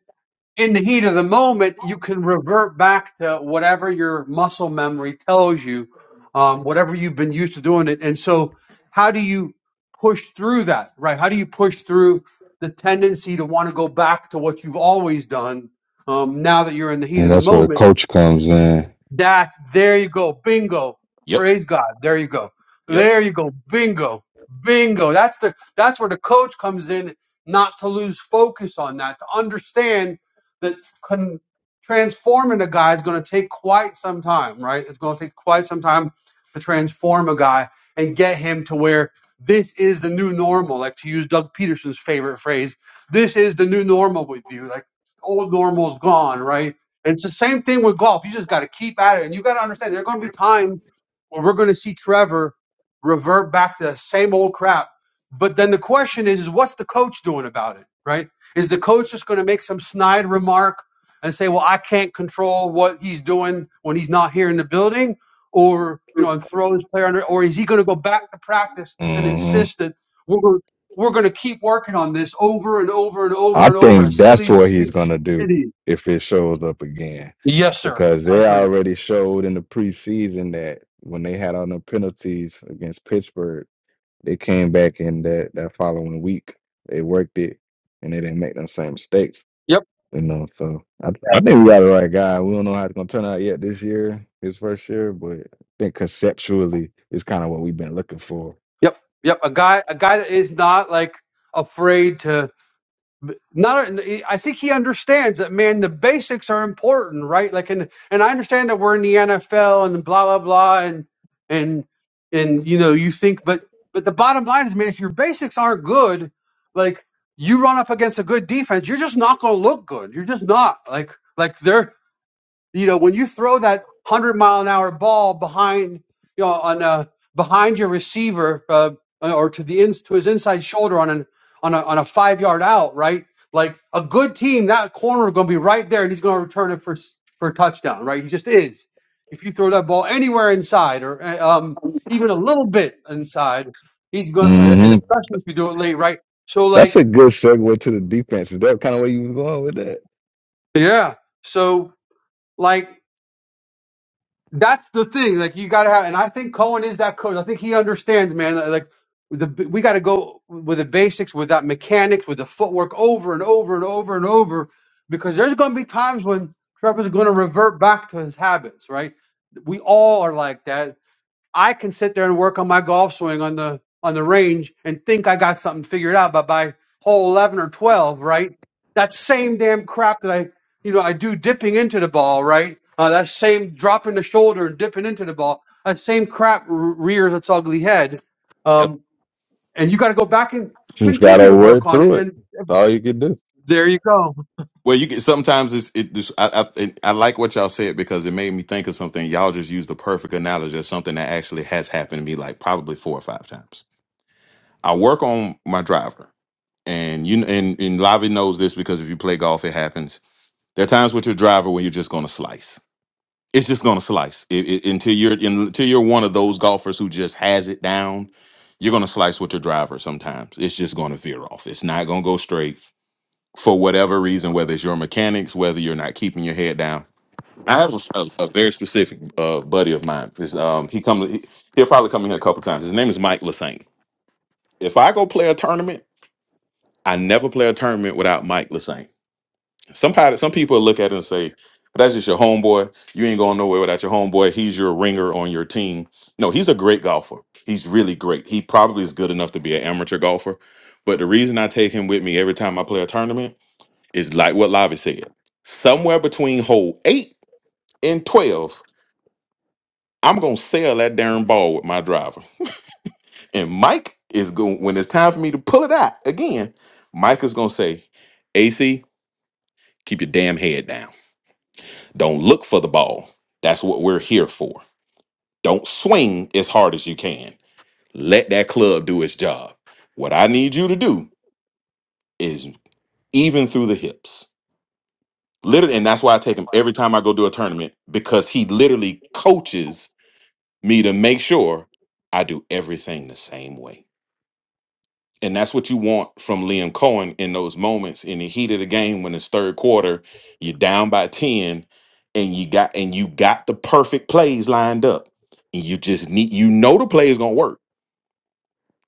Speaker 4: in the heat of the moment, you can revert back to whatever your muscle memory tells you, um, whatever you've been used to doing it. And so, how do you push through that, right? How do you push through the tendency to want to go back to what you've always done um, now that you're in the heat
Speaker 3: And
Speaker 4: of the
Speaker 3: that's where the
Speaker 4: moment?
Speaker 3: coach comes in.
Speaker 4: That there you go. Bingo.
Speaker 5: yep,
Speaker 4: Praise God. There you go.
Speaker 5: yep.
Speaker 4: There you go. Bingo. Bingo. That's the that's where the coach comes in not to lose focus on that, to understand that con- transforming a guy is going to take quite some time, right? It's going to take quite some time to transform a guy and get him to where this is the new normal, like to use Doug Peterson's favorite phrase, this is the new normal with you. Like old normal's gone, right? It's the same thing with golf. You just got to keep at it, and you got to understand there are going to be times where we're going to see Trevor revert back to the same old crap. But then the question is, is what's the coach doing about it? Right? Is the coach just going to make some snide remark and say, "Well, I can't control what he's doing when he's not here in the building," or you know, and throw his player under, or is he going to go back to practice and
Speaker 3: Mm-hmm.
Speaker 4: insist that we're going we're going to keep working on this over and over and over
Speaker 3: I
Speaker 4: and over, as
Speaker 3: think
Speaker 4: silly
Speaker 3: that's
Speaker 4: as you
Speaker 3: what he's
Speaker 4: think
Speaker 3: gonna do
Speaker 4: it is?
Speaker 3: if it shows up again,
Speaker 4: Yes, sir.
Speaker 3: because
Speaker 4: I
Speaker 3: they
Speaker 4: agree.
Speaker 3: already showed in the preseason that when they had on the penalties against Pittsburgh, they came back in that that following week. They worked it, and they didn't make them same mistakes.
Speaker 4: Yep,
Speaker 3: You know, so I I think we got the right guy. We don't know how it's gonna turn out yet this year, his first year, but I think conceptually is kind of what we've been looking for.
Speaker 4: yep, yep. A guy, a guy that is not like afraid to not. I think he understands that, man. The basics are important, right? Like, and and I understand that we're in the NFL and blah blah blah, and and and you know, you think, but but the bottom line is, man, if your basics aren't good, like you run up against a good defense, you're just not going to look good. You're just not like like they're You know, when you throw that hundred mile an hour ball behind, you know, on uh, behind your receiver uh, or to the ins to his inside shoulder on an on a on a five yard out, right? Like a good team, that corner is going to be right there, and he's going to return it for s- for a touchdown, right? He just is. If you throw that ball anywhere inside, or uh, um, even a little bit inside, he's going, uh, and
Speaker 3: hmm
Speaker 4: especially if you do it late, right? So
Speaker 3: That's
Speaker 4: like,
Speaker 3: a good segue to the defense. Is that kind of where you was going with that?
Speaker 4: yeah, so like. That's the thing. Like you gotta have, and I think Cohen is that coach. I think he understands, man. Like the we got to go with the basics, with that mechanics, with the footwork over and over and over and over, because there's gonna be times when Trevor's gonna revert back to his habits, right? We all are like that. I can sit there and work on my golf swing on the on the range and think I got something figured out, but by hole eleven or twelve, right? That same damn crap that I you know I do dipping into the ball, right? Uh, that same dropping the shoulder and dipping into the ball, that same crap re- rears its ugly head, um, and you got to go back and
Speaker 3: Just
Speaker 4: continue
Speaker 3: gotta
Speaker 4: to work
Speaker 3: work
Speaker 4: on it.
Speaker 3: through it.
Speaker 4: And
Speaker 3: That's all you can do.
Speaker 4: there you go.
Speaker 5: Well, you get sometimes it's it. Just, I, I it- I like what y'all said because it made me think of something. Y'all just used the perfect analogy of something that actually has happened to me like probably four or five times. I work on my driver, and you and and Lavi knows this because if you play golf, it happens. There are times with your driver when you're just going to slice. It's just going to slice it, it- until you're until you're one of those golfers who just has it down. You're going to slice with your driver sometimes. It's just going to veer off. It's not going to go straight for whatever reason, whether it's your mechanics, whether you're not keeping your head down. I have a, a, a very specific uh, buddy of mine. This, um, he comes, he, he'll probably come in here a couple times. His name is Mike Lassane. If I go play a tournament, I never play a tournament without Mike Lassane. Some pi- some people look at it and say, "But that's just your homeboy. You ain't going nowhere without your homeboy. He's your ringer on your team." No, he's a great golfer. He's really great. He probably is good enough to be an amateur golfer. But the reason I take him with me every time I play a tournament it's like what Lavi said. Somewhere between hole eight and twelve, I'm gonna sail that darn ball with my driver. And Mike is going when it's time for me to pull it out again. Mike is gonna say, "AC, keep your damn head down. Don't look for the ball. That's what we're here for. Don't swing as hard as you can. Let that club do its job. What I need you to do is even through the hips." Literally, and that's why I take him every time I go do a tournament because he literally coaches me to make sure I do everything the same way. And that's what you want from Liam Cohen in those moments in the heat of the game when it's third quarter, you're down by 10 and you got and you got the perfect plays lined up. And you just need you know the play is gonna work.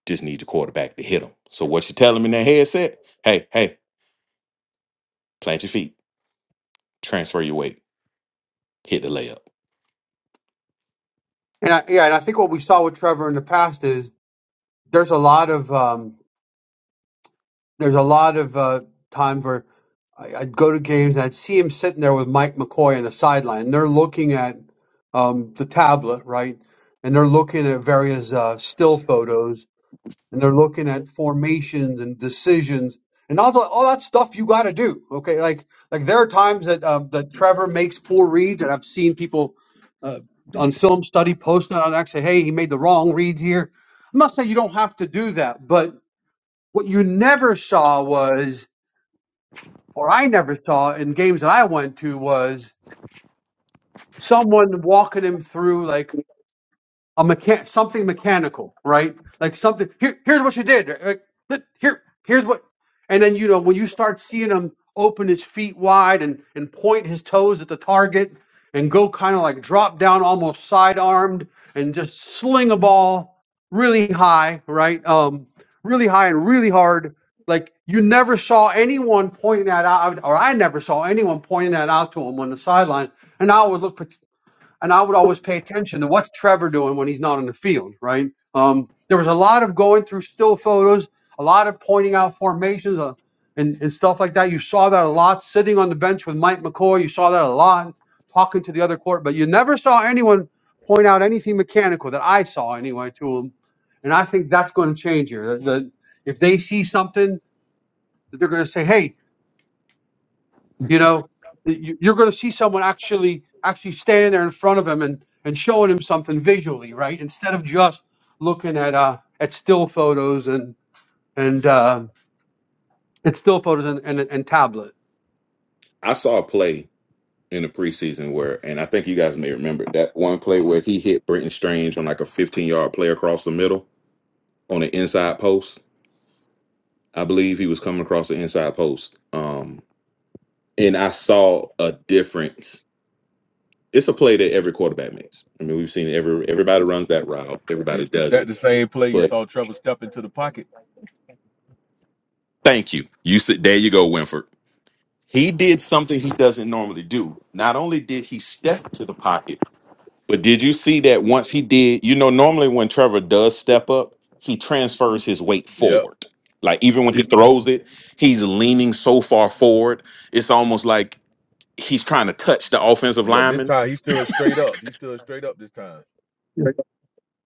Speaker 5: Just need your quarterback to hit them. So what you tell him in that headset, hey, hey, plant your feet, transfer your weight, hit the layup.
Speaker 4: And I, yeah, and I think what we saw with Trevor in the past is there's a lot of um, there's a lot of uh, times where I, I'd go to games and I'd see him sitting there with Mike McCoy on the sideline, and they're looking at um, the tablet, right? And they're looking at various uh, still photos, and they're looking at formations and decisions, and all the, all that stuff you got to do. Okay, like like there are times that uh, that Trevor makes poor reads, and I've seen people uh, on film study posting on X, say, "Hey, he made the wrong reads here." I'm not saying you don't have to do that, but what you never saw was, or I never saw in games that I went to was someone walking him through like a mechan something mechanical, right? Like something. Here, here's what you did. Like, look, here, here's what. And then you know when you start seeing him open his feet wide and and point his toes at the target and go kind of like drop down almost side armed and just sling a ball really high, right? Um, really high and really hard. Like you never saw anyone pointing that out, or I never saw anyone pointing that out to him on the sideline. And I would look and I would always pay attention to what's Trevor doing when he's not on the field, right? Um, there was a lot of going through still photos, a lot of pointing out formations uh, and, and stuff like that. You saw that a lot sitting on the bench with Mike McCoy. You saw that a lot talking to the other court, but you never saw anyone point out anything mechanical that I saw anyway to him. And I think that's going to change here. The, the, if they see something that they're going to say, hey, you know, You- you're going to see someone actually actually standing there in front of him and and showing him something visually, right? Instead of just looking at uh at still photos and and uh, and still photos and and, and tablet.
Speaker 5: I saw a play in the preseason where, and I think you guys may remember that one play where he hit Brenton Strange on like a 15 yard play across the middle on the inside post. I believe he was coming across the inside post. Um, and I saw a difference. It's a play that every quarterback makes. I mean, we've seen it every everybody runs that route.
Speaker 8: Is,
Speaker 5: Everybody
Speaker 8: is
Speaker 5: does
Speaker 8: that
Speaker 5: it.
Speaker 8: the same play you
Speaker 5: But
Speaker 8: saw Trevor step into the pocket?
Speaker 5: thank you. You said there you go, Winford. He did something he doesn't normally do. Not only did he step to the pocket, But did you see that once he did, you know, normally when Trevor does step up, he transfers his weight
Speaker 8: Yep.
Speaker 5: forward. Like even when he throws it, he's leaning so far forward, it's almost like he's trying to touch the offensive
Speaker 8: Yeah, this
Speaker 5: lineman.
Speaker 8: time he stood straight up. He stood straight up this time.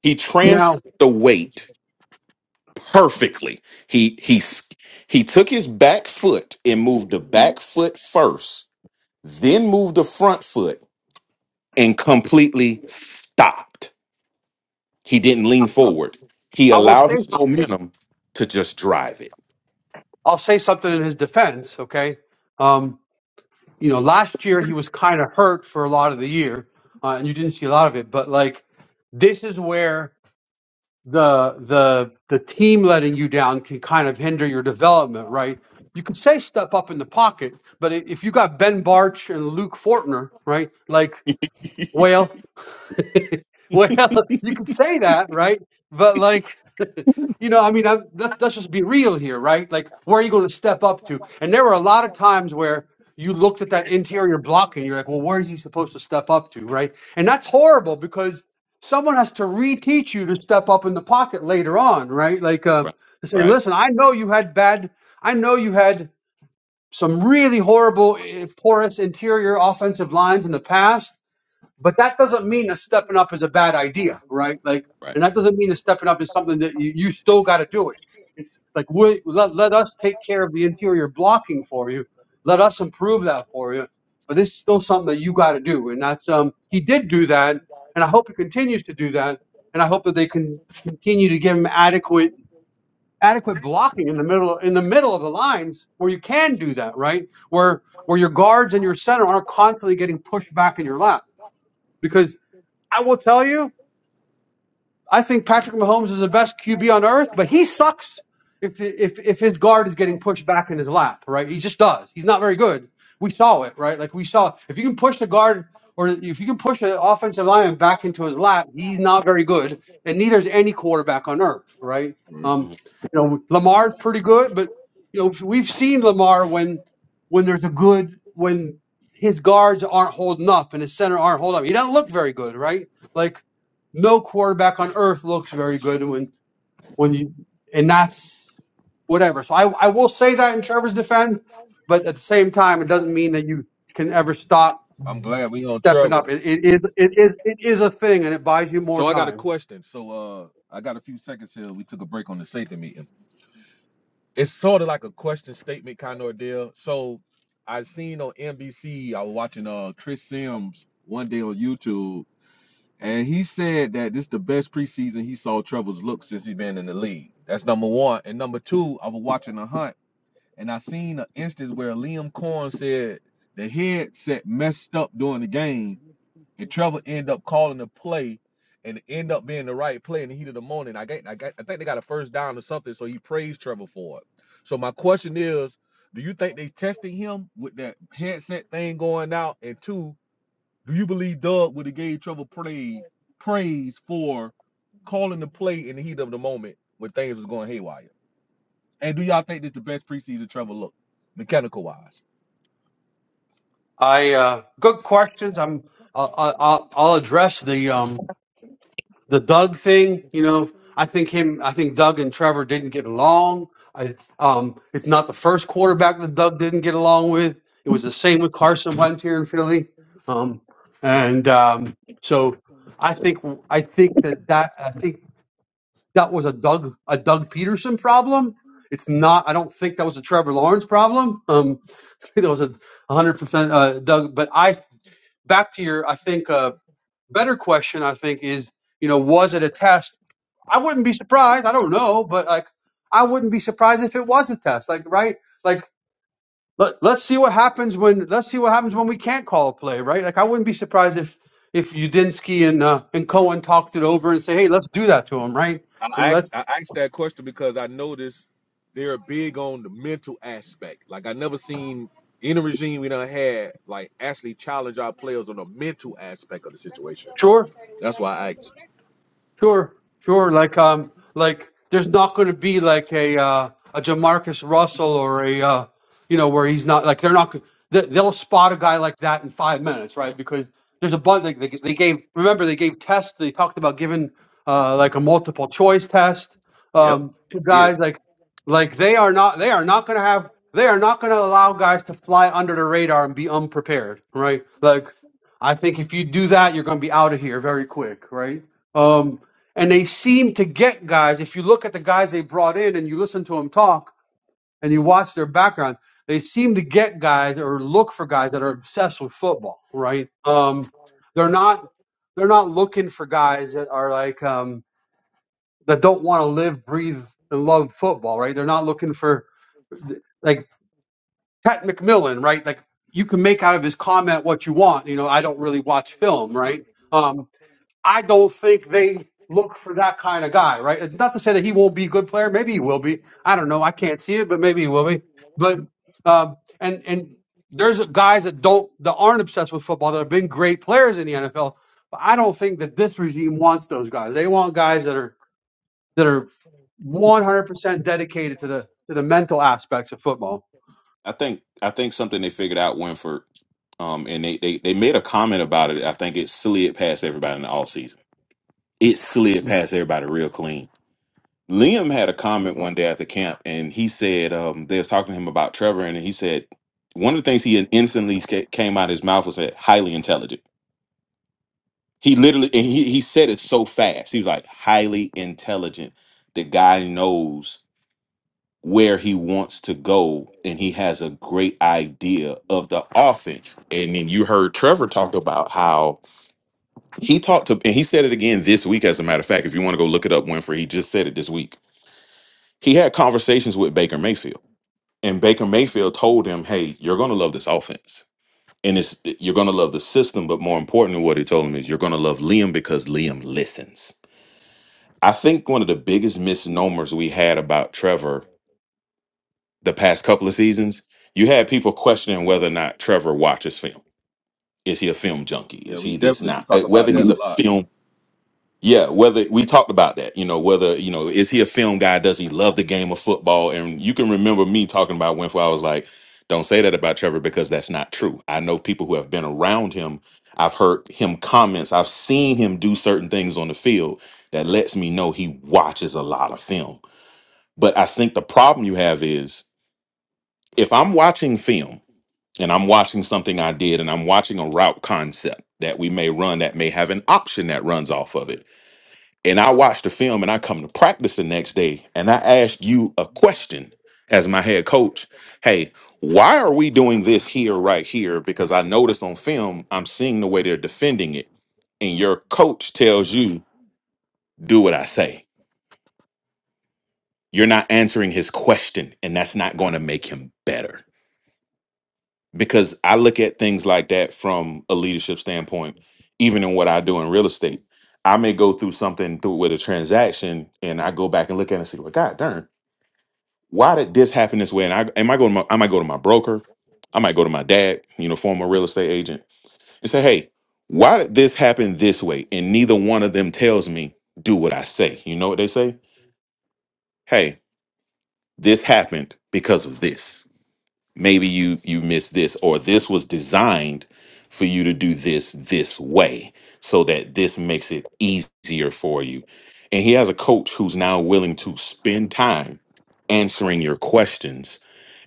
Speaker 5: He
Speaker 4: Now,
Speaker 5: transferred the weight perfectly. He he s- he took his back foot and moved the back foot first, then moved the front foot and completely stopped He didn't lean Oh, forward. He
Speaker 4: I will
Speaker 5: allowed
Speaker 4: say
Speaker 5: his momentum to just drive
Speaker 4: I'll say something in his defense. Okay, um, you know, last year he was kind of hurt for a lot of the year, uh, and you didn't see a lot of it. But like, this is where the the the team letting you down can kind of hinder your development, right? You could say step up in the pocket, but i- if you got Ben Barch and Luke Fortner, right, like,
Speaker 5: it.
Speaker 4: well, Well, you could say that, right? But like, you know, I mean, I, let's let's just be real here, right? Like, where are you going to step up to? And there were a lot of times where you looked at that interior block and you're like, well, where is he supposed to step up to, right? And that's horrible because someone has to reteach you to step up in the pocket later on, right? Like, uh,
Speaker 5: right,
Speaker 4: to say,
Speaker 5: right,
Speaker 4: listen, I know you had bad, I know you had some really horrible, eh, porous interior offensive lines in the past but that doesn't mean that stepping up is a bad idea, right? Like,
Speaker 5: right.
Speaker 4: and that doesn't mean that stepping up is something that you, you still got to do it. It's like we let, let us take care of the interior blocking for you. Let us improve that for you. But it's still something that you got to do, and that's um he did do that, and I hope he continues to do that, and I hope that they can continue to give him adequate adequate blocking in the middle in the middle of the lines where you can do that, right? Where where your guards and your center aren't constantly getting pushed back in your lap because. I will tell you, I think Patrick Mahomes is the best QB on earth, but he sucks if if if his guard is getting pushed back in his lap, right? He just does. He's not very good. We saw it, right? Like we saw if you can push the guard or if you can push an offensive lineman back into his lap, he's not very good, and neither is any quarterback on earth, right?
Speaker 8: Mm.
Speaker 4: Um,
Speaker 5: Mhm.
Speaker 4: you know, Lamar's pretty good, but you know we've seen Lamar when when there's a good when his guards aren't holding up and his center aren't holding up. He doesn't look very good, right? Like no quarterback on earth looks very good when when you and that's whatever. So I I will say that in Trevor's defense, but at the same time, it doesn't mean that you can ever stop
Speaker 8: I'm glad we on
Speaker 4: stepping up.
Speaker 8: Trevor.
Speaker 4: It, it is it is it is a thing, and it buys you more
Speaker 8: So I got a
Speaker 4: time.
Speaker 8: question. So uh I got a few seconds here. We took a break on the safety meeting. It's sort of like a question statement kind of deal. So I seen on NBC, I was watching uh Chris Sims one day on YouTube, and he said that this is the best preseason he saw Trevor's look since he been in the league. That's number one. And number two, I was watching the hunt. And I seen an instance where Liam Corn said the headset messed up during the game, and Trevor ended up calling the play, and it ended up being the right play in the heat of the moment. I got, I got, I think they got a first down or something, so he praised Trevor for it. So my question is, do you think they testing him with that headset thing going out? And two, do you believe Doug would have gave Trevor praise for calling the play in the heat of the moment when things was going haywire? And do y'all think this the best preseason Trevor looked, mechanical wise?
Speaker 4: I uh, good questions. I'm I'll, I'll I'll address the um the Doug thing, you know, I think him, I think Doug and Trevor didn't get along. I, um, it's not the first quarterback that Doug didn't get along with. It was the same with Carson Wentz here in Philly. Um, and um, so I think I think that that I think that was a Doug a Doug Peterson problem. It's not. I don't think that was a Trevor Lawrence problem. Um, I think that was a 100 percent uh, Doug. But I back to your. I think a better question. I think is you know was it a test I wouldn't be surprised. I don't know, but like I wouldn't be surprised if it was a test. Like right, like let, let's see what happens when let's see what happens when we can't call a play. Right, like I wouldn't be surprised if if Udinsky and uh, and Cohen talked it over and say, hey, let's do that to him. Right, like,
Speaker 8: I asked,
Speaker 4: let's
Speaker 8: I asked that question because I noticed they're big on the mental aspect. Like I never seen in a regime we done had like actually challenge our players on the mental aspect of the situation.
Speaker 4: sure.
Speaker 8: That's why I asked.
Speaker 4: Sure, sure. Like um, like there's not going to be like a uh, a Jamarcus Russell or a uh, you know where he's not like they're not they- they'll spot a guy like that in five minutes, right? Because there's a bunch like they, they gave remember they gave tests they talked about giving uh, like a multiple choice test
Speaker 5: Yep,
Speaker 4: um,
Speaker 5: it
Speaker 4: to
Speaker 5: did.
Speaker 4: guys like like they are not they are not going to have they are not going to allow guys to fly under the radar and be unprepared, right? Like I think if you do that, you're going to be out of here very quick, right? Um, and they seem to get guys. If you look at the guys they brought in and you listen to them talk and you watch their background, they seem to get guys or look for guys that are obsessed with football, right? Um, they're not they're not looking for guys that are like um, that don't want to live, breathe, and love football, right? They're not looking for like Pat McMillan, right? Like you can make out of his comment what you want. You know, I don't really watch film, right? Um, I don't think they look for that kind of guy, right? It's not to say that he won't be a good player. Maybe he will be. I don't know. I can't see it, but maybe he will be. But um, and and there's guys that don't that aren't obsessed with football that have been great players in the NFL. But I don't think that this regime wants those guys. They want guys that are that are 100% dedicated to the to the mental aspects of football.
Speaker 5: I think I think something they figured out Winford, um, and they, they they made a comment about it. I think it slid past everybody in the off season. It slid past everybody real clean. Liam had a comment one day at the camp, and he said um, they was talking to him about Trevor, and he said one of the things he instantly ca- came out of his mouth was that highly intelligent. He literally and he, he said it so fast. He was like highly intelligent. The guy knows where he wants to go and he has a great idea of the offense. And then you heard Trevor talk about how he talked to and he said it again this week, as a matter of fact. If you want to go look it up, Winfrey, he just said it this week. He had conversations with Baker Mayfield. And Baker Mayfield told him, Hey, you're gonna love this offense. And it's you're gonna love the system, but more importantly, what he told him is you're gonna love Liam because Liam listens I think one of the biggest misnomers we had about Trevor the past couple of seasons, you had people questioning whether or not Trevor watches film. Is he a film junkie?
Speaker 8: Yeah,
Speaker 5: Is
Speaker 8: we
Speaker 5: he this
Speaker 8: definitely should
Speaker 5: not? Uh,
Speaker 8: talk about
Speaker 5: Whether
Speaker 8: that
Speaker 5: he's
Speaker 8: a
Speaker 5: a
Speaker 8: lot.
Speaker 5: film, yeah. Whether we talked about that, you know, whether you know, is he a film guy? Does he love the game of football? And you can remember me talking about Winfrey. I was like, don't say that about Trevor because that's not true. I know people who have been around him. I've heard him comments. I've seen him do certain things on the field that lets me know he watches a lot of film but I think the problem you have is if I'm watching film and I'm watching something I did and I'm watching a route concept that we may run that may have an option that runs off of it. And I watch the film and I come to practice the next day and I ask you a question as my head coach Hey, why are we doing this here, right here? Because I noticed on film, I'm seeing the way they're defending it. And your coach tells you, Do what I say. You're not answering his question, and that's not going to make him better because I look at things like that from a leadership standpoint, even in what I do in real estate. I may go through something through with a transaction and I go back and look at it and say, well, God darn, why did this happen this way? And I, am I going to my, I might go to my broker, I might go to my dad, you know, former real estate agent, and say, hey, why did this happen this way? And neither one of them tells me, do what I say. You know what they say? Hey, this happened because of this maybe you you missed this or this was designed for you to do this this way so that this makes it easier for you and he has a coach who's now willing to spend time answering your questions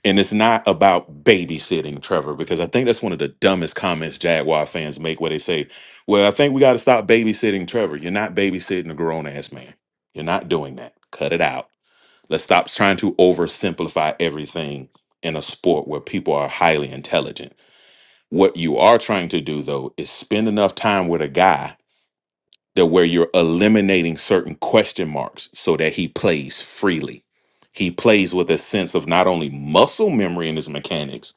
Speaker 5: and it's not about babysitting trevor because i think that's one of the dumbest comments jaguar fans make where they say well i think we got to stop babysitting trevor you're not babysitting a grown-ass man you're not doing that cut it out Let's stop trying to oversimplify everything in a sport where people are highly intelligent. What you are trying to do, though, is spend enough time with a guy that where you're eliminating certain question marks so that he plays freely. He plays with a sense of not only muscle memory in his mechanics,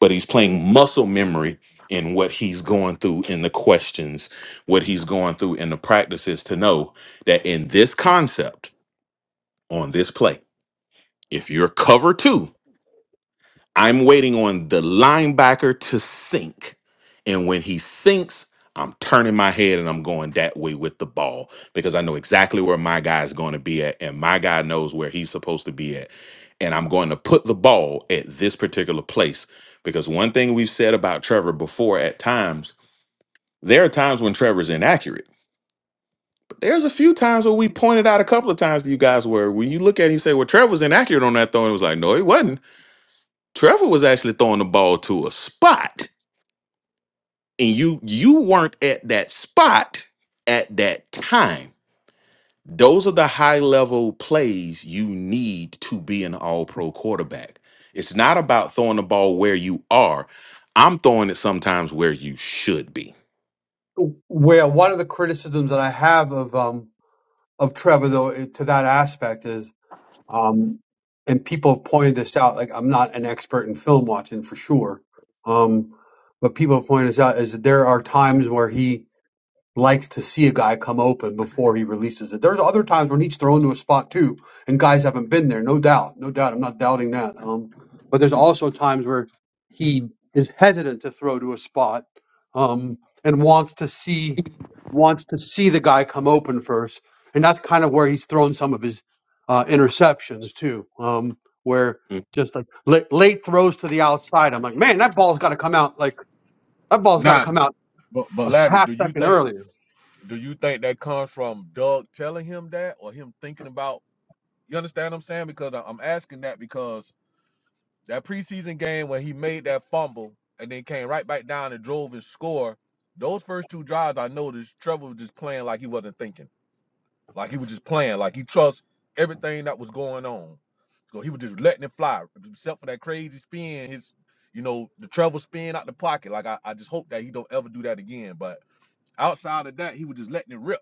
Speaker 5: but he's playing muscle memory in what he's going through in the questions, what he's going through in the practices to know that in this concept, on this play, if you're cover two, I'm waiting on the linebacker to sink. And when he sinks, I'm turning my head and I'm going that way with the ball because I know exactly where my guy is going to be at. And my guy knows where he's supposed to be at. And I'm going to put the ball at this particular place because one thing we've said about Trevor before at times, there are times when Trevor's inaccurate. But there's a few times where we pointed out a couple of times to you guys where when you look at it, you say, Well, Trevor's inaccurate on that throw. And it was like, No, he wasn't Trevor was actually throwing the ball to a spot, and you you weren't at that spot at that time. Those are the high level plays you need to be an all pro quarterback. It's not about throwing the ball where you are. I'm throwing it sometimes where you should be.
Speaker 4: Where one of the criticisms that I have of um of Trevor though to that aspect is Um, and people have pointed this out. Like I'm not an expert in film watching for sure, um, but people have pointed this out is that there are times where he likes to see a guy come open before he releases it. There's other times when he's thrown to a spot too, and guys haven't been there. No doubt, no doubt. I'm not doubting that. Um, but there's also times where he is hesitant to throw to a spot, um, and wants to see wants to see the guy come open first, and that's kind of where he's thrown some of his uh, interceptions too, um, where
Speaker 5: Mm.
Speaker 4: just like late, late throws to the outside. I'm like, man, that ball's got to come out like that ball's got to
Speaker 8: Nah,
Speaker 4: come out
Speaker 8: but but
Speaker 4: a
Speaker 8: Lavi,
Speaker 4: half
Speaker 8: do you
Speaker 4: second
Speaker 8: think
Speaker 4: earlier.
Speaker 8: do you think that comes from Doug telling him that or him thinking about you understand what I'm saying? Because I- I'm asking that because That preseason game when he made that fumble and then came right back down and drove and score. Those first two drives, I noticed Trevor was just playing like he wasn't thinking, like he was just playing, like he trusts everything that was going on. So he was just letting it fly, except for that crazy spin. His, you know, the Trevor spin out the pocket. Like I, I just hope that he don't ever do that again. But outside of that, he was just letting it rip.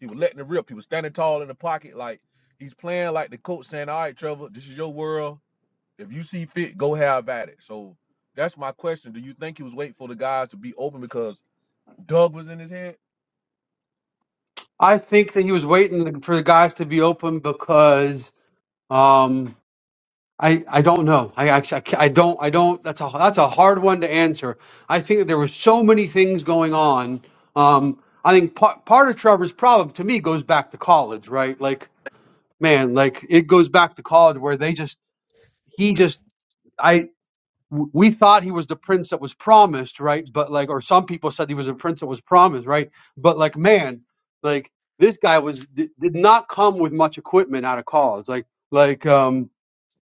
Speaker 8: He was letting it rip. He was standing tall in the pocket, like he's playing like the coach saying, "All right, Trevor, this is your world. If you see fit, go have at it. So that's my question. Do you think he was waiting for the guys to be open because Doug was in his head?
Speaker 4: I think that he was waiting for the guys to be open because um, I I don't know. I, I I ca- I don't I don't. That's a that's a hard one to answer. I think that there were so many things going on. Um, I think part part of Trevor's problem to me goes back to college, right? Like man, like it goes back to college where they just he just w- we thought he was the prince that was promised, right? But like, or some people said he was a prince that was promised, right? But like, man, like this guy was did, did not come with much equipment out of college. Like, like um,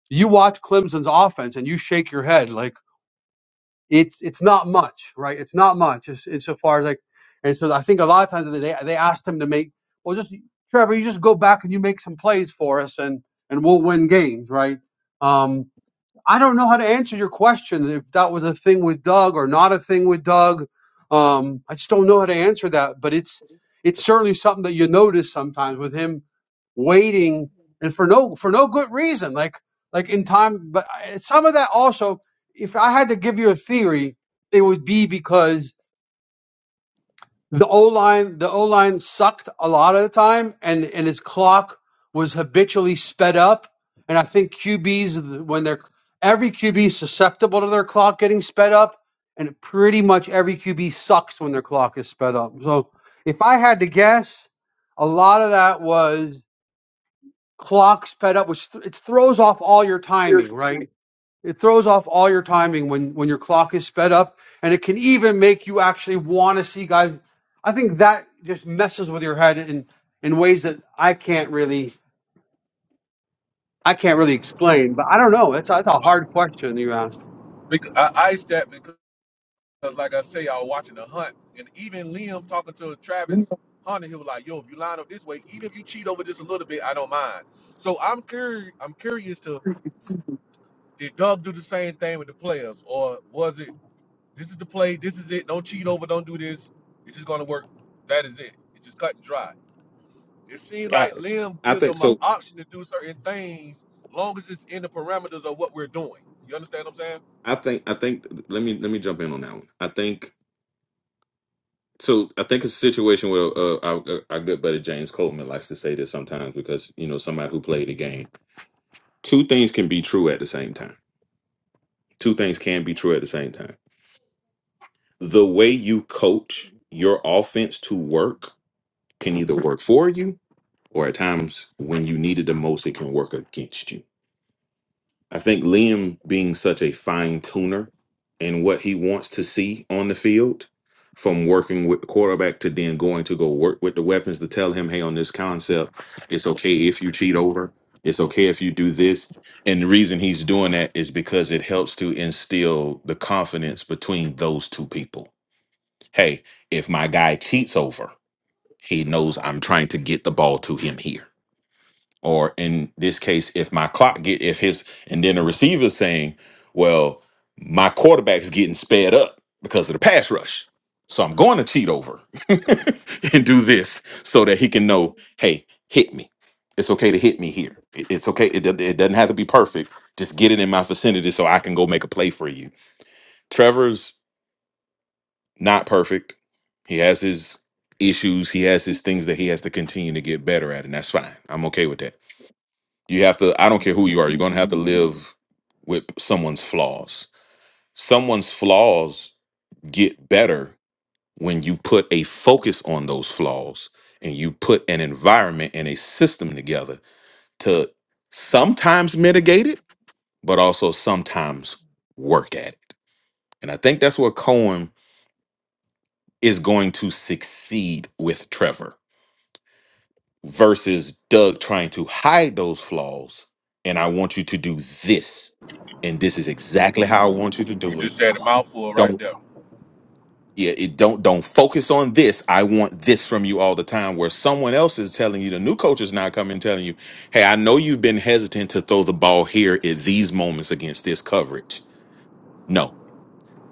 Speaker 4: you watch Clemson's offense and you shake your head. Like, it's it's not much, right? It's not much. It's insofar as like, and so I think a lot of times they they asked him to make well, just Trevor, you just go back and you make some plays for us, and and we'll win games, right? Um, I don't know how to answer your question if that was a thing with Doug or not a thing with Doug. Um, I just don't know how to answer that, but it's it's certainly something that you notice sometimes with him waiting and for no for no good reason, like like in time. But I- some of that also, if I had to give you a theory, it would be because the O line the O line sucked a lot of the time, and and his clock was habitually sped up. And I think QBs when they're every QB is susceptible to their clock getting sped up, and pretty much every QB sucks when their clock is sped up. So if I had to guess, a lot of that was clock sped up, which th- it throws off all your timing, right? It throws off all your timing when, when your clock is sped up, and it can even make you actually want to see guys. I think that just messes with your head in, in ways that I can't really I can't really explain. But I don't know. That's a, that's a hard question you asked.
Speaker 8: Because I iced that because, like I say, I was watching the hunt, and even Liam talking to Travis Hunter, he was like, "Yo, if you line up this way, even if you cheat over just a little bit, I don't mind." So I'm curious. I'm curious to did Doug do the same thing with the players, or was it this is the play, this is it, don't cheat over, don't do this, it's just gonna work. That is it. It's just cut and dry. It seems
Speaker 2: I,
Speaker 8: like Lim
Speaker 5: I
Speaker 8: gives
Speaker 5: think
Speaker 8: them an
Speaker 5: so.
Speaker 8: option to do certain things long as it's in the parameters of what we're doing. You understand what I'm saying?
Speaker 5: I think I think. Let me let me jump in on that one. I think so. I think it's a situation where uh, our, our good buddy James Coleman likes to say this sometimes because you know somebody who played the game two things can be true at the same time. Two things can be true at the same time. The way you coach your offense to work can either work for you or at times when you need it the most, it can work against you. I think Liam being such a fine tuner and what he wants to see on the field from working with the quarterback to then going to go work with the weapons to tell him, hey, on this concept, it's okay if you cheat over. It's okay if you do this. And the reason he's doing that is because it helps to instill the confidence between those two people. Hey, if my guy cheats over, he knows I'm trying to get the ball to him here or in this case if my clock get if his and then the receiver's saying well my quarterback's getting sped up because of the pass rush so i'm going to cheat over and do this so that he can know hey hit me it's okay to hit me here It- it's okay it, do- it doesn't have to be perfect just get it in my vicinity so i can go make a play for you trevor's not perfect he has his issues he has his things that he has to continue to get better at and that's fine i'm okay with that you have to i don't care who you are you're going to have to live with someone's flaws someone's flaws get better when you put a focus on those flaws and you put an environment and a system together to sometimes mitigate it but also sometimes work at it and i think that's where cohen is going to succeed with trevor versus Doug trying to hide those flaws. And I want you to do this, and this is exactly how I want you to
Speaker 8: You
Speaker 5: do it.
Speaker 8: just said a mouthful right
Speaker 5: Don't
Speaker 8: there.
Speaker 5: yeah, it don't don't focus on this. I want this from you all the time. Where someone else is telling you, the new coach is now coming and telling you, hey, I know you've been hesitant to throw the ball here at these moments against this coverage. No.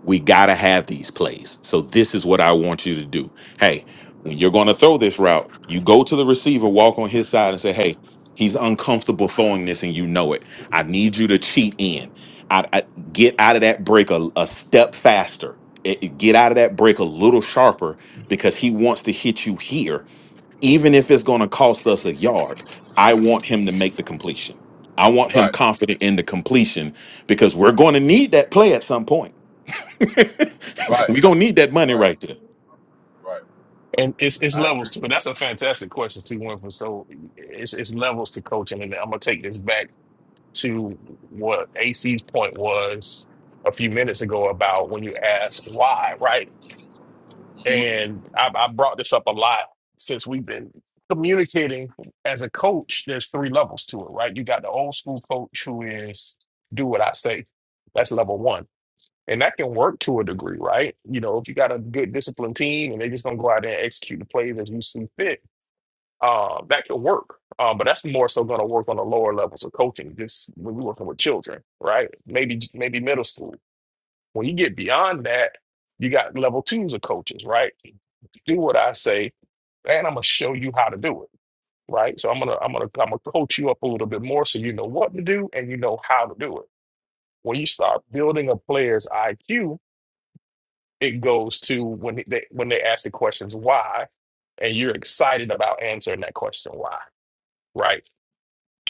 Speaker 5: We got to have these plays. So this is what I want you to do. Hey, when you're going to throw this route, you go to the receiver, walk on his side and say, "Hey, he's uncomfortable throwing this and you know it. I need you to cheat in. I, I get out of that break a, a step faster. It- it- get out of that break a little sharper because he wants to hit you here even if it's going to cost us a yard. I want him to make the completion. I want him
Speaker 8: Right,
Speaker 5: confident in the completion because we're going to need that play at some point.
Speaker 8: right,
Speaker 5: we gonna need that money
Speaker 8: right,
Speaker 5: right there.
Speaker 8: right.
Speaker 2: And it's it's
Speaker 8: I agree.
Speaker 2: levels to it. That's a fantastic question too, Winfrey. So it's it's levels to coaching, and I'm gonna take this back to what AC's point was a few minutes ago about when you asked why, right?
Speaker 8: hmm
Speaker 2: And I, I brought this up a lot since we've been communicating as a coach. There's three levels to it, right? You got the old school coach who is do what I say. That's level one and that can work to a degree, right? You know, if you got a good disciplined team and they're just gonna go out there and execute the plays as you see fit, uh, that can work. Uh, but that's more so gonna work on the lower levels of coaching, just when we're working with children, right? Maybe maybe middle school. When you get beyond that, you got level twos of coaches, right? Do what I say, and I'm gonna show you how to do it, right? So I'm gonna I'm gonna I'm gonna coach you up a little bit more so you know what to do and you know how to do it. When you start building a player's IQ, it goes to when they when they ask the questions why and you're excited about answering that question why right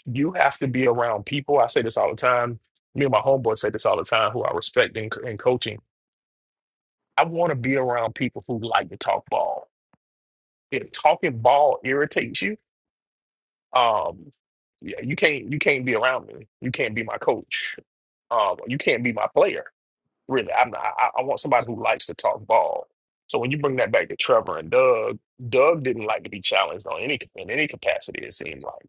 Speaker 2: you have to be around people i say this all the time me and my homeboy say this all the time who i respect in, in coaching i want to be around people who like to talk ball if talking ball irritates you um yeah, you can't you can't be around me you can't be my coach um you can't be my player Really, I'm not, I, I want somebody who likes to talk ball. So when you bring that back to Trevor and Doug, Doug didn't like to be challenged on any in any capacity. It seemed like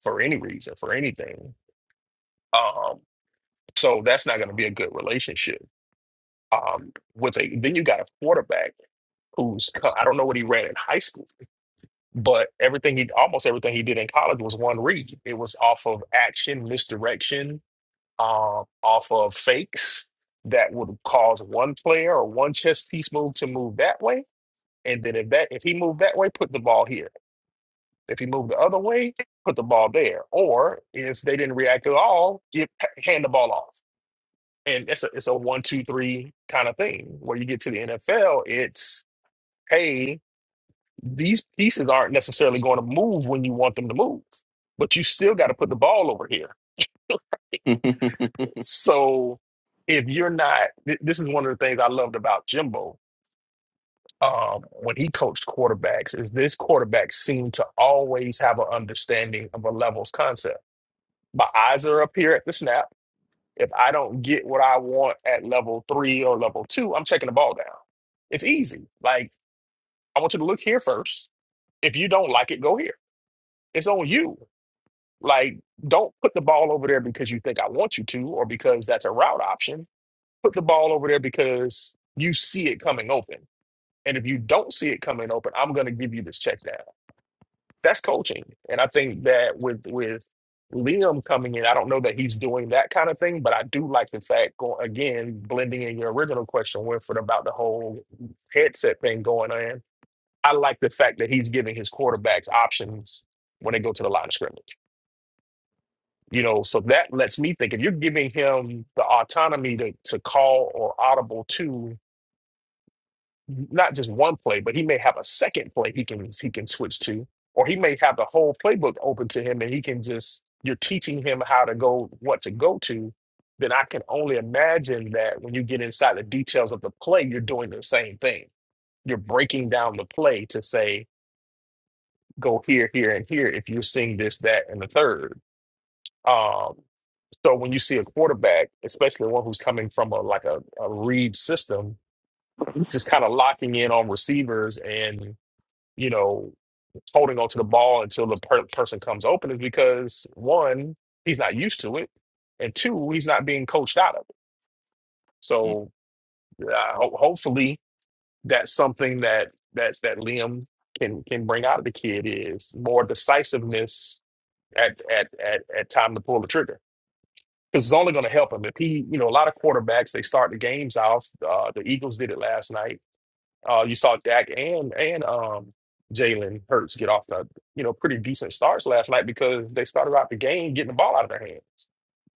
Speaker 2: for any reason, for anything. Um, so that's not going to be a good relationship. Um, with a then you got a quarterback who's co- I don't know what he ran in high school, but everything he almost everything he did in college was one read. It was off of action, misdirection, um, off of fakes that would cause one player or one chess piece move to move that way. And then if that if he moved that way, put the ball here. If he moved the other way, put the ball there. Or if they didn't react at all, you hand the ball off. And it's a it's a one two three kind of thing. Where you get to the NFL, it's hey, these pieces aren't necessarily going to move when you want them to move, but you still got to put the ball over here So if you're not, th- this is one of the things I loved about Jimbo um, when he coached quarterbacks is this quarterback seemed to always have an understanding of a levels concept. My eyes are up here at the snap. If I don't get what I want at level three or level two, I'm checking the ball down. It's easy. Like I want you to look here first. If you don't like it, go here. It's on you. Like don't put the ball over there because you think I want you to or because that's a route option put the ball over there because you see it coming open. And if you don't see it coming open, I'm going to give you this check down. That's coaching. And I think that with with Liam coming in, I don't know that he's doing that kind of thing, but I do like the fact going again, blending in your original question, Winford, about the whole headset thing going on. I like the fact that he's giving his quarterbacks options when they go to the line of scrimmage you know so that lets me think if you're giving him the autonomy to, to call or audible to not just one play, but he may have a second play he can he can switch to, or he may have the whole playbook open to him, and he can just you're teaching him how to go what to go to. Then I can only imagine that when you get inside the details of the play, you're doing the same thing. You're breaking down the play to say go here, here, and here if you're seeing this, that, and the third. Um, so when you see a quarterback, especially one who's coming from a like a, a read system, just kind of locking in on receivers and you know holding onto the ball until the per- person comes open is because one, he's not used to it, and two, he's not being coached out of it. So uh, ho- hopefully, that's something that that that Liam can can bring out of the kid is more decisiveness at at at, at time to pull the trigger. Because it's only going to help him if he, you know, a lot of quarterbacks they start the games off. Uh, the Eagles did it last night Uh, you saw Dak and and um Jalen Hurts get off the you know pretty decent starts last night because they started out the game getting the ball out of their hand.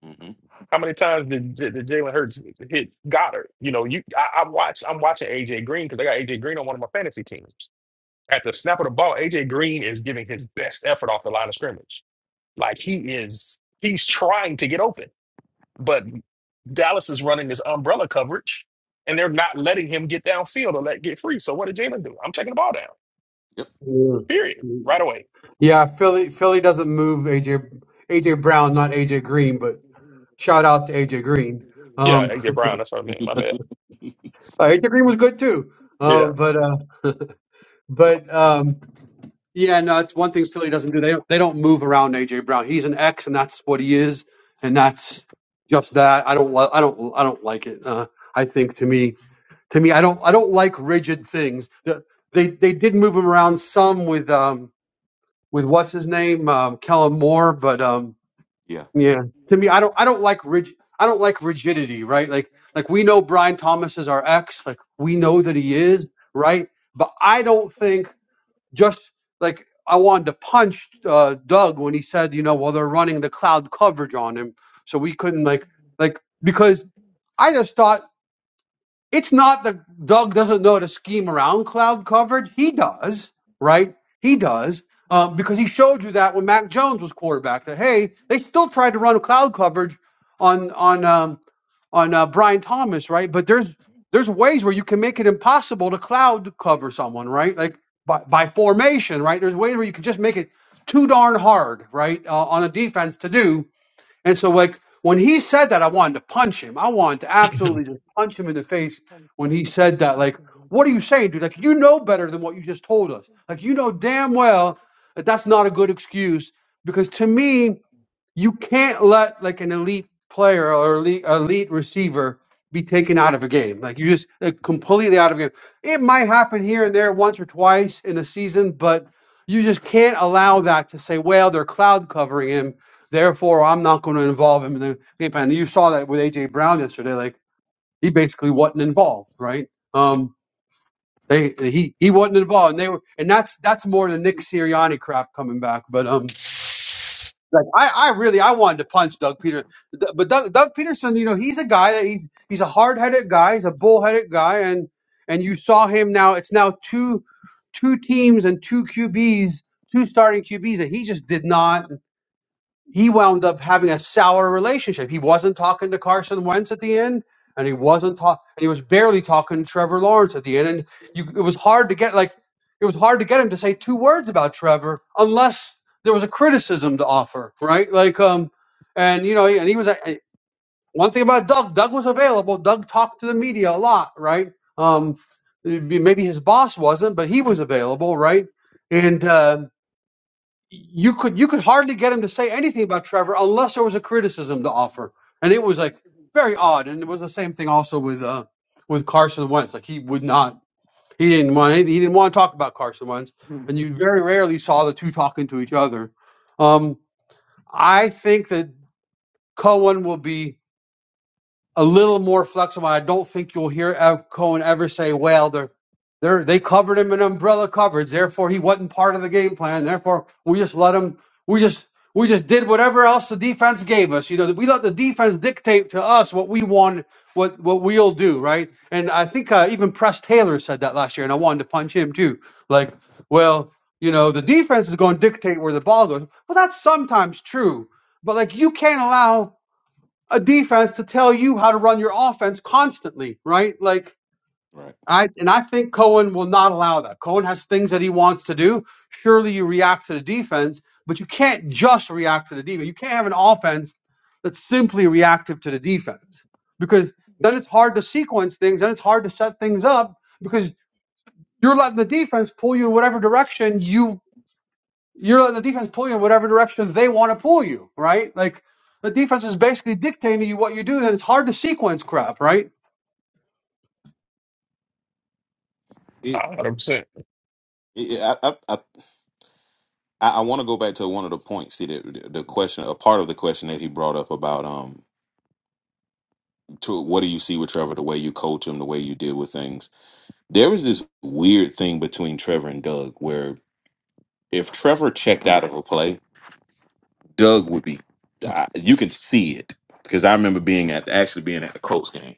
Speaker 5: Mhm.
Speaker 2: How many times did, did, did Jalen Hurts hit Goddard? You know, you I, I watch I'm watching AJ Green because I got AJ Green on one of my fantasy teams. At the snap of the ball, AJ Green is giving his best effort off the line of scrimmage. Like he is, he's trying to get open, but Dallas is running this umbrella coverage, and they're not letting him get downfield or let get free. So what did Jalen do? I'm taking the ball down. Period.
Speaker 4: Yeah,
Speaker 2: Right away.
Speaker 4: Yeah, Philly Philly doesn't move AJ AJ Brown, not AJ Green, but shout out to AJ Green.
Speaker 2: Yeah,
Speaker 4: Um,
Speaker 2: AJ Brown. That's what I meant. My bad.
Speaker 4: Uh, Hit Green was good too. Uh,
Speaker 2: Yeah.
Speaker 4: but uh, but um, yeah, no, it's one thing Philly doesn't do. They don't, they don't move around AJ Brown. He's an X, and that's what he is, and that's just that. I don't li- I don't I don't like it. Uh, I think to me to me I don't I don't like rigid things. The, they they did move him around some with um with what's his name um, Kellen Moore, but um
Speaker 5: yeah. yeah.
Speaker 4: yeah. To me, I don't I don't like rig, I don't like rigidity, right? Like like we know Brian Thomas is our ex, like we know that he is, right? But I don't think just like I wanted to punch uh, Doug when he said, you know, well they're running the cloud coverage on him, so we couldn't like like because I just thought it's not that Doug doesn't know how to scheme around cloud coverage. He does, right? He does um, because he showed you that when Mac Jones was quarterback. That hey, they still tried to run cloud coverage on on um, on uh, Brian Thomas, right? But there's there's ways where you can make it impossible to cloud cover someone, right? Like by, by formation, right? There's ways where you can just make it too darn hard, right, uh, on a defense to do and so, like, when he said that, I wanted to punch him. I wanted to absolutely
Speaker 2: A
Speaker 4: just punch him in the face when he said that. Like, what are you saying, dude? Like, you know better than what you just told us. Like, you know damn well that that's not a good excuse. Because to me, you can't let like an elite player or elite, elite receiver be taken out of a game. Like you just like, completely out of a game. It might happen here and there once or twice in a season, but you just can't allow that to say, well, they're cloud covering him. Therefore, I'm not going to involve him in the game plan. You saw that with AJ Brown yesterday. Like he basically wasn't involved, right? Um, they he he wasn't involved, and they were, and that's that's more the Nick Sirianni crap coming back. But um, like I, I really, I wanted to punch Doug Peterson, but Doug, Doug Peterson, you know, he's a guy that he's he's a hard headed guy, he's a bull headed guy, and and you saw him now. It's now two two teams and two QBs, two starting QBs that he just did not he wound up having a sour relationship. He wasn't talking to Carson Wentz at the end, and he wasn't talk, and he was barely talking to Trevor Lawrence at the end. And you, it was hard to get like it was hard to get him to say two words about Trevor unless there was a criticism to offer, right? Like, um, and you know, and he was a- one thing about Doug. Doug was available. Doug talked to the media a lot, right? Um, maybe his boss wasn't, but he was available, right? And uh, you could you could hardly get him to say anything about Trevor unless there was a criticism to offer, and it was like very odd. And it was the same thing also with uh with Carson Wentz. Like he would not, he didn't want any- he didn't want to talk about Carson Wentz,
Speaker 5: Mhm.
Speaker 4: and you very rarely saw the two talking to each other. Um, I think that Cohen will be a little more flexible. I don't think you'll hear Ev Cohen ever say, "Well, they're, they're they covered him in umbrella coverage, therefore he wasn't part of the game plan. Therefore, we just let him. We just we just did whatever else the defense gave us. You know, we let the defense dictate to us what we want, what what we'll do, right? And I think uh, even Press Taylor said that last year, and I wanted to punch him too. Like, well, you know, the defense is going to dictate where the ball goes. Well, that's sometimes true, but like you can't allow a defense to tell you how to run your offense constantly, right? Like
Speaker 5: Right.
Speaker 4: I and I think Cohen will not allow that. Cohen has things that he wants to do. Surely you react to the defense, but you can't just react to the defense. You can't have an offense that's simply reactive to the defense because then it's hard to sequence things, then it's hard to set things up because you're letting the defense pull you in whatever direction you you're letting the defense pull you in whatever direction they want to pull you, right? Like the defense is basically dictating to you what you do, and it's hard to sequence crap, right?
Speaker 5: It,
Speaker 2: hundred percent.
Speaker 5: it, I, I, I, I want to go back to one of the points. See, the, the the question, a part of the question that he brought up about um, to what do you see with Trevor? The way you coach him, the way you deal with things. There was this weird thing between Trevor and Doug, where if Trevor checked out of a play. Doug would be. I, you can see it because I remember being at actually being at the Colts game,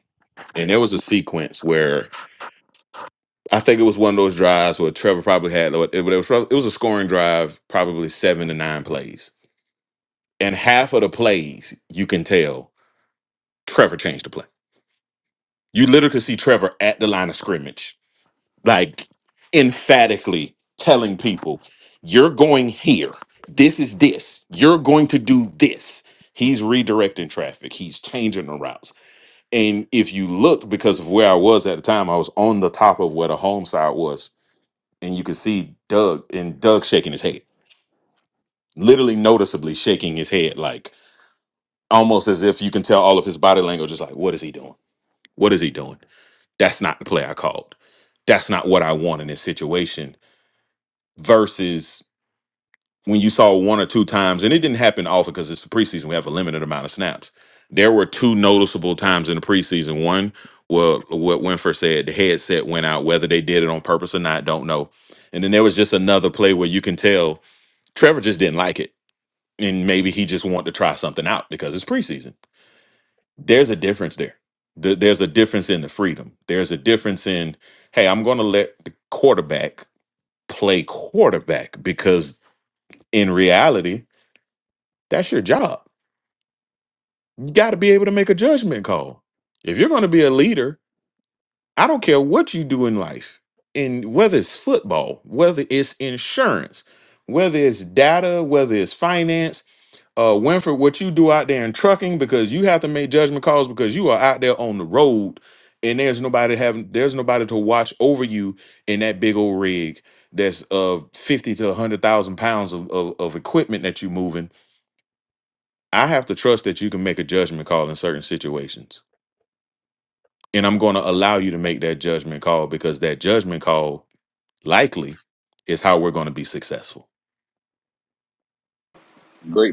Speaker 5: and there was a sequence where I think it was one of those drives where Trevor probably had it, it was it was a scoring drive, probably seven to nine plays, and half of the plays you can tell Trevor changed the play. You literally could see Trevor at the line of scrimmage, like emphatically telling people, "You're going here. This is this. You're going to do this." He's redirecting traffic. He's changing the routes And if you look, because of where I was at the time, I was on the top of where the home side was, and you could see Doug and Doug shaking his head, literally noticeably shaking his head, like almost as if you can tell all of his body language is like, "What is he doing? What is he doing? That's not the play I called. That's not what I want in this situation." Versus when you saw one or two times, and it didn't happen often because it's the preseason, we have a limited amount of snaps. There were two noticeable times in the preseason. One, well, what Winford said, the headset went out. Whether they did it on purpose or not, don't know. And then there was just another play where you can tell Trevor just didn't like it, and maybe he just wanted to try something out because it's preseason. There's a difference there. Th- There's a difference in the freedom. There's a difference in, hey, I'm going to let the quarterback play quarterback because in reality, that's your job You got to be able to make a judgment call. If you're going to be a leader, I don't care what you do in life, and whether it's football, whether it's insurance, whether it's data, whether it's finance, uh, Winfrey, what you do out there in trucking, because you have to make judgment calls because you are out there on the road, and there's nobody having, there's nobody to watch over you in that big old rig that's of fifty to one hundred thousand pounds of, of of equipment that you're moving. I have to trust that you can make a judgment call in certain situations. and I'm going to allow you to make that judgment call because that judgment call likely is how we're going to be successful.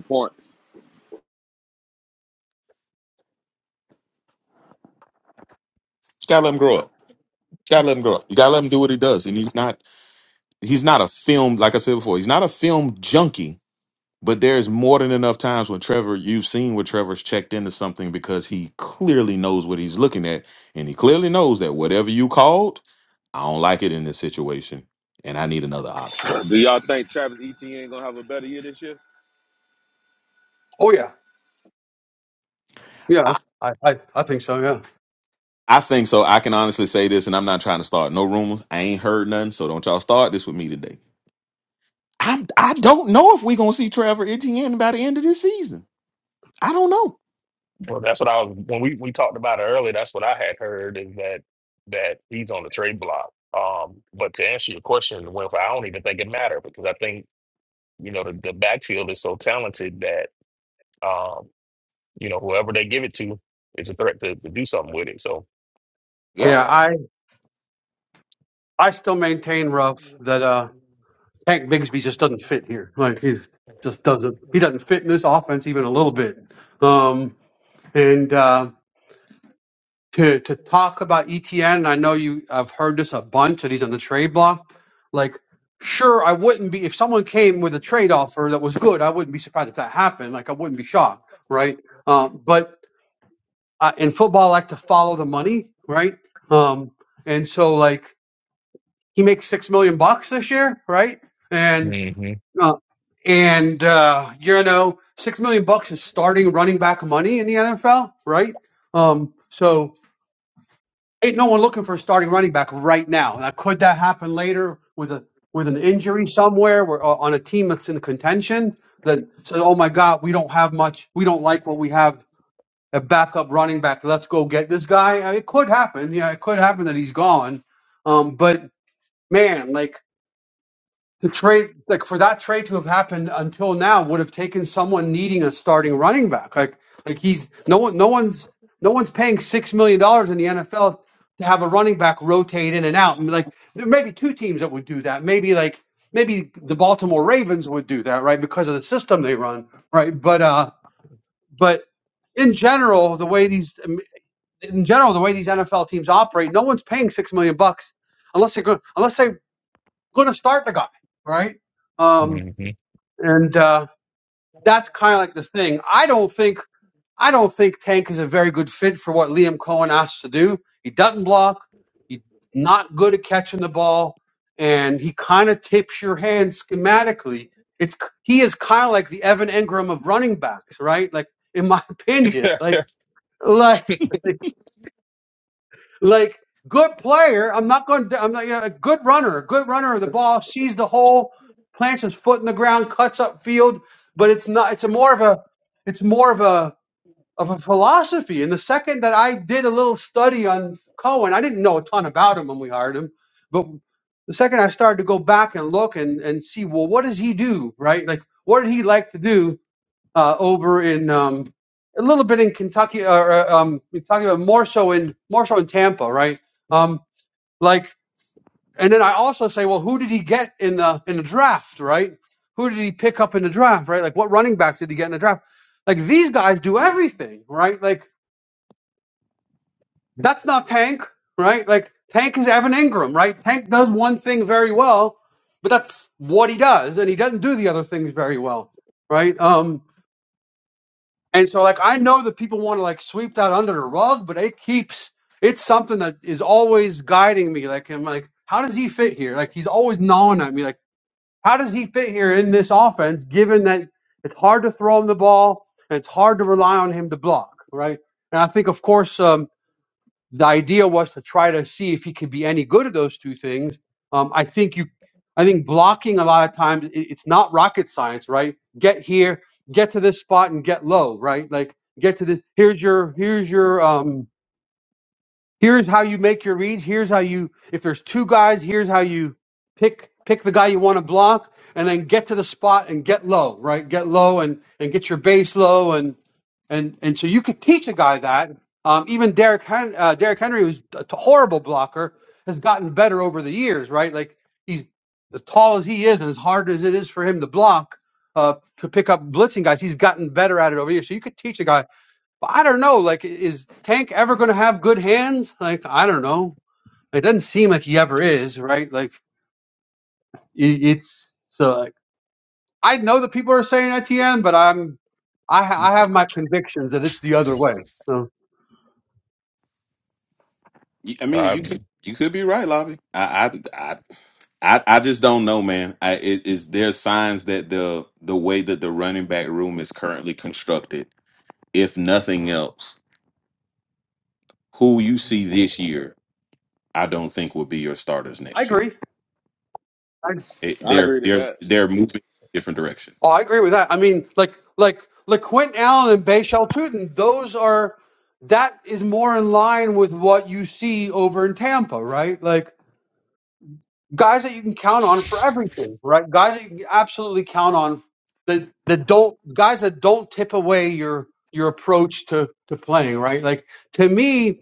Speaker 8: Points.
Speaker 5: gotta let him grow up. Gotta let him grow up. You gotta let him do what he does. And he's not he's not a film like I said before. He's not a film junkie. But there's more than enough times when Trevor, you've seen where Trevor's checked into something because he clearly knows what he's looking at, and he clearly knows that whatever you called, I don't like it in this situation, and I need another option.
Speaker 8: Do y'all Travis Etienne gonna have a better year this year?
Speaker 4: Oh yeah, yeah, I I, I think so, yeah,
Speaker 5: I think so. I can honestly say this, and I'm not trying to start no rumors. I ain't heard nothing, so don't y'all start this with me today. I'm I don't know if we gonna see Trevor Etienne by the end of this season. I don't know.
Speaker 2: Well, that's what I was when we we talked about it earlier. That's what I had heard is that that he's on the trade block. Um, but to answer your question, well, I don't even think it matter because I think you know the, the backfield is so talented that um, you know whoever they give it to is a threat to, to do something with it. So
Speaker 5: Yeah,
Speaker 4: yeah.
Speaker 2: um,
Speaker 4: I I still maintain, Ruff, that uh, Hank Bigsby just doesn't fit here. Like he just doesn't. He doesn't fit in this offense even a little bit. Um, and uh, to to talk about ETN, and I know you I've heard this a bunch and he's on the trade block. Like, sure, I wouldn't be if someone came with a trade offer that was good. I wouldn't be surprised if that happened. Like, I wouldn't be shocked, right? Um, but uh, in football, I like to follow the money, right? Um, and so, like, he makes six million bucks this year, right? And
Speaker 2: hmm
Speaker 4: uh, and uh, you know, six million bucks is starting running back money in the NFL, right? Um, so ain't no one looking for a starting running back right now. Now, could that happen later with a with an injury somewhere where, or on a team that's in contention? That said, "Oh my God, we don't have much. We don't like what we have. A backup running back. Let's go get this guy." Uh, It could happen. Yeah, it could happen that he's gone. Um, but man, like the trade like for that trade to have happened until now would have taken someone needing a starting running back. Like like he's no one no one's no one's paying six million dollars in the NFL to have a running back rotate in and out. And like there may be two teams that would do that. Maybe like maybe the Baltimore Ravens would do that, right? Because of the system they run, right? But uh but in general, the way these in general the way these NFL teams operate, no one's paying six million bucks unless they're going unless they're going to start the guy, right? Um,
Speaker 2: hmm
Speaker 4: and uh, that's kind of like the thing. I don't think I don't think Tank is a very good fit for what Liam Cohen asked to do. He doesn't block. He's not good at catching the ball, and he kind of tips your hand schematically. It's he is kind of like the Evan Engram of running backs, right? Like in my opinion, like like like good player. I'm not going. to I'm not. You know, a good runner. A good runner of the ball sees the hole, plants his foot in the ground, cuts up field. But it's not. It's a more of a. It's more of a of a philosophy. And the second that I did a little study on Cohen, I didn't know a ton about him when we hired him, but the second I started to go back and look and and see, well, what does he do? Right? Like, what did he like to do? uh, over in um, a little bit in Kentucky, uh, or uh, um, we're talking about more so in more so in Tampa, right? Um, like, and then I also say, well, who did he get in the in the draft, right? Who did he pick up in the draft, right? Like, what running backs did he get in the draft? Like, these guys do everything, right? Like, that's not Tank, right? Like, Tank is Evan Ingram, right? Tank does one thing very well, but that's what he does, and he doesn't do the other things very well, right? Um, And so, like, I know that people want to like sweep that under the rug, but it keeps it's something that is always guiding me. Like, I'm like, how does he fit here? Like, he's always gnawing at me. Like, how does he fit here in this offense? Given that it's hard to throw him the ball, and it's hard to rely on him to block, right? And I think, of course, um, the idea was to try to see if he could be any good at those two things. Um, I think you, I think blocking a lot of times it, it's not rocket science, right? Get here, get to this spot, and get low, right? Like get to this. Here's your here's your um, Here's how you make your reads. Here's how you, if there's two guys, here's how you pick pick the guy you want to block, and then get to the spot and get low, right? Get low and and get your base low, and and and so you could teach a guy that. Um, even Derek Hen- uh, Derek Henry, who's a t- horrible blocker, has gotten better over the years, right? Like he's as tall as he is, and as hard as it is for him to block, uh, to pick up blitzing guys, he's gotten better at it over the years. So you could teach a guy but I don't know. Like, is Tank ever going to have good hands? Like, I don't know. It doesn't seem like he ever is, right? Like, it, it's so. Like, I know that people are saying Etienne, but I'm, I, ha- I have my convictions that it's the other way. So
Speaker 5: You- I mean,
Speaker 2: I,
Speaker 5: you could you could be right, Lobby. I I I I, I just don't know, man. I it is there signs that the the way that the running back room is currently constructed, if nothing else, who you see this year, I don't think will be your starters
Speaker 4: I
Speaker 5: next year.
Speaker 4: agree. I,
Speaker 5: It,
Speaker 8: I
Speaker 5: they're
Speaker 8: agree to
Speaker 5: they're
Speaker 8: that.
Speaker 5: they're moving in a different direction.
Speaker 4: oh, I agree with that. I mean, like, like, like Quentin Allen and Bashal Tutin. Those are that is more in line with what you see over in Tampa, right? Like guys that you can count on for everything, right? Guys that you can absolutely count on that that don't guys that don't tip away your your approach to to playing, right? Like to me,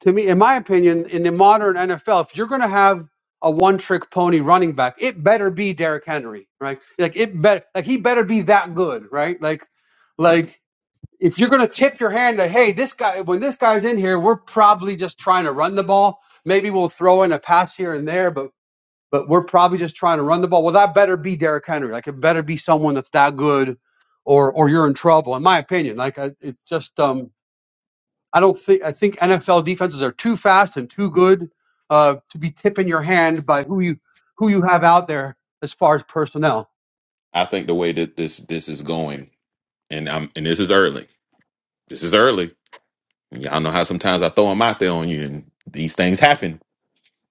Speaker 4: to me, in my opinion, in the modern NFL, if you're gonna have a one trick pony running back, it better be Derrick Henry, right? Like it bet like he better be that good, right? Like like if you're gonna tip your hand to hey, this guy when this guy's in here, we're probably just trying to run the ball maybe we'll throw in a pass here and there, but but we're probably just trying to run the ball. Well, that better be Derrick Henry. Like it better be someone that's that good, or or you're in trouble. In my opinion, like I, it just um I don't think I think NFL defenses are too fast and too good uh to be tipping your hand by who you who you have out there as far as personnel.
Speaker 5: I think the way that this this is going, and I'm and this is early. This is early. And Y'all know how sometimes I throw them out there on you, and these things happen.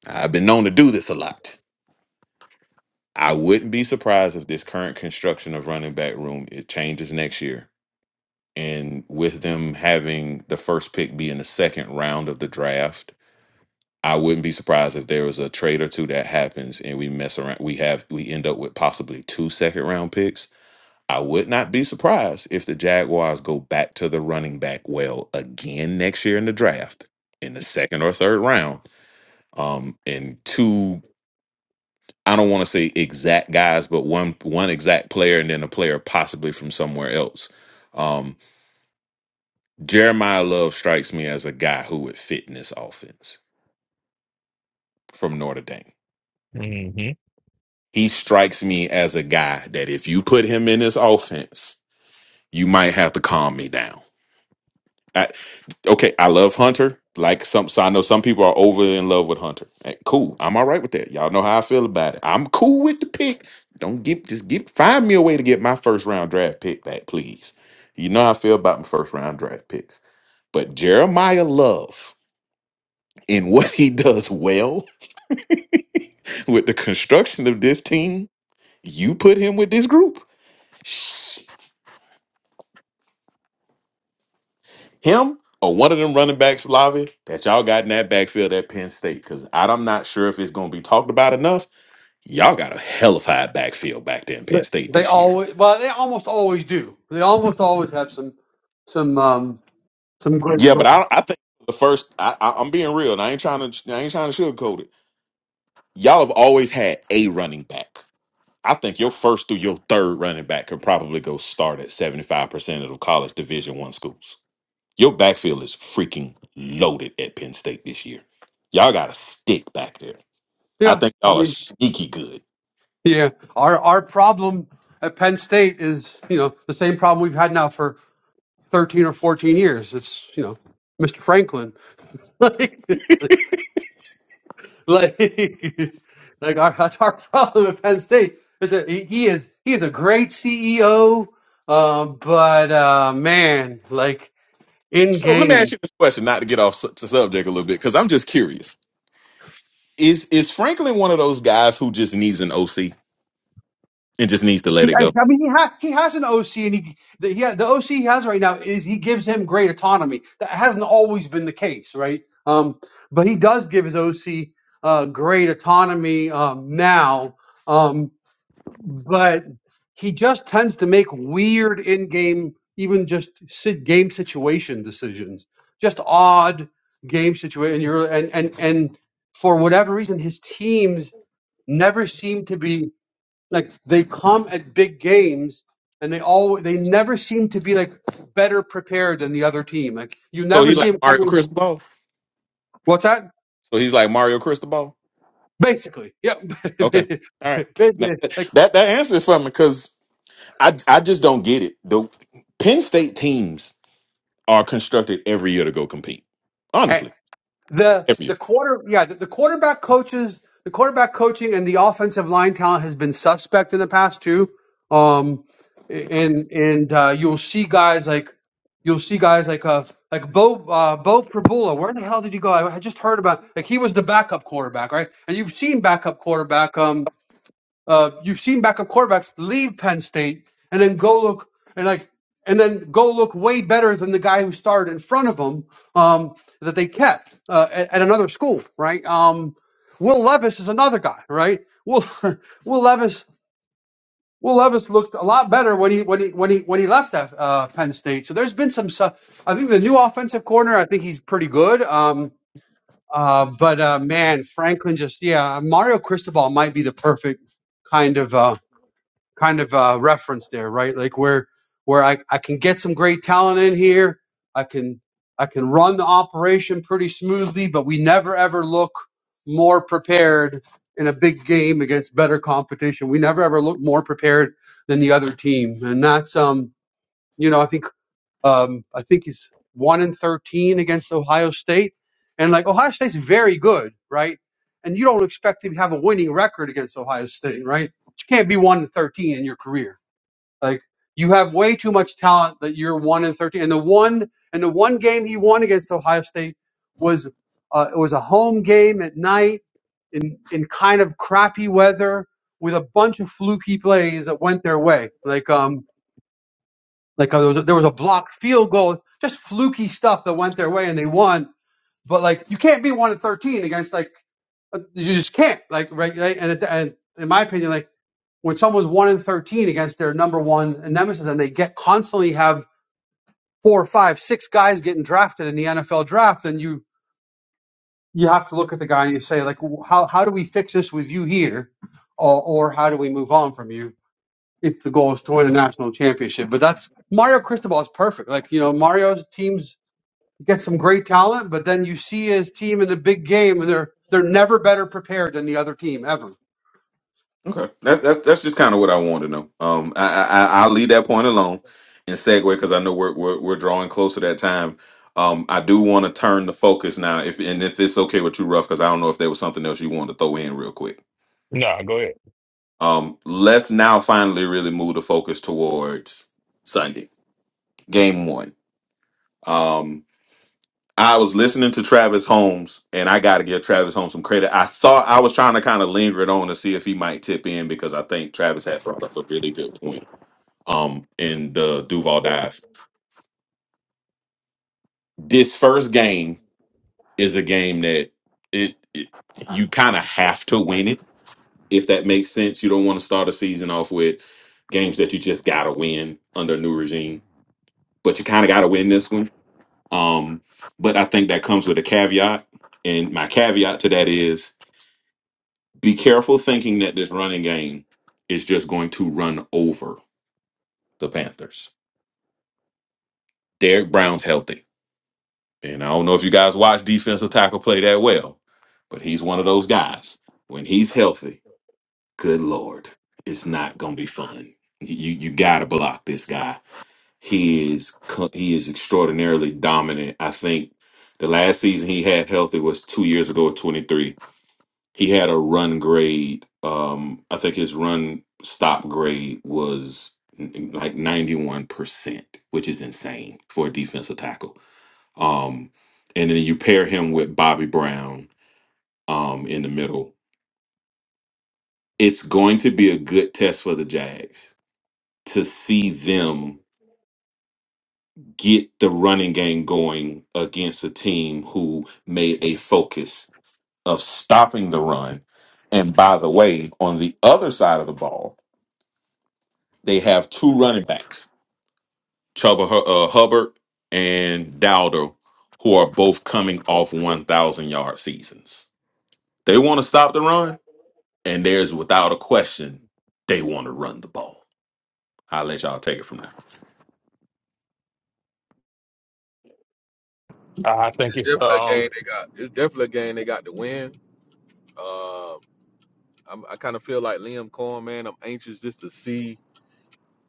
Speaker 5: I've been known to do this a lot. I wouldn't be surprised if this current construction of running back room it changes next year, and with them having the first pick be in the second round of the draft. I wouldn't be surprised if there was a trade or two that happens and we mess around. We have we end up with possibly two second round picks I would not be surprised if the Jaguars go back to the running back well again next year in the draft in the second or third round. Um, and two, I don't want to say exact guys, but one one exact player and then a player possibly from somewhere else. Um, Jeremiah Love strikes me as a guy who would fit in this offense from Notre Dame.
Speaker 2: hmm
Speaker 5: He strikes me as a guy that if you put him in this offense, you might have to calm me down. I, okay, I love Hunter. Like some, so I know some people are over in love with Hunter. Eh, Cool, I'm all right with that. Y'all know how I feel about it. I'm cool with the pick. Don't get just get find me a way to get my first round draft pick back, please. You know how I feel about my first round draft picks. But Jeremiah Love in what he does well with the construction of this team, you put him with this group. Him or one of them running backs, Lavi, that y'all got in that backfield at Penn State. Cause I- I'm not sure if it's gonna be talked about enough Y'all got a hell of high backfield back there in
Speaker 4: But
Speaker 5: Penn State
Speaker 4: They
Speaker 5: this year.
Speaker 4: always well they almost always do. They almost always have some some um some great
Speaker 5: Yeah, but I I think the first I, I I'm being real. And I ain't trying to I ain't trying to sugarcoat it. Y'all have always had a running back. I think your first through your third running back could probably go start at 75% of the college division one schools. Your backfield is freaking loaded at Penn State this year. Y'all got a stick back there. I
Speaker 4: yeah.
Speaker 5: think
Speaker 4: I
Speaker 5: y'all are
Speaker 4: mean
Speaker 5: sneaky good.
Speaker 4: yeah our our problem at Penn State is you know the same problem we've had now for thirteen or fourteen years. It's you know, Mr. Franklin. like like like our that's our problem at Penn State. Is that he, he is he is a great CEO, um, but uh, man, like in
Speaker 5: So let me ask
Speaker 4: game.
Speaker 5: you this question, not to get off su- the subject a little bit, because I'm just curious is is Franklin one of those guys who just needs an OC and just needs to let
Speaker 4: He,
Speaker 5: it
Speaker 4: I,
Speaker 5: go?
Speaker 4: I mean, he, ha- he has an OC, and he the, he ha- the OC he has right now is he gives him great autonomy. That hasn't always been the case, right? Um, but he does give his OC uh, great autonomy um, now. Um, but he just tends to make weird in-game, even just si- game situation decisions, just odd game situation. You're and and and for whatever reason, his teams never seem to be like they come at big games. And they all they never seem to be like better prepared than the other team. Like you
Speaker 5: So
Speaker 4: never
Speaker 5: he
Speaker 4: see
Speaker 5: like
Speaker 4: him
Speaker 5: Mario
Speaker 4: coming.
Speaker 5: Cristobal.
Speaker 4: What's that?
Speaker 5: So he's like Mario Cristobal.
Speaker 4: Basically, yeah.
Speaker 5: Okay, all right. Now, That that answers it for me because I I just don't get it. The Penn State teams are constructed every year to go compete.
Speaker 4: like
Speaker 5: Honestly,
Speaker 4: the
Speaker 5: every year.
Speaker 4: the quarter yeah the, the quarterback coaches the quarterback coaching and the offensive line talent has been suspect in the past too um and and uh you'll see guys like you'll see guys like uh like Bo uh Bo Prabula where the hell did he go I, I just heard about like he was the backup quarterback right and you've seen backup quarterback um. Uh, you've seen backup quarterbacks leave Penn State and then go look and like and then go look way better than the guy who started in front of them um, that they kept uh, at, at another school, right? Um, Will Levis is another guy, right? Will Will Levis Will Levis looked a lot better when he when he when he when he left uh, Penn State. So there's been some stuff. I think the new offensive corner. I think he's pretty good. Um, uh, but uh, man, Franklin just yeah, Mario Cristobal might be the perfect kind of. Uh, kind of uh, reference there, right? Like where where I, I can get some great talent in here. I can I can run the operation pretty smoothly, but we never ever look more prepared in a big game against better competition. We never ever look more prepared than the other team, and that's um you know I think um I think he's one in thirteen against Ohio State, and like Ohio State's very good, right? And you don't expect to have a winning record against Ohio State, right? you can't be one to thirteen in your career. Like you have way too much talent that you're one in thirteen. And the one and the one game he won against Ohio State was uh, it was a home game at night in in kind of crappy weather with a bunch of fluky plays that went their way. Like um like uh, there, was a, there was a blocked field goal, just fluky stuff that went their way and they won. But like you can't be one in thirteen against like uh, you just can't like right, right? and it, and in my opinion like when someone's one in thirteen against their number one nemesis, and they get constantly have four, five, six guys getting drafted in the NFL draft, then you you have to look at the guy and you say like, how how do we fix this with you here, or or how do we move on from you if the goal is to win a national championship? But that's Mario Cristobal is perfect. Like you know, Mario's teams get some great talent, but then you see his team in the big game, and they're they're never better prepared than the other team ever.
Speaker 5: Okay, that, that that's just kind of what I wanted to know. Um, I, I I- I'll leave that point alone and segue because I know we're, we're we're drawing close to that time. Um, I do want to turn the focus now, if and if it's okay with you, rough, because I don't know if there was something else you wanted to throw in real quick.
Speaker 2: No, go ahead.
Speaker 5: Um, let's now finally really move the focus towards Sunday, game one. Um, I was listening to Travis Holmes, and I got to give Travis Holmes some credit. I thought I was trying to kind of linger it on to see if he might tip in because I think Travis had brought up a really good point um in the Duval dive. This first game is a game that it, it you kind of have to win it if that makes sense. You don't want to start a season off with games that you just gotta win under a new regime, but you kind of gotta win this one. Um, but I think that comes with a caveat, and my caveat to that is be careful thinking that this running game is just going to run over the Panthers. Derek Brown's healthy And I don't know if you guys watch defensive tackle play that well, but he's one of those guys. When he's healthy, good lord, it's not gonna be fun. You you gotta block this guy. He is co- he is extraordinarily dominant. I think the last season he had healthy was two years ago, at twenty three. He had a run grade. Um, I think his run stop grade was n- like ninety one percent, which is insane for a defensive tackle um, and then you pair him with Bobby Brown um, in the middle. It's going to be a good test for the Jags to see them get the running game going against a team who made a focus of stopping the run. And by the way, on the other side of the ball, they have two running backs, Chuba Hu- uh, Hubbard and Dowdle, who are both coming off 1,000 yard seasons. They want to stop the run And there's without a question, they want to run the ball. I'll let y'all take it from there.
Speaker 2: I think
Speaker 8: It's
Speaker 2: it's
Speaker 8: definitely a
Speaker 2: um.
Speaker 8: game they got. It's definitely a game they got to win. Uh, I'm, I kind of feel like Liam Cohen, man. I'm anxious just to see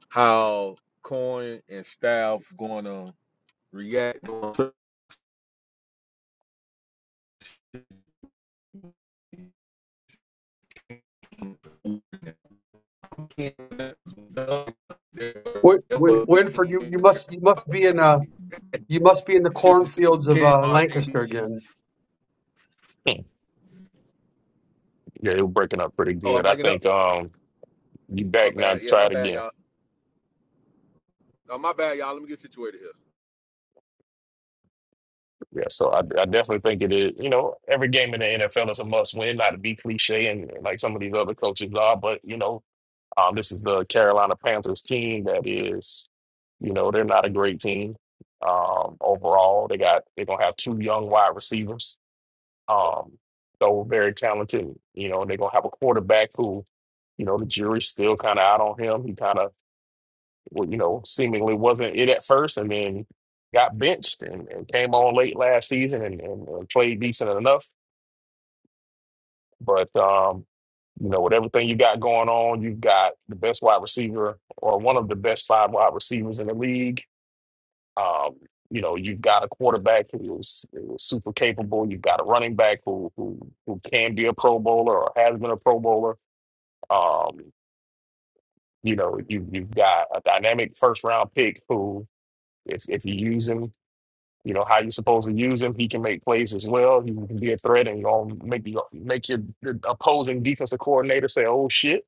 Speaker 8: how Cohen and staff going to react on certain
Speaker 4: Win- Win- Winford, you, you must you must be in a You must be in the cornfields of uh, Lancaster again.
Speaker 2: Hmm. Yeah, it was breaking up pretty
Speaker 8: Oh, I'm
Speaker 2: good. I
Speaker 8: bringing up.
Speaker 2: think um you
Speaker 8: Oh, my
Speaker 2: back now
Speaker 8: bad. Yeah, my
Speaker 2: try it
Speaker 8: bad,
Speaker 2: again.
Speaker 8: y'all. Oh, my bad, y'all. Let me get situated here.
Speaker 2: Yeah, so I, I definitely think it is, you know, every game in the NFL is a must win, not to be cliche and like some of these other coaches are, but you know, um this is the Carolina Panthers team that is, you know, they're not a great team um overall. They got they're gonna have two young wide receivers. Um so very talented, you know, they're gonna have a quarterback who You know, the jury's still kind of out on him. He kind of, well, you know, seemingly wasn't it at first and then got benched and, and came on late last season and, and, and played decent enough. But, um, you know, with everything you got going on, you've got the best wide receiver or one of the best five wide receivers in the league. Um, you know, you've got a quarterback who is, who is super capable. You've got a running back who, who who can be a Pro Bowler or has been a Pro Bowler. Um, you know, you you've got a dynamic first round pick who, if if you use him, you know how you're supposed to use him, he can make plays as well. He can be a threat, and you're gonna make you make your the opposing defensive coordinator say, "Oh shit."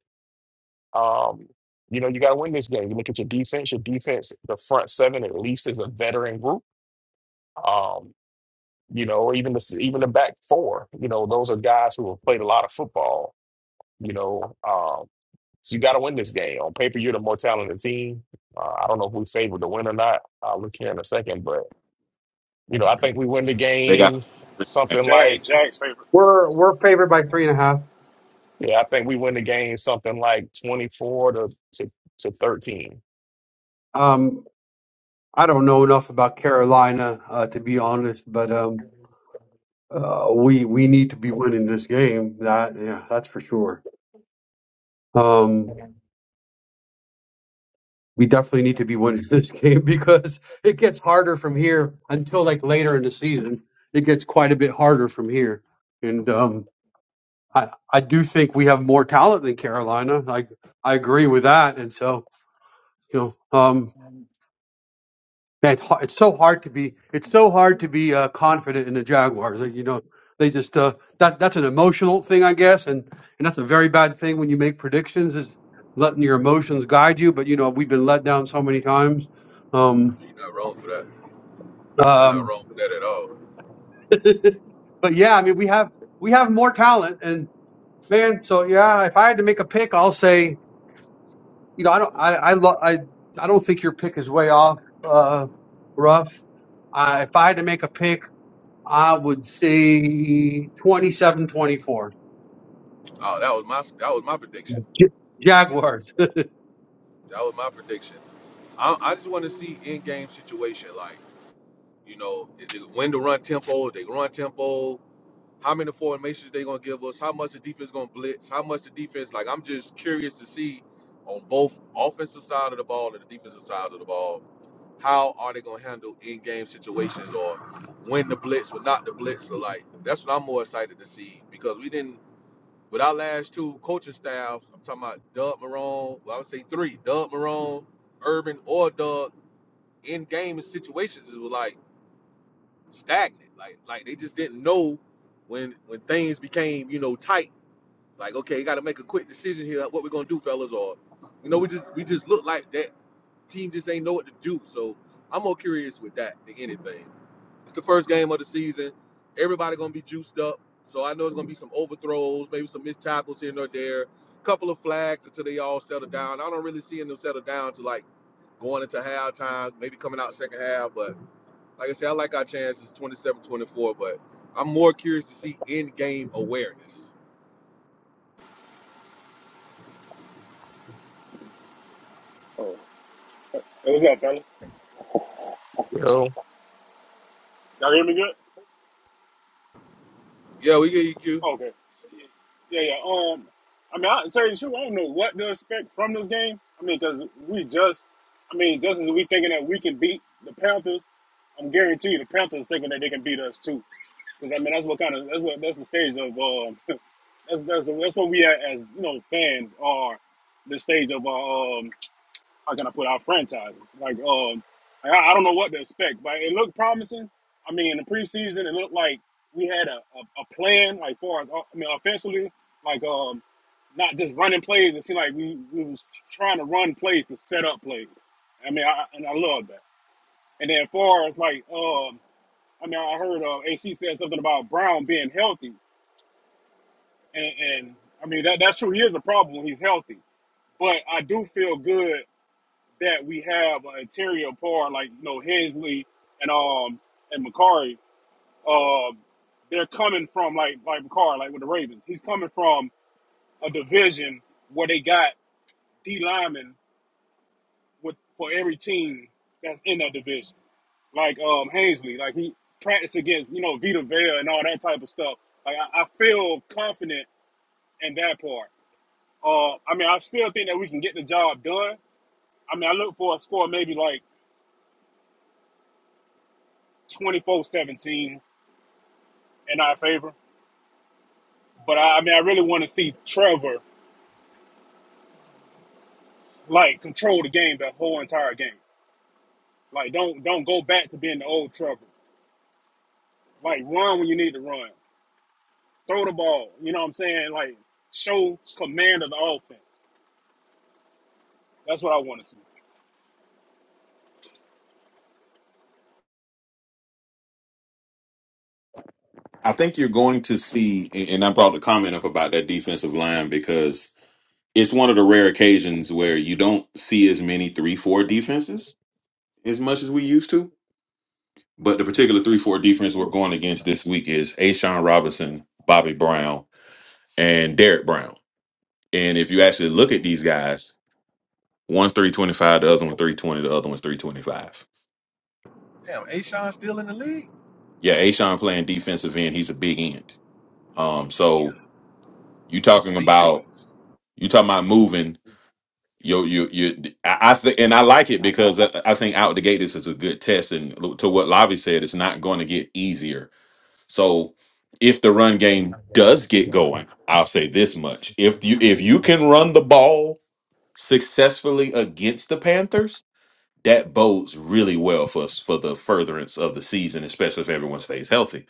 Speaker 2: Um, you know, you got to win this game. You look at your defense. Your defense, the front seven at least, is a veteran group. Um, you know, even the s- even the back four. You know, those are guys who have played a lot of football. You know, um, So you got to win this game. On paper, you're the more talented team. Uh, I don't know if we favored to win or not. I'll look here in a second, but you know, I think we win the
Speaker 5: They got.
Speaker 2: game something
Speaker 9: Jag,
Speaker 2: like
Speaker 9: Jag's favorite.
Speaker 4: We're we're favored by three and a half.
Speaker 2: yeah, I think we win the game something like 24 to to, to 13.
Speaker 4: Um, I don't know enough about Carolina uh, to be honest, but um, uh, we we need to be winning this game. That yeah, that's for sure. Um, we definitely need to be winning this game because it gets harder from here until like later in the season. It gets quite a bit harder from here, and um, I I do think we have more talent than Carolina. Like I agree with that, and so you know um That har- it's so hard to be it's so hard to be uh, confident in the Jaguars. Like, you know, they just uh, that that's an emotional thing, I guess, and and that's a very bad thing when you make predictions is letting your emotions guide you. But you know, we've been let down so many times. Um,
Speaker 8: You're not wrong for that. You're not
Speaker 4: um,
Speaker 8: wrong for that at all.
Speaker 4: but yeah, I mean, we have we have more talent, and man, so yeah, if I had to make a pick, I'll say you know I don't I I lo- I, I don't think your pick is way off, uh, rough. I, if I had to make a pick. I would say twenty-seven, twenty-four.
Speaker 8: Oh, that was my that was my prediction.
Speaker 4: 24. Jaguars.
Speaker 8: That was my prediction. I, I just want to see in game situation like you know if they win the run tempo, if they run tempo. how many formations they gonna give us, how much the defense gonna blitz, how much the defense like I'm just curious to see on both offensive side of the ball and the defensive side of the ball, how are they gonna handle in game situations or when the blitz or not the blitz or like that's what I'm more excited to see because we didn't with our last two coaching staffs, I'm talking about Doug Marone, well I would say three, Doug Marone, Urban or Doug in game situations is like stagnant. Like like they just didn't know when when things became you know tight. Like okay, you got to make a quick decision here. What we're gonna do, fellas? Or you know we just we just look like that team just ain't know what to do. So I'm more curious with that than anything. It's the first game of the season. Everybody gonna be juiced up. So I know it's gonna be some overthrows, maybe some missed tackles here and there, couple of flags until they all settle down. I don't really see them settle down to like going into halftime, maybe coming out second half, but like I said, I like our chances 27, 24, but I'm more curious to see in game awareness.
Speaker 9: Oh. Hey, what's up, fellas?
Speaker 2: You know,
Speaker 9: Y'all hear me good?
Speaker 8: Yeah, we get EQ.
Speaker 9: Oh, Okay. Yeah, yeah. yeah, Um, I mean, I to tell you the truth, I don't know what to expect from this game. I mean, because we just, I mean, just as we thinking that we can beat the Panthers, I'm guarantee you the Panthers thinking that they can beat us too. Because I mean, that's what kind of that's what that's the stage of um, that's that's the, that's what we at as you know fans are the stage of our um how can I put out franchises? Like, um, I, I don't know what to expect, but it looked promising. I mean, in the preseason, it looked like we had a, a, a plan, like far as uh, I mean, offensively, like um, not just running plays. It seemed like we, we was trying to run plays to set up plays. I mean, I, and I love that. And then as far as like, um, I mean, I heard uh, AC said something about Brown being healthy, and, and I mean that that's true. He is a problem when he's healthy, but I do feel good. that we have an interior par like you know Hensley and um and McCarry, um they're coming from like like McCarry, like with the Ravens. He's coming from a division where they got D linemen with for every team that's in that division. Like um Hensley, like he practiced against, you know, Vita Vea and all that type of stuff. Like I, I feel confident in that part. Uh I mean I still think that we can get the job done. I mean I look for a score maybe like twenty four seventeen. in our favor. But I, I mean, I really want to see Trevor like control the game the whole entire game. Like, don't don't go back to being the old Trevor. Like, run when you need to run. Throw the ball. You know what I'm saying? Like, show command of the offense. That's what I want to see.
Speaker 5: I think you're going to see, and and I brought the comment up about that defensive line because it's one of the rare occasions where you don't see as many three four defenses as much as we used to. But the particular three four defense we're going against this week is Ashawn Robinson, Bobby Brown, and Derek Brown. And if you actually look at these guys, One's 325, the other one's 320, the other one's 325.
Speaker 8: Damn, Ashawn still in the league?
Speaker 5: Yeah, Ashawn playing defensive end, he's a big end. Um,
Speaker 8: Damn,
Speaker 5: so you
Speaker 8: those
Speaker 5: talking
Speaker 8: speed
Speaker 5: about
Speaker 8: sweeps.
Speaker 5: you talking about moving Yo, you, you, I, I think, and I like it because I, I think out the gate this is a good test. And to what Lavi said, it's not going to get easier. So, if the run game does get going, I'll say this much: if you if you can run the ball successfully against the Panthers, that bodes really well for us for the furtherance of the season, especially if everyone stays healthy.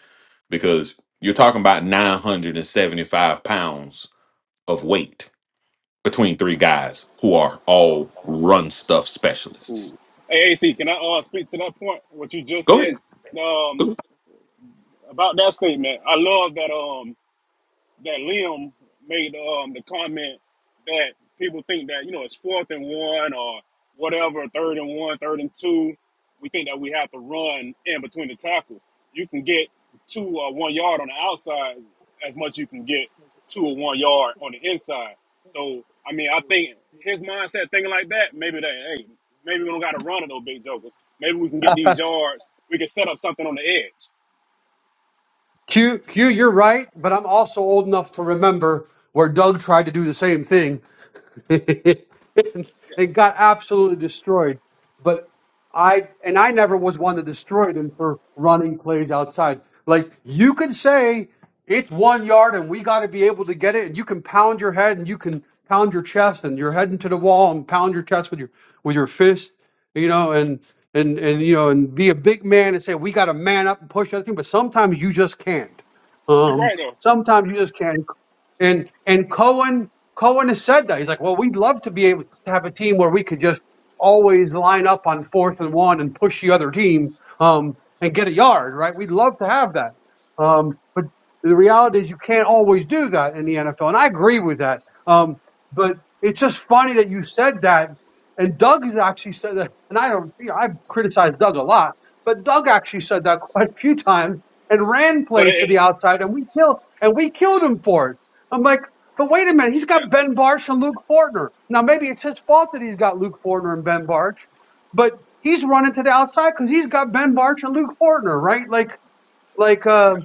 Speaker 5: Because you're talking about 975 pounds of weight between three guys who are all run stuff
Speaker 9: Cool.
Speaker 5: specialists.
Speaker 9: Hey, AC, can I uh, speak to that point? What you just
Speaker 5: Go
Speaker 9: said
Speaker 5: ahead.
Speaker 9: um,
Speaker 5: Go.
Speaker 9: about that statement? I love that. Um. that Liam made um the comment that people think that you know it's fourth and one or whatever, third and one, third and two. We think that we have to run in between the tackles. You can get two or one yard on the outside as much as you can get two or one yard on the inside. So I mean, I think his mindset thinking like that, maybe that hey, maybe we don't got to run at those big jokers. Maybe we can get these yards we can set up something on the edge.
Speaker 4: Q, Q, you're right, but I'm also old enough to remember where Doug tried to do the same thing It
Speaker 9: Yeah,
Speaker 4: got absolutely destroyed. But I and I never was one that destroyed him for running plays outside. Like you could say it's one yard and we got to be able to get it, and you can pound your head and you can pound your chest and you're heading to the wall and pound your chest with your with your fist, you know, and and and you know and be a big man and say we got to man up and push that thing. But sometimes you just can't.
Speaker 9: You're
Speaker 4: Um,
Speaker 9: right though.
Speaker 4: sometimes you just can't. And and Cohen Cohen has said that he's like, well, we'd love to be able to have a team where we could just always line up on fourth and one and push the other team um, and get a yard, right? We'd love to have that, um, but the reality is you can't always do that in the NFL, and I agree with that. Um, but it's just funny that you said that, and Doug has actually said that, and I don't, you know, I've criticized Doug a lot, but Doug actually said that quite a few times and ran
Speaker 9: But
Speaker 4: plays to
Speaker 9: it,
Speaker 4: the
Speaker 9: it
Speaker 4: outside, and we killed and we killed him for it I'm like, but wait a minute, he's
Speaker 9: yeah,
Speaker 4: got
Speaker 9: yeah.
Speaker 4: Ben Barch and Luke Fortner. Now maybe it's his fault that he's got Luke Fortner and Ben Barch, but he's running to the outside because he's got Ben Barch and Luke Fortner, right? Like, like uh,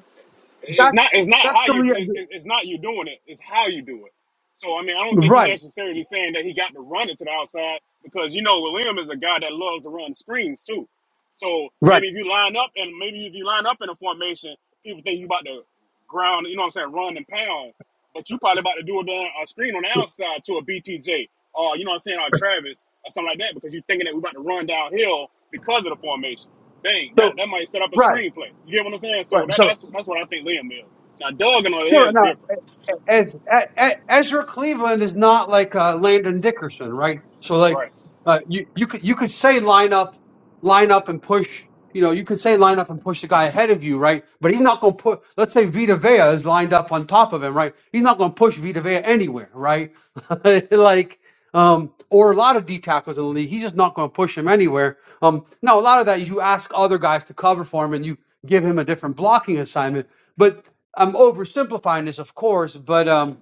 Speaker 9: it's
Speaker 4: that's
Speaker 9: not it's not
Speaker 4: that's
Speaker 9: how
Speaker 4: the
Speaker 9: you it,
Speaker 4: rea-
Speaker 9: it- it's not you doing it it's how you do it so i mean i don't think he
Speaker 4: right,
Speaker 9: necessarily saying that he got to run it to the outside because you know william is a guy that loves to run screens too so
Speaker 4: right.
Speaker 9: maybe if you line up and maybe if you line up in a formation people think you about to ground you know what i'm saying run and pound but you probably about to do it on a screen on the outside to a btj or you know what i'm saying or travis or something like that because you're thinking that we're about to run downhill because of the formation Dang, that,
Speaker 4: So
Speaker 9: that might set up a
Speaker 4: right,
Speaker 9: screenplay. You get what I'm saying?
Speaker 4: right.
Speaker 9: So that
Speaker 4: So
Speaker 9: that's that's what I think Liam is. Now Doug on the other hand
Speaker 4: sure.
Speaker 9: is
Speaker 4: Now
Speaker 9: different.
Speaker 4: Ez- E- E- Ezra Cleveland is not like uh, Landon Dickerson, right? So like
Speaker 9: Right,
Speaker 4: uh, you you could you could say line up, line up and push. You know, you could say line up and push the guy ahead of you, right? But he's not going to put. Let's say Vita Vea is lined up on top of him, right? He's not going to push Vita Vea anywhere, right? like. Um, or a lot of D tackles in the league, he's just not going to push him anywhere. Um, now a lot of that is you ask other guys to cover for him, and you give him a different blocking assignment. I'm oversimplifying this, of course, but um,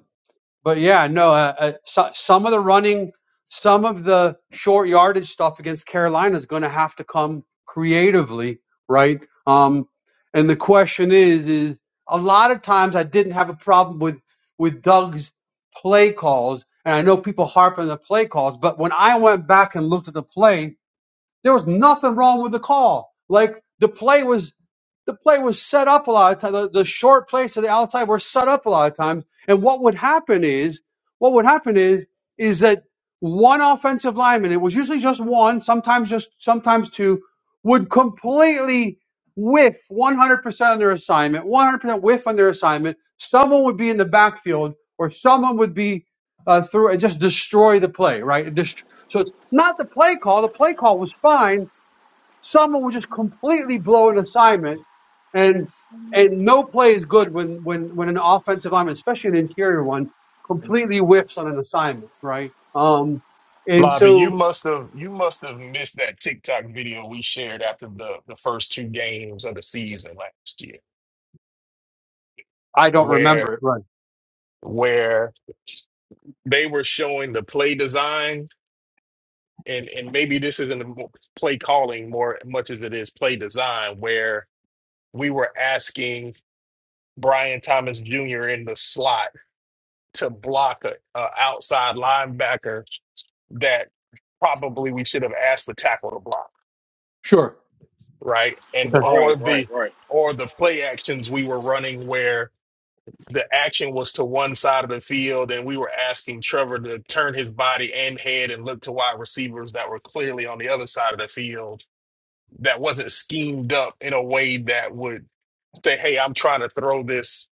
Speaker 4: but yeah, no, uh, uh, so, some of the running, some of the short yardage stuff against Carolina is going to have to come creatively, right? Um, and the question is, is a lot of times I didn't have a problem with with Doug's play calls, and I know people harp on the play calls, but when I went back and looked at the play, there was nothing wrong with the call. Like the play was the play was set up a lot of times. The, the short plays to the outside were set up a lot of times. And what would happen is, what would happen is, is that one offensive lineman, it was usually just one, sometimes just, sometimes two, would completely whiff 100% on their assignment, 100% whiff on their assignment. Someone would be in the backfield or someone would be uh, through and just destroy the play, right? Dest- so it's not the play call. The play call was fine Someone will just completely blow an assignment, and and no play is good when when when an offensive lineman, especially an interior one, completely whiffs on an assignment, right? Um, and
Speaker 2: Lobby, you
Speaker 4: so
Speaker 2: must have you must have missed that TikTok video we shared after the the first two games of the season last year,
Speaker 4: I don't remember
Speaker 2: where
Speaker 4: it. Right.
Speaker 2: where they were showing the play design and and maybe this isn't a mo- play calling more much as it is play design, where we were asking Brian Thomas Jr. in the slot to block a, a outside linebacker that probably we should have asked the tackle to block,
Speaker 4: Sure.
Speaker 2: right? And
Speaker 4: Okay.
Speaker 2: or
Speaker 9: right, right,
Speaker 2: the
Speaker 9: right.
Speaker 2: or the play actions we were running where the action was to one side of the field and we were asking Trevor to turn his body and head and look to wide receivers that were clearly on the other side of the field that wasn't schemed up in a way that would say, "Hey, I'm trying to throw this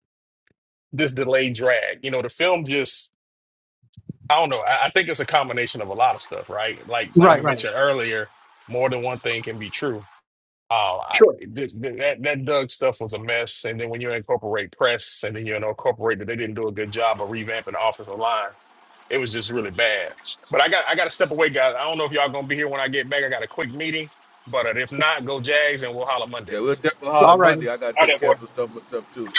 Speaker 2: this delayed drag." You know, the film just I don't know. I, I think it's a combination of a lot of stuff, right? Like like we
Speaker 4: Right. Right.
Speaker 2: mentioned earlier, more than one thing can be true. Uh, I,
Speaker 4: Sure.
Speaker 2: this, that that Doug stuff was a mess, and then when you incorporate press, and then you incorporate that they didn't do a good job of revamping the offensive line, it was just really bad. But I got I got to step away, guys. I don't know if y'all gonna be here when I get back. I got a quick meeting, but uh, if not, go Jags, and we'll holler Monday.
Speaker 8: Yeah, we'll definitely holler
Speaker 4: All right.
Speaker 8: Monday. I got to
Speaker 9: Out
Speaker 8: take
Speaker 9: there,
Speaker 8: care
Speaker 9: boy.
Speaker 8: of some stuff myself, too.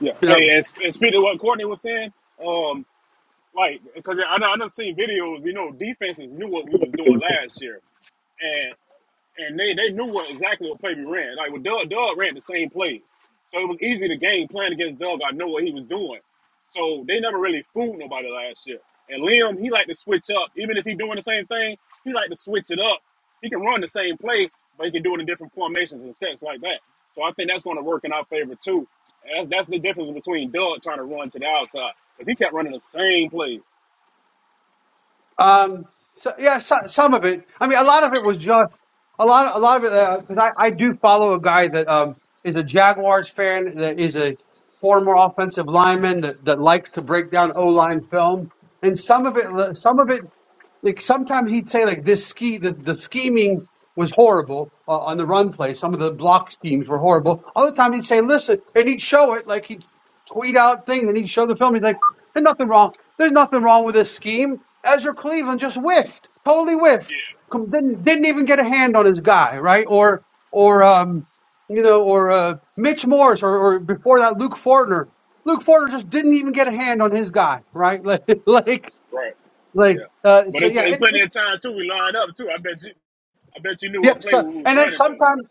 Speaker 9: Yeah. Hey, and, and speaking of what Courtney was saying, um, like because I I done seen videos. You know, defenses knew what we was doing last year, and. and they, they knew what exactly what play we ran. Like with Doug, Doug ran the same plays, so it was easy to game plan against Doug. I know what he was doing, so they never really fooled nobody last year. And Liam, he like to switch up, even if he's doing the same thing, he like to switch it up. He can run the same play, but he can do it in different formations and sets like that. So I think that's going to work in our favor too. And that's that's the difference between Doug trying to run to the outside because he kept running the same plays.
Speaker 4: Um, so yeah, so, some of it. I mean, a lot of it was just a lot. A lot of it because I, I do follow a guy that um, is a Jaguars fan that is a former offensive lineman that, that likes to break down O line film, and some of it, some of it, like sometimes he'd say like this ski the, the scheming was horrible uh, on the run play. Some of the block schemes were horrible. Other time he'd say, listen, and he'd show it like he tweet out thing. and he showed the film. He's like, "There's nothing wrong. There's nothing wrong with this scheme." Ezra Cleveland just whiffed, totally whiffed.
Speaker 9: Yeah,
Speaker 4: Com- Didn't didn't even get a hand on his guy, right? Or or um, you know, or uh, Mitch Morris, or, or before that, Luke Fortner. Luke Fortner just didn't even get a hand on his guy, right? Like like
Speaker 9: right. Yeah,
Speaker 4: like. Uh,
Speaker 9: but
Speaker 4: so
Speaker 9: it's,
Speaker 4: yeah,
Speaker 9: it's
Speaker 4: it's
Speaker 9: plenty
Speaker 4: it's
Speaker 9: of times too we line up too. I bet you. I bet you knew
Speaker 4: yeah.
Speaker 9: what play
Speaker 4: So
Speaker 9: we was
Speaker 4: and then
Speaker 9: running though.
Speaker 4: sometimes.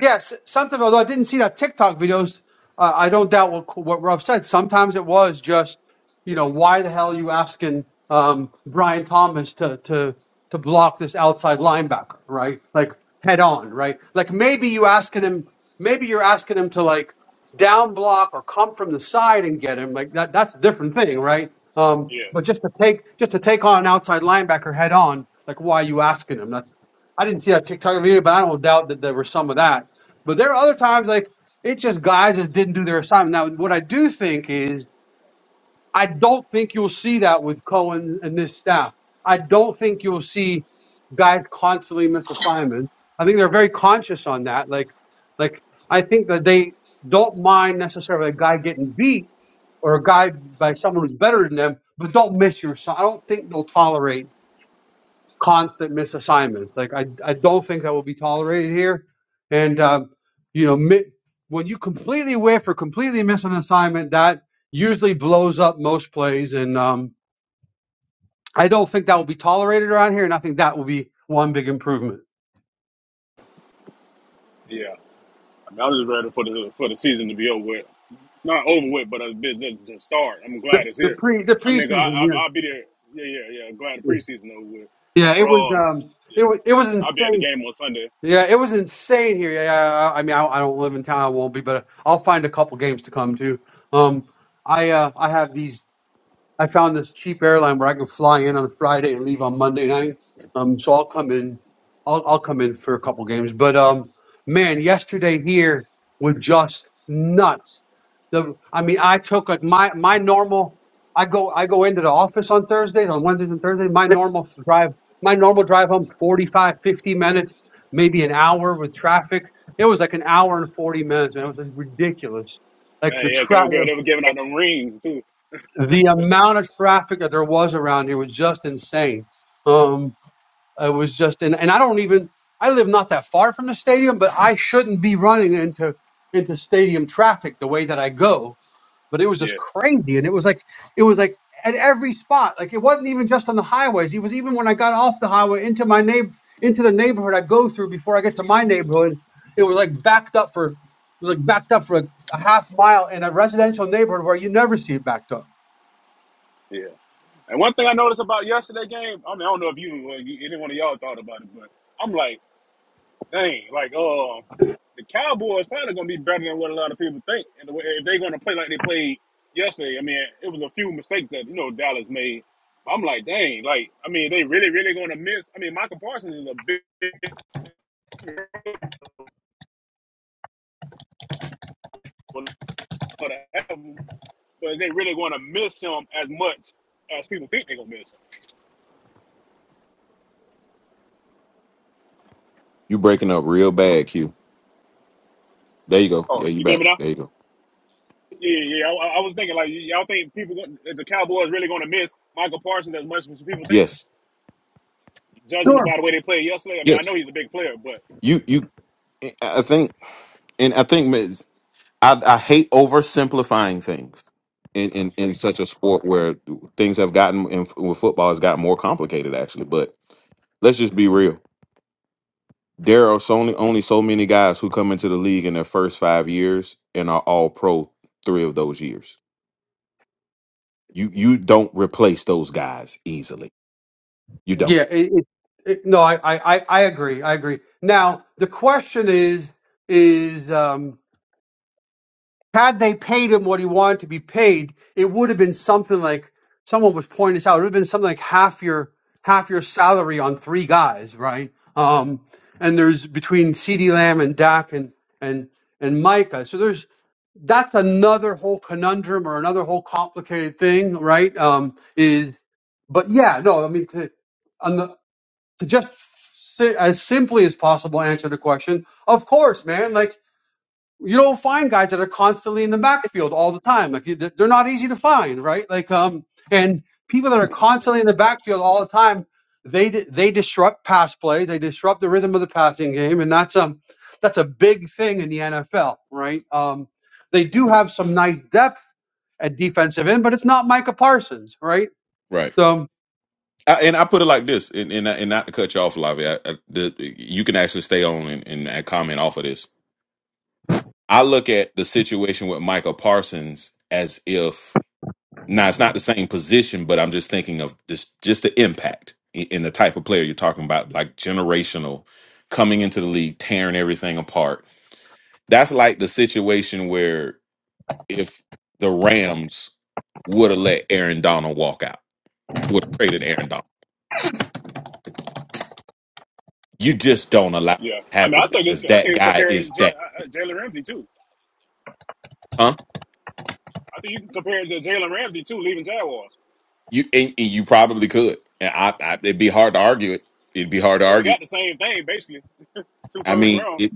Speaker 4: Yes, something. Although I didn't see that TikTok videos, uh, I don't doubt what what Ruff said. Sometimes it was just, you know, why the hell are you asking um, Brian Thomas to to to block this outside linebacker, right? Like head on, right? Like maybe you asking him, maybe you're asking him to like down block or come from the side and get him. Like that that's a different thing, right? Um,
Speaker 9: Yeah,
Speaker 4: but just to take just to take on an outside linebacker head on, like why are you asking him? That's I didn't see that TikTok video, but I don't doubt that there was some of that but there are other times like it's just guys that didn't do their assignment. Now, what I do think is I don't think you'll see that with Cohen and this staff. I don't think you'll see guys constantly miss assignments. I think they're very conscious on that. Like, like I think that they don't mind necessarily a guy getting beat or a guy by someone who's better than them, but don't miss your assi- I don't think they'll tolerate constant misassignments. Like I, I don't think that will be tolerated here. And um, you know, mi- when you completely whiff or completely miss an assignment, that usually blows up most plays. And um, I don't think that will be tolerated around here. And I think that will be one big improvement.
Speaker 9: yeah. I, mean, I was just ready for the for the season to be over with. Not over with, but a bit to start. I'm
Speaker 4: The,
Speaker 9: glad it's
Speaker 4: the
Speaker 9: here.
Speaker 4: pre the
Speaker 9: I mean, I, I
Speaker 4: preseason,
Speaker 9: I'll be there. Yeah, yeah, yeah. Glad the
Speaker 4: yeah,
Speaker 9: preseason over with.
Speaker 4: yeah,
Speaker 9: But
Speaker 4: it was
Speaker 9: um,
Speaker 4: um, it
Speaker 9: yeah,
Speaker 4: was it was
Speaker 9: I'll be at the
Speaker 4: insane.
Speaker 9: game on Sunday.
Speaker 4: Yeah, it was insane here. Yeah, I I mean, I, I don't live in town. I won't be, but I'll find a couple games to come to. Um, I uh, I have these I found this cheap airline where I can fly in on Friday and leave on Monday night. Um, so I'll come in. I'll I'll come in for a couple games. But um, man, yesterday here was just nuts. The I mean, I took like my my normal. I go I go into the office on Thursdays, on Wednesdays and Thursdays. My normal f- drive, my normal drive home, 45 50 minutes, maybe an hour with traffic. It was like an hour and forty minutes, man. It was like ridiculous. Like the
Speaker 9: Hey, yeah, 'cause
Speaker 4: traffic
Speaker 9: they were giving out them rings too.
Speaker 4: the amount of traffic that there was around here was just insane. Um, it was just, and, and I don't even, I live not that far from the stadium, but I shouldn't be running into into stadium traffic the way that I go. But it was just
Speaker 9: Yeah,
Speaker 4: crazy, and it was like it was like at every spot. Like it wasn't even just on the highways. It was even when I got off the highway into my neighbor into the neighborhood I go through before I get to my neighborhood. It was like backed up for it was like backed up for a, a half mile in a residential neighborhood where you never see it backed up.
Speaker 9: yeah. And one thing I noticed about yesterday game, I mean, I don't know if you, or you any one of y'all thought about it, but I'm like. Dang, like uh, the Cowboys probably gonna be better than what a lot of people think. And the way if they're gonna play like they played yesterday, I mean, it was a few mistakes that you know Dallas made. I'm like, dang, like I mean, they really, really gonna miss. I mean, Michael Parsons is a big, but they really gonna miss him as much as people think they're gonna miss him?
Speaker 5: You breaking up real bad, Q. There you go.
Speaker 9: Oh,
Speaker 5: Yeah, you
Speaker 9: you get
Speaker 5: back.
Speaker 9: me now?
Speaker 5: There you go.
Speaker 9: Yeah, yeah. I, I was thinking like y'all think people the Cowboys really gonna miss Michael Parsons as much as people think,
Speaker 5: Yes.
Speaker 9: judging by the way they played yesterday. I mean, I know
Speaker 5: Yes.
Speaker 9: he's a big player, but.
Speaker 5: You you I I think and I think I, I hate oversimplifying things in, in, in such a sport where things have gotten in, with football has gotten more complicated actually. But let's just be real. There are so only, only so many guys who come into the league in their first five years and are all pro three of those years. You you don't replace those guys easily. You don't.
Speaker 4: Yeah, it, it, it, no, I, I, I I agree. I agree. Now the question is, is um, had they paid him what he wanted to be paid, it would have been something like someone was pointing this out. It would have been something like half your half your salary on three guys, right? Um, and there's between C.D. Lamb and Dak and and and Micah. So there's that's another whole conundrum or another whole complicated thing, right? Um, is but yeah, no, I mean to to just si- as simply as possible answer the question. Of course, man. Like you don't find guys that are constantly in the backfield all the time. Like you- they're not easy to find, right? Like um, and people that are constantly in the backfield all the time, they di- they disrupt pass plays. They disrupt the rhythm of the passing game, and that's um that's a big thing in the NFL, right? Um, they do have some nice depth at defensive end, but it's not Micah Parsons, right?
Speaker 5: Right.
Speaker 4: So.
Speaker 5: I, and I put it like this, and and, I- and not to cut you off, Lavi. I, I, the, you can actually stay on and, and comment off of this I look at the situation with Michael Parsons as if now it's not the same position, but I'm just thinking of just just the impact in in the type of player you're talking about, like generational, coming into the league, tearing everything apart. That's like the situation where if the Rams would have let Aaron Donald walk out, would have traded Aaron Donald. You just don't allow
Speaker 9: Yeah,
Speaker 5: it to
Speaker 9: I mean, I
Speaker 5: happen
Speaker 9: think it's
Speaker 5: because
Speaker 9: I
Speaker 5: that
Speaker 9: think it's
Speaker 5: guy
Speaker 9: comparing
Speaker 5: is
Speaker 9: J-
Speaker 5: that,
Speaker 9: uh, uh, Jalen Ramsey too.
Speaker 5: huh?
Speaker 9: I think you can compare it to Jalen Ramsey too, leaving Jaguars
Speaker 5: You and, and you probably could, and I, I it'd be hard to argue it. It'd be hard to
Speaker 9: So we
Speaker 5: argue
Speaker 9: got the same thing basically, two
Speaker 5: I
Speaker 9: first
Speaker 5: mean,
Speaker 9: rounds.
Speaker 5: it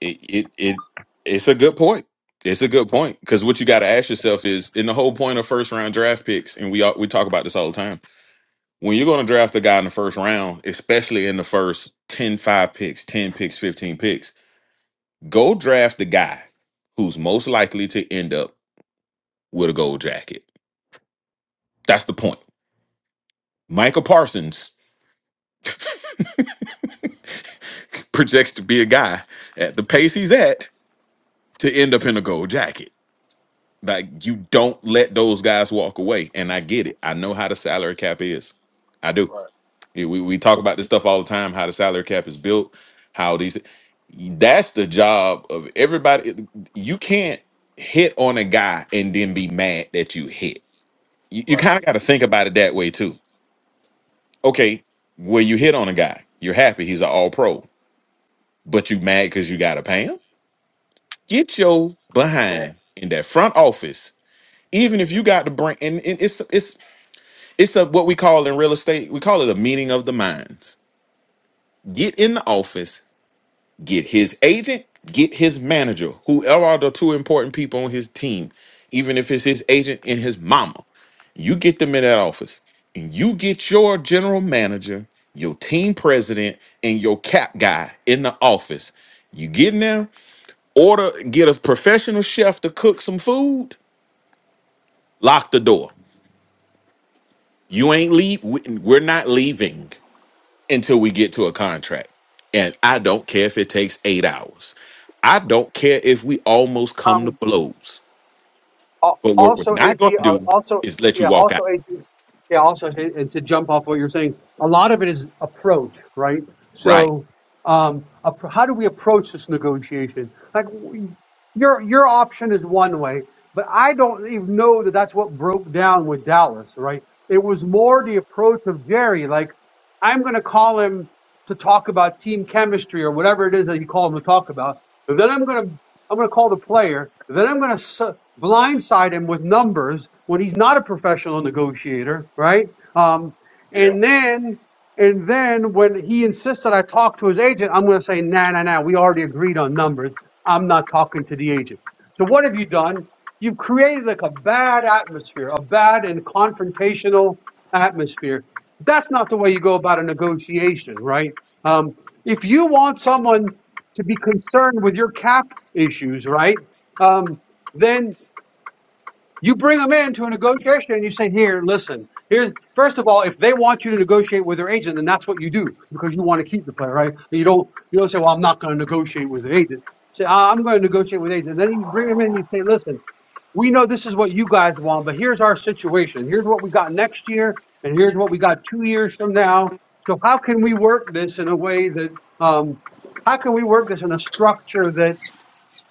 Speaker 5: it it, it it's a good point. It's a good point because what you got to ask yourself is, in the whole point of first round draft picks, and we all, we talk about this all the time. When you're going to draft a guy in the first round, especially in the first 10, 5 picks, 10 picks, 15 picks, go draft the guy who's most likely to end up with a gold jacket. That's the point. Michael Parsons projects to be a guy at the pace he's at to end up in a gold jacket. Like you don't let those guys walk away. And I get it. I know how the salary cap is. I do.
Speaker 9: Right,
Speaker 5: Yeah, We we talk about this stuff all the time, how the salary cap is built, how these that's the job of everybody. You can't hit on a guy and then be mad that you hit. You, you
Speaker 9: right,
Speaker 5: kind of got to think about it that way too. Okay, where you hit on a guy, you're happy he's an all pro, but you mad because you gotta pay him? Get your
Speaker 9: right.
Speaker 5: behind in that front office
Speaker 9: Yeah,
Speaker 5: even if you got to bring and, and it's it's It's a what we call in real estate, we call it a meeting of the minds. Get in the office, get his agent, get his manager, whoever are the two important people on his team, even if it's his agent and his mama. You get them in that office and you get your general manager, your team president, and your cap guy in the office. You get in there, order, get a professional chef to cook some food, lock the door. You ain't leave. we- We're not leaving. until we get to a contract. And I don't care if it takes eight hours. I don't care if we almost come
Speaker 4: Um,
Speaker 5: to blows.
Speaker 4: Al-
Speaker 5: But what we're
Speaker 4: also
Speaker 5: not
Speaker 4: AT
Speaker 5: going to
Speaker 4: uh,
Speaker 5: do
Speaker 4: also
Speaker 5: is let you
Speaker 4: yeah
Speaker 5: walk out.
Speaker 4: also AT yeah also to to jump off what you're saying a lot of it is approach right
Speaker 5: Right.
Speaker 4: so um appro- how do we approach this negotiation like we- your your option is one way but I don't even know that that's what broke down with Dallas right it was more the approach of Jerry like I'm going to call him to talk about team chemistry or whatever it is that you call him to talk about but then I'm going to I'm going to call the player. Then I'm going to blindside him with numbers when he's not a professional negotiator, right? Um,
Speaker 9: yeah,
Speaker 4: and then and then when he insisted I talk to his agent, I'm going to say, nah, nah, nah, we already agreed on numbers. I'm not talking to the agent. So what have you done? You've created like a bad atmosphere, a bad and confrontational atmosphere. That's not the way you go about a negotiation, right? Um, if you want someone to be concerned with your cap issues, right? Um, then you bring them into a negotiation and you say, here, listen, here's, first of all, if they want you to negotiate with their agent, then that's what you do because you want to keep the player, right? And You don't, you don't say, well, I'm not going to negotiate with the agent. You Say, "Ah, I'm going to negotiate with the agent. Then you bring them in and you say, listen, we know this is what you guys want, but here's our situation. Here's what we got next year, and here's what we got two years from now. So how can we work this in a way that, um, how can we work this in a structure that?"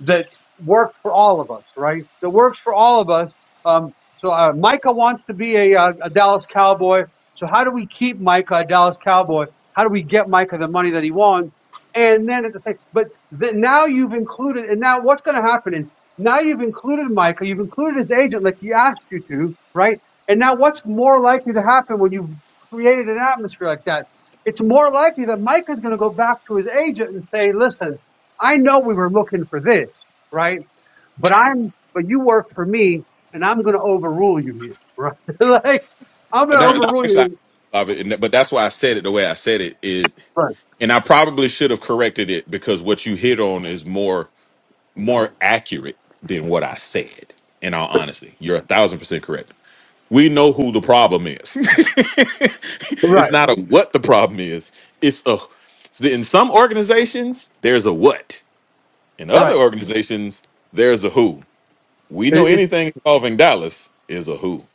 Speaker 4: that works for all of us, right? That works for all of us. Um, so uh, Micah wants to be a, uh, a Dallas Cowboy. So how do we keep Micah a Dallas Cowboy? How do we get Micah the money that he wants? And then at the same, but then now you've included, and now what's going to happen is now you've included Micah, you've included his agent like he asked you to, right? And now what's more likely to happen when you've created an atmosphere like that? It's more likely that Micah's going to go back to his agent and say, listen, I know we were looking for this, right? But I'm, but you work for me, and I'm going to overrule you here, right? like I'm going to
Speaker 5: No,
Speaker 9: right.
Speaker 5: no,
Speaker 4: overrule
Speaker 5: actually,
Speaker 4: you.
Speaker 5: I love it. And But that's why I said it the way I said it. Is,
Speaker 4: Right,
Speaker 5: and I probably should have corrected it because what you hit on is more more accurate than what I said, in all honesty. You're a thousand percent correct. We know who the problem is. it's
Speaker 4: right,
Speaker 9: Yeah,
Speaker 5: not a what the problem is. It's a in some organizations there's a what. In other
Speaker 4: right.
Speaker 5: organizations there's a who. We know
Speaker 4: It. it,
Speaker 5: anything involving Dallas is a who.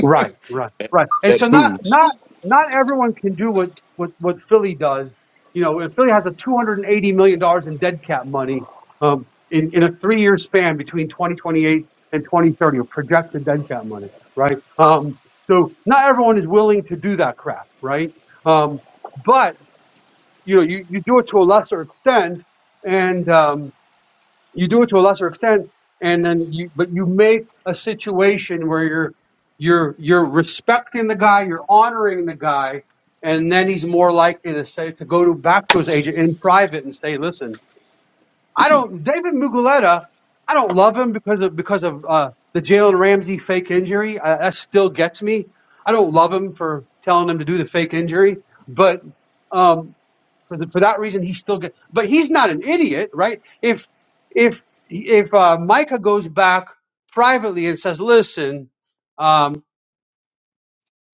Speaker 4: Right, right,
Speaker 5: That,
Speaker 4: right. And
Speaker 5: that
Speaker 4: so not
Speaker 5: who.
Speaker 4: not not everyone can do what what what Philly does. You know, if Philly has a two hundred and eighty million dollars in dead cap money um, in in a three year span between twenty twenty eight and twenty thirty, or projected dead cap money, right? Um, so not everyone is willing to do that crap, right? Um, but you know, you, you do it to a lesser extent, and um, you do it to a lesser extent and then you but you make a situation where you're you're you're respecting the guy you're honoring the guy and then he's more likely to say to go to back to his agent in private and say listen i don't david Muguleta, i don't love him because of because of uh the jalen ramsey fake injury uh, that still gets me i don't love him for telling him to do the fake injury but Um, for, the, for that reason he's still good but he's not an idiot right if if if uh, micah goes back privately and says listen um,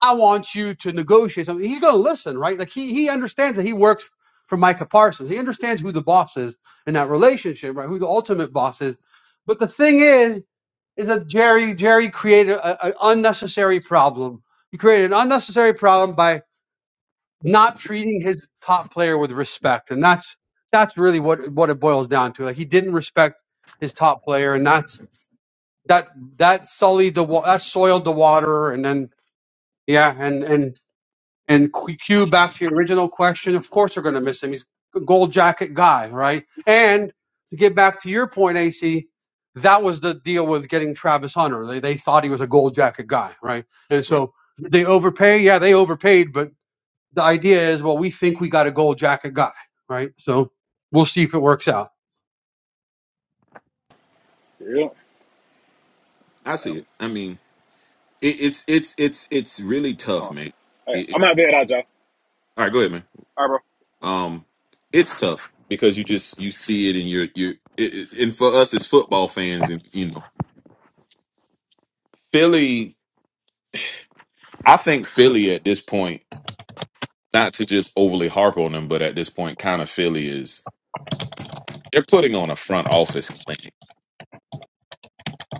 Speaker 4: i want you to negotiate something he's going to listen right like he he understands that he works for micah parsons he understands who the boss is in that relationship right who the ultimate boss is but the thing is is that jerry jerry created an unnecessary problem he created an unnecessary problem by not treating his top player with respect, and that's that's really what what it boils down to. Like he didn't respect his top player, and that's that that sullied the wa- that soiled the water, and then yeah, and and and Q Q, back to your original question. Of course, they're going to miss him. He's a gold jacket guy, right? And to get back to your point, AC. That was the deal with getting Travis Hunter. They, they thought he was a gold jacket guy, right? And
Speaker 5: Right.
Speaker 4: so did they overpay? Yeah, they overpaid, but the idea is, well, we think we got a gold jacket guy, right? So we'll see if it works out.
Speaker 9: yeah.
Speaker 5: I see it. I mean, it, it's it's it's it's really tough,
Speaker 9: Huh.
Speaker 5: man.
Speaker 9: Hey,
Speaker 5: It, it-
Speaker 9: I'm out there, out, y'all.
Speaker 5: all right, go ahead, man.
Speaker 9: All right, bro.
Speaker 5: Um, it's tough because you just you see it and you're you're it, it- and for us as football fans and you know Philly I think Philly at this point, not to just overly harp on them, but at this point, kind of Philly is they're putting on a front office clinic,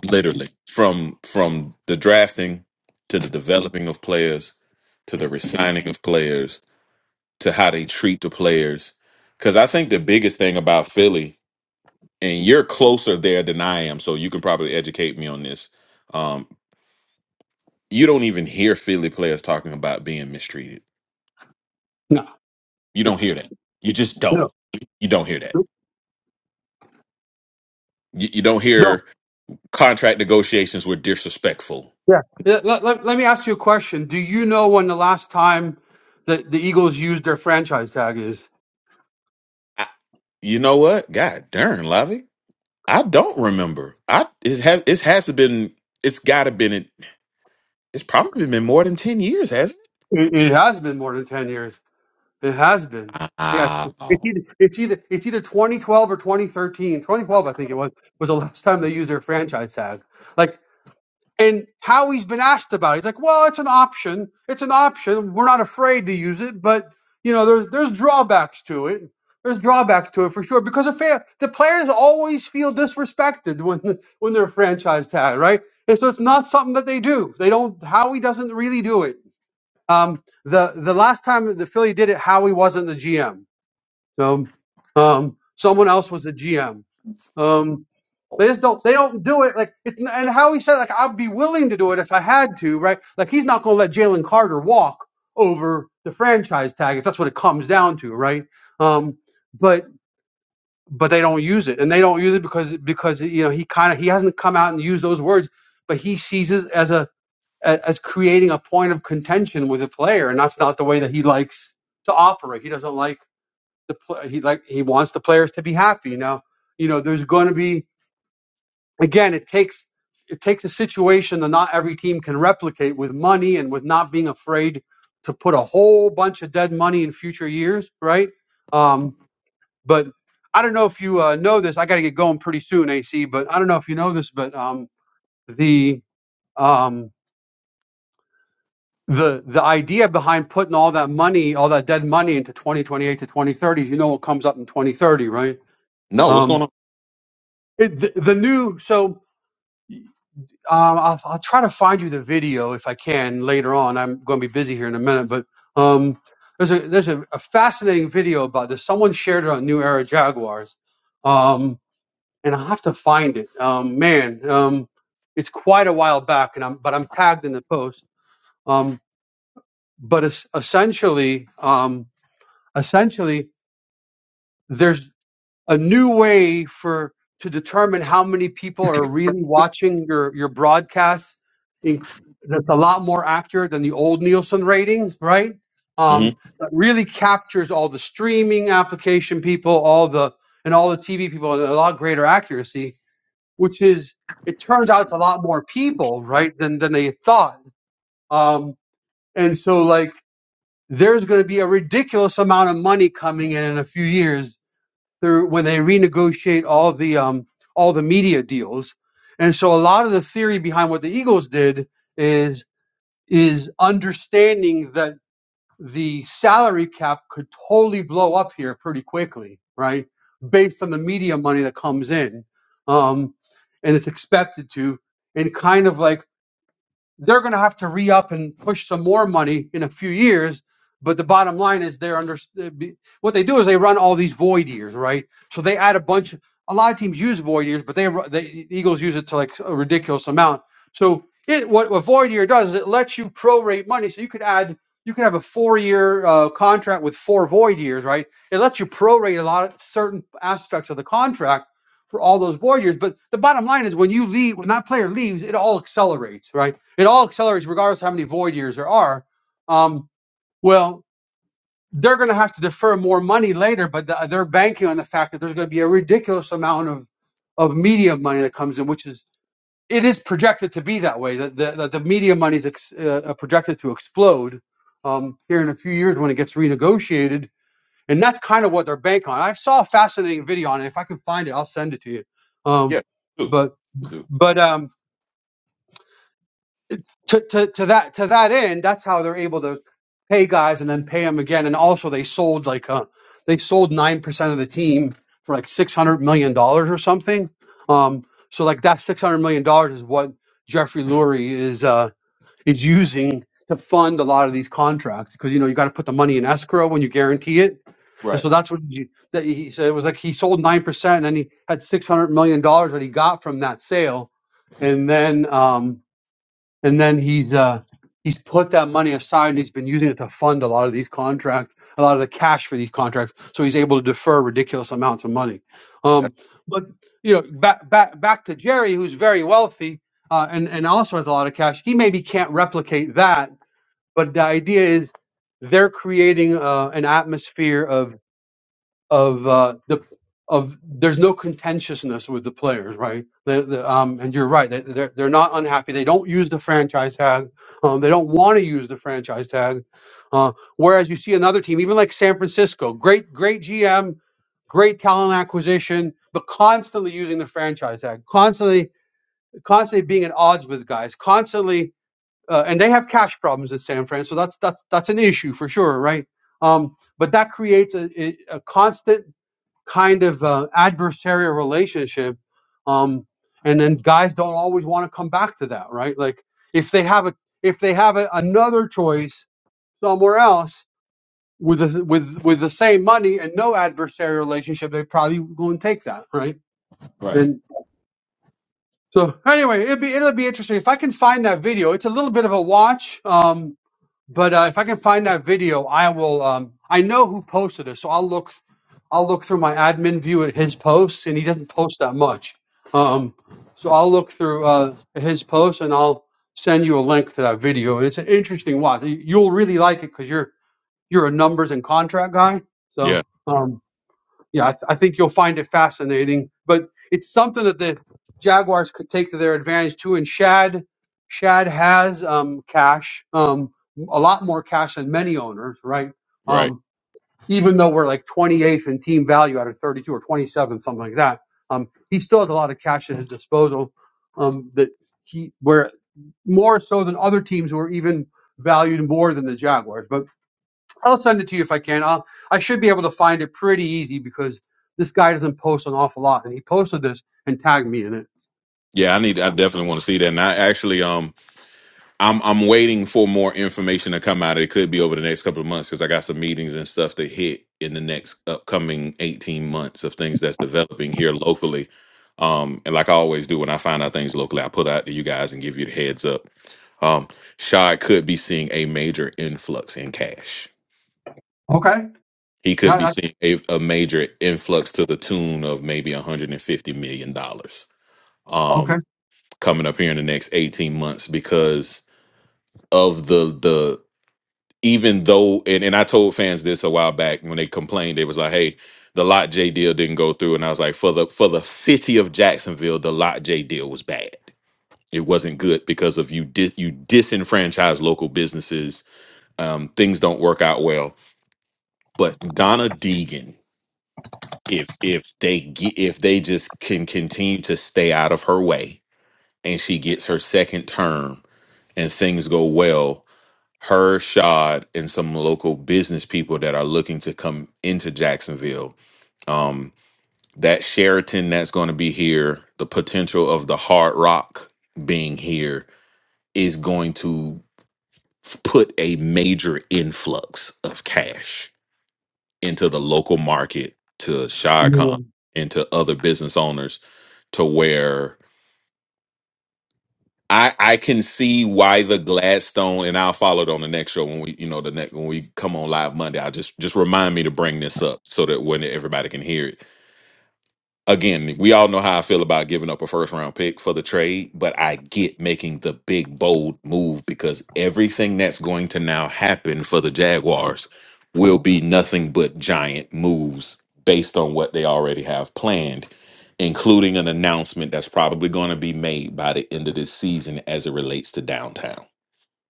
Speaker 5: literally from from the drafting to the developing of players to the resigning of players to how they treat the players. Because I think the biggest thing about Philly, and you're closer there than I am, so you can probably educate me on this. Um, you don't even hear Philly players talking about being mistreated.
Speaker 4: No,
Speaker 5: You
Speaker 4: yeah,
Speaker 5: don't hear that. You just don't.
Speaker 4: no,
Speaker 5: You don't hear that
Speaker 4: no,
Speaker 5: You, you don't
Speaker 4: no,
Speaker 5: hear contract negotiations were disrespectful.
Speaker 4: yeah. Yeah, Let, let, let me ask you a question. Do you know when the last time that the Eagles used their franchise tag is?
Speaker 5: I, you know what? God darn, Lavi. I don't remember. I it has it has been it's got to been it, it's probably been more than ten years, hasn't
Speaker 4: It, it has been more than ten years. It has been.
Speaker 5: it?
Speaker 4: Yeah,
Speaker 5: Ah,
Speaker 4: it's
Speaker 5: oh.
Speaker 4: either it's either it's either 2012 or 2013. 2012, I think it was, was the last time they used their franchise tag. Like And how he's been asked about it, he's like, "Well, it's an option. It's an option. We're not afraid to use it, but you know, there's there's drawbacks to it. There's drawbacks to it for sure because the fa- the players always feel disrespected when when they're franchise tag, right? And so it's not something that they do. They don't. Howie doesn't really do it. Um, the the last time that the Philly did it, Howie wasn't the GM. So um, someone else was the GM. Um, they just don't. They don't do it. Like it's and how he said like I'd be willing to do it if I had to, right? Like he's not going to let Jalen Carter walk over the franchise tag if that's what it comes down to, right? Um, but but they don't use it, and they don't use it because because you know he kind of he hasn't come out and used those words, but he sees it as a a- as creating a point of contention with a player, and that's not the way that he likes to operate. He doesn't like the play. He like he wants the players to be happy. Now you know there's going to be again, it takes it takes a situation that not every team can replicate with money and with not being afraid to put a whole bunch of dead money in future years, right? Um, but I don't know if you uh, know this. I got to get going pretty soon, AC. But I don't know if you know this, but um, the um, the the idea behind putting all that money, all that dead money into 2028 to 2030 is you know what comes up in 2030, right?
Speaker 5: no. What's going
Speaker 4: Um,
Speaker 5: on?
Speaker 4: it, the, the new so. Um, I'll, I'll try to find you the video if I can later on. I'm going to be busy here in a minute, but um, there's a there's a, a fascinating video about this. Someone shared it on New Era Jaguars, um, and I have to find it. Um, man, um, it's quite a while back, and I'm but I'm tagged in the post. Um, but es- essentially, um, essentially, there's a new way for to determine how many people are really watching your your broadcasts. In, that's a lot more accurate than the old Nielsen ratings, right?
Speaker 5: hmm
Speaker 4: Um, that really captures all the streaming application people, all the and all the TV people, and a lot greater accuracy. Which is, it turns out, it's a lot more people, right, than than they thought. Um, and so, like, there's going to be a ridiculous amount of money coming in in a few years through when they renegotiate all the um all the media deals. And so a lot of the theory behind what the Eagles did is is understanding that the salary cap could totally blow up here pretty quickly, right? Based on the media money that comes in. Um and it's expected to and kind of like they're going to have to re-up and push some more money in a few years. But the bottom line is they're under what they do is they run all these void years, right? So they add a bunch. A lot of teams use void years, but they the Eagles use it to like a ridiculous amount. So it what a void year does is it lets you prorate money. So you could add you could have a four year uh, contract with four void years, right? It lets you prorate a lot of certain aspects of the contract for all those void years. But the bottom line is when you leave, when that player leaves, it all accelerates, right? It all accelerates regardless of how many void years there are. Um, well, they're going to have to defer more money later, but th- they're banking on the fact that there's going to be a ridiculous amount of of media money that comes in, which is it is projected to be that way. That the, that the media money is ex, uh, uh, projected to explode um, here in a few years when it gets renegotiated, and that's kind of what they're banking on. I saw a fascinating video on it. If I can find it, I'll send it to you. Um,
Speaker 5: Yeah, do
Speaker 4: but
Speaker 5: do
Speaker 4: but um, to, to, to that to that end, that's how they're able to pay guys and then pay them again. And also, they sold like uh, they sold nine percent of the team for like six hundred million dollars or something. Um, so like that six hundred million dollars is what Jeffrey Lurie is uh, is using to fund a lot of these contracts because you know you got to put the money in escrow when you guarantee it. And
Speaker 5: right.
Speaker 4: so that's what you, that he said. It was like he sold nine percent, and then he had six hundred million dollars that he got from that sale, and then um, and then he's uh he's put that money aside and he's been using it to fund a lot of these contracts a lot of the cash for these contracts so he's able to defer ridiculous amounts of money
Speaker 5: That's
Speaker 4: um but you know back back back to jerry who's very wealthy uh and and also has a lot of cash he maybe can't replicate that but the idea is they're creating uh, an atmosphere of of uh, the of there's no contentiousness with the players, right? The, the, um, and you're right; they- they're they're not unhappy. They don't use the franchise tag. Um, they don't want to use the franchise tag. Uh, whereas you see another team, even like San Francisco, great great GM, great talent acquisition, but constantly using the franchise tag, constantly constantly being at odds with guys, constantly. Uh, and they have cash problems at San Fran, so that's that's that's an issue for sure, right? Um, but that creates a, a a constant kind of uh, adversarial relationship um and then guys don't always want to come back to that right like if they have a if they have a, another choice somewhere else with the with with the same money and no adversarial relationship they probably go and take that right
Speaker 5: right.
Speaker 4: and so anyway it'll be it'll be interesting if i can find that video it's a little bit of a watch Um, but uh, if I can find that video, I will. Um, I know who posted it, so I'll look. I'll look through my admin view at his posts, and he doesn't post that much. Um, so I'll look through uh, his posts, and I'll send you a link to that video. It's an interesting watch. You- You'll really like it because you're you're a numbers and contract guy.
Speaker 5: Yeah,
Speaker 4: So. um, yeah, I, th- I think you'll find it fascinating. But it's something that the Jaguars could take to their advantage too. And Shad, Shad has um, cash, um, a lot more cash than many owners, right?
Speaker 5: right.
Speaker 4: Um, even though we're like 28th in team value out of 32 or 27th, something like that, um, he still has a lot of cash at his disposal. Um, that he where more so than other teams who are even valued more than the Jaguars. But I'll send it to you if I can. I'll, I should be able to find it pretty easy because this guy doesn't post an awful lot, and he posted this and tagged me in it.
Speaker 5: Yeah, I need. I definitely want to see that. And I actually, um, I'm I'm waiting for more information to come out. It could be over the next couple of months because I got some meetings and stuff to hit in the next upcoming 18 months of things that's developing here locally. Um, and like I always do when I find out things locally, I put out to you guys and give you the heads up. Um, Shy could be seeing a major influx in cash.
Speaker 4: Okay.
Speaker 5: He could be
Speaker 4: Yeah. That,
Speaker 5: seeing a, a major influx to the tune of maybe 150 million dollars um,
Speaker 4: okay.
Speaker 5: coming up here in the next 18 months because of the even though and, and I told fans this a while back when they complained, they was like, Hey, the lot J deal didn't go through. And I was like, For the for the city of Jacksonville, the lot J deal was bad. It wasn't good because of you dis you disenfranchise local businesses. Um, things don't work out well. But Donna Deegan, if if they get if they just can continue to stay out of her way and she gets her second term and things go well, her, Shad, and some local business people that are looking to come into Jacksonville. Um, that Sheraton that's going to be here, the potential of the Hard Rock being here is going to put a major influx of cash into the local market to Shad Khan and to other business owners to where I I can see why the Gladstone, and I'll follow it on the next show when we, you know, the next when we come on live Monday. I'll just just remind me to bring this up so that when everybody can hear it again, we all know how I feel about giving up a first round pick for the trade, but I get making the big bold move because everything that's going to now happen for the Jaguars will be nothing but giant moves based on what they already have planned, including an announcement that's probably going to be made by the end of this season as it relates to downtown.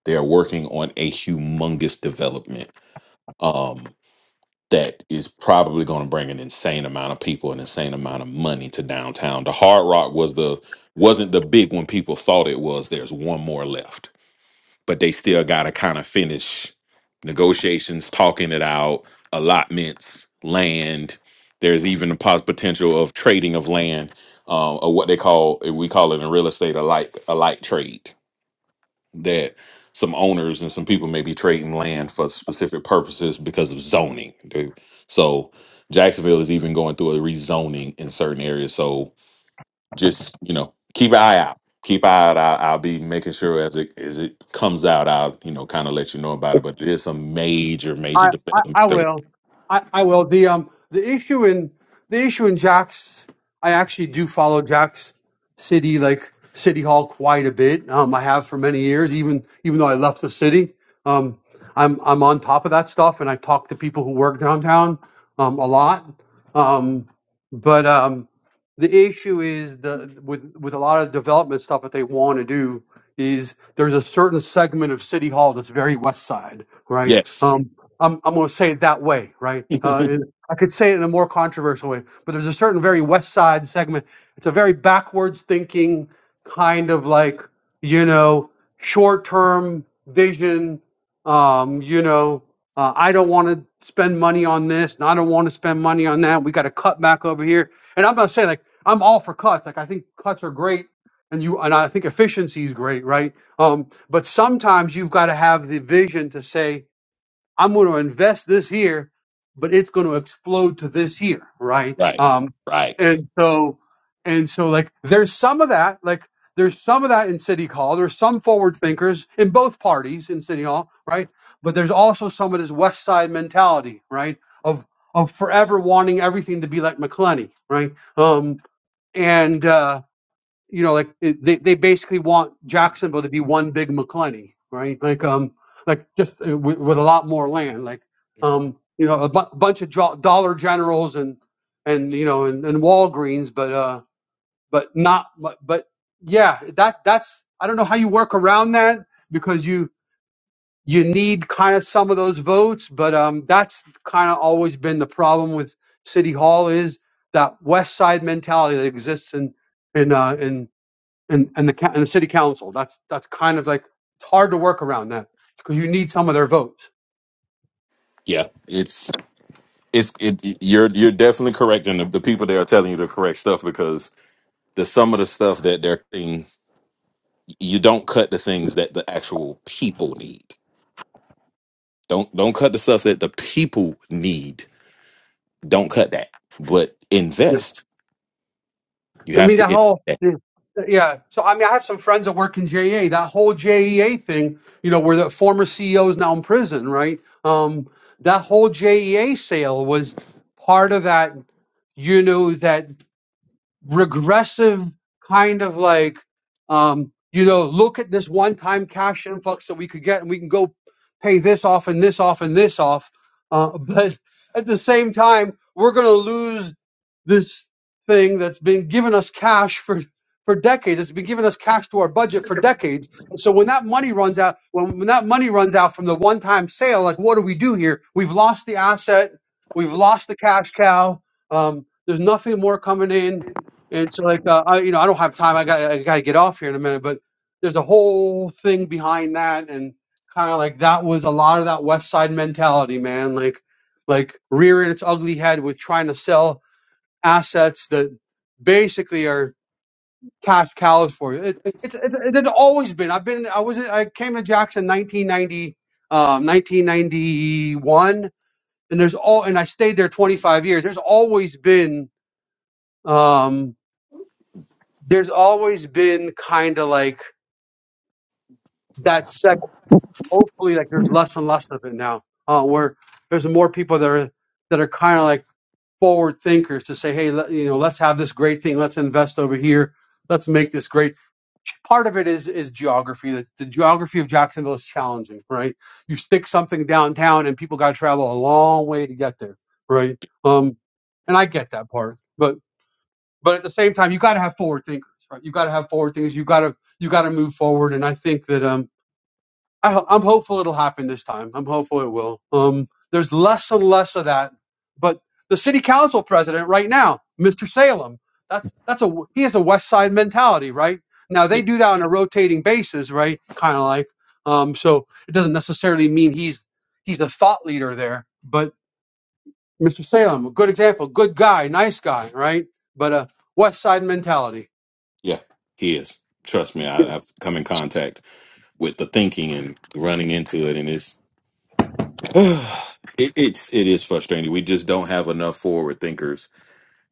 Speaker 5: They are working on a humongous development. Um that is probably going to bring an insane amount of people, an insane amount of money to downtown. The Hard Rock was the wasn't the big one people thought it was. There's one more left, but they still got to kind of finish negotiations, talking it out, allotments, land. There's even a pos- potential of trading of land, uh, or what they call we call it in real estate a light a light trade that some owners and some people may be trading land for specific purposes because of zoning. Dude. So Jacksonville is even going through a rezoning in certain areas. So just you know, keep an eye out. Keep an eye out. I'll, I'll be making sure as it as it comes out, I'll you know kind of let you know about it. But it is some major major developments. That,
Speaker 4: will. I, I will. The um the issue in the issue in Jack's I actually do follow Jack's city like city hall quite a bit. Um I have for many years, even even though I left the city. Um I'm I'm on top of that stuff and I talk to people who work downtown um a lot. Um but um the issue is the with with a lot of development stuff that they want to do is there's a certain segment of city hall that's very west side, right?
Speaker 5: yes.
Speaker 4: Um, I'm, I'm going to say it that way, right? Uh, it, I could say it in a more controversial way, but there's a certain very West Side segment. It's a very backwards thinking kind of like, you know, short term vision. Um, you know, uh, I don't want to spend money on this and I don't want to spend money on that. We got to cut back over here. And I'm not saying like I'm all for cuts. Like I think cuts are great and you and I think efficiency is great, right? Um, but sometimes you've got to have the vision to say, I'm going to invest this year, but it's going to explode to this year, right?
Speaker 5: right.
Speaker 4: Um,
Speaker 5: Right.
Speaker 4: and so, and so, like, there's some of that, like, there's some of that in City Hall. There's some forward thinkers in both parties in City Hall, right? But there's also some of this West Side mentality, right? Of of forever wanting everything to be like McClenny, right? Um, and uh, you know, like it, they they basically want Jacksonville to be one big McClenny, right? Like um, like just uh, with, with a lot more land, like um, you know, a bu- bunch of jo- Dollar Generals and and you know and, and Walgreens, but uh, but not but, but yeah, that that's I don't know how you work around that because you you need kind of some of those votes, but um, that's kind of always been the problem with City Hall is that West Side mentality that exists in in uh, in and and the ca- and the city council. That's that's kind of like it's hard to work around that because you need some of their votes.
Speaker 5: Yeah. It's it's it it- you're you're definitely correct and the, the people there are telling you the correct stuff because the some of the stuff that they're cutting you don't cut the things that the actual people need don't don't cut the stuff that the people need don't cut that but
Speaker 4: Yep.
Speaker 5: invest you
Speaker 4: I
Speaker 5: have
Speaker 4: mean,
Speaker 5: to
Speaker 4: that whole
Speaker 5: invest.
Speaker 4: yeah. yeah. So I mean, I have some friends that work in JEA. That whole JEA thing, you know, where the former CEO is now in prison, right? Um, that whole JEA sale was part of that. You know that. regressive kind of like um you know look at this one time cash influx that we could get and we can go pay this off and this off and this off uh, but at the same time we're going to lose this thing that's been giving us cash for for decades it's been giving us cash to our budget for decades and so when that money runs out when, when that money runs out from the one time sale like what do we do here we've lost the asset we've lost the cash cow um, there's nothing more coming in and so, like, uh, I, you know, I don't have time. I got, I got to get off here in a minute. But there's a whole thing behind that, and kind of like that was a lot of that West Side mentality, man. Like, like rearing its ugly head with trying to sell assets that basically are cash cows for you. It, it's, it, it had always been. I've been, I was, I came to Jackson 1990, um, 1991, and there's all, and I stayed there 25 years. There's always been. Um, there's always been kind of like that sec hopefully like there's less and less of it now uh, where there's more people that are that are kind of like forward thinkers to say hey let, you know let's have this great thing let's invest over here let's make this great part of it is is geography the, the geography of jacksonville is challenging right you stick something downtown and people got to travel a long way to get there right um and i get that part but but at the same time, you got to have forward thinkers, right? You got to have forward thinkers. You got to you got to move forward. And I think that um, I, ho- I'm hopeful it'll happen this time. I'm hopeful it will. Um, there's less and less of that. But the city council president right now, Mr. Salem, that's that's a he has a West Side mentality, right? Now
Speaker 5: yeah
Speaker 4: they do that on a rotating basis, right? Kind of like um, so it doesn't necessarily mean he's he's a thought leader there, but. Mr. Salem, a good example, good guy, nice guy, right? But uh, West Side mentality.
Speaker 5: yeah he is trust me I, i've come in contact with the thinking and running into it and it's it, it's it is frustrating we just don't have enough forward thinkers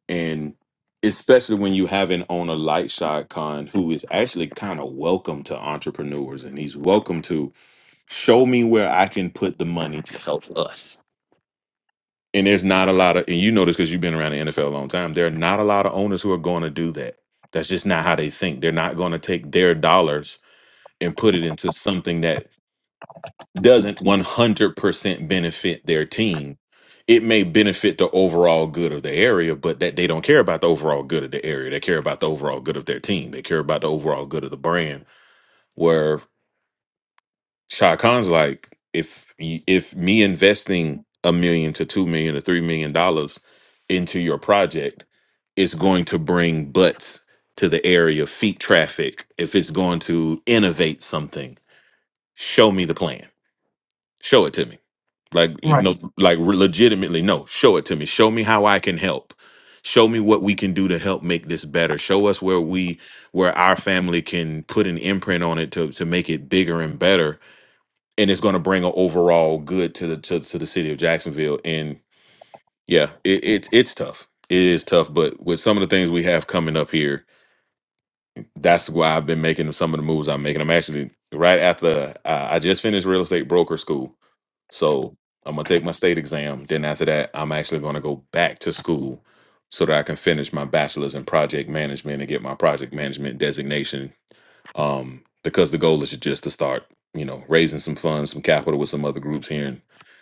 Speaker 5: and especially when you have an owner like Shad Khan, who is actually kind of welcome to entrepreneurs, and he's welcome to show me where I can put the money to help us. And there's not a lot of, and you know this because you've been around the NFL a long time. There are not a lot of owners who are going to do that. That's just not how they think. They're not going to take their dollars and put it into something that doesn't 100% benefit their team. It may benefit the overall good of the area, but that they don't care about the overall good of the area. They care about the overall good of their team. They care about the overall good of the brand. Where Shah Khan's like, if y- if me investing a million to two million to three million dollars into your project is going to bring butts to the area, feet traffic. If it's going to innovate something, show me the plan. Show it to me Like, you
Speaker 4: Right.
Speaker 5: know, like re- legitimately, no, show it to me. Show me how I can help. Show me what we can do to help make this better. Show us where we where our family can put an imprint on it to to make it bigger and better. And it's gonna bring an overall good to the to, to the city of Jacksonville. And yeah, it, it's it's tough. It is tough, but with some of the things we have coming up here, that's why I've been making some of the moves I'm making. I'm actually right after uh, I just finished real estate broker school, so I'm gonna take my state exam. Then after that, I'm actually gonna go back to school so that I can finish my bachelor's in project management and get my project management designation. Um, because the goal is just to start, you know, raising some funds, some capital with some other groups here, and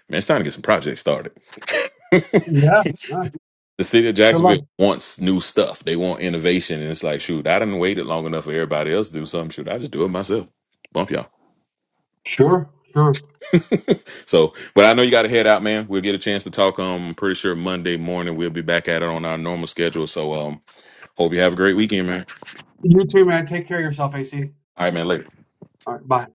Speaker 5: man, it's time to get some projects started.
Speaker 4: Yeah. yeah.
Speaker 5: the city of
Speaker 4: Good luck.
Speaker 5: Jacksonville wants new stuff. They want innovation, and it's like, shoot, I didn't waited long enough for everybody else to do something. Shoot, I just do it myself. Bump y'all.
Speaker 4: Sure. Sure.
Speaker 5: So, but I know you got to head out, man. We'll get a chance to talk. Um, I'm pretty sure Monday morning we'll be back at it on our normal schedule. So, um, hope you have a great weekend, man.
Speaker 4: You too, man. Take care of yourself, AC.
Speaker 5: All right, man. Later.
Speaker 4: All right. Bye.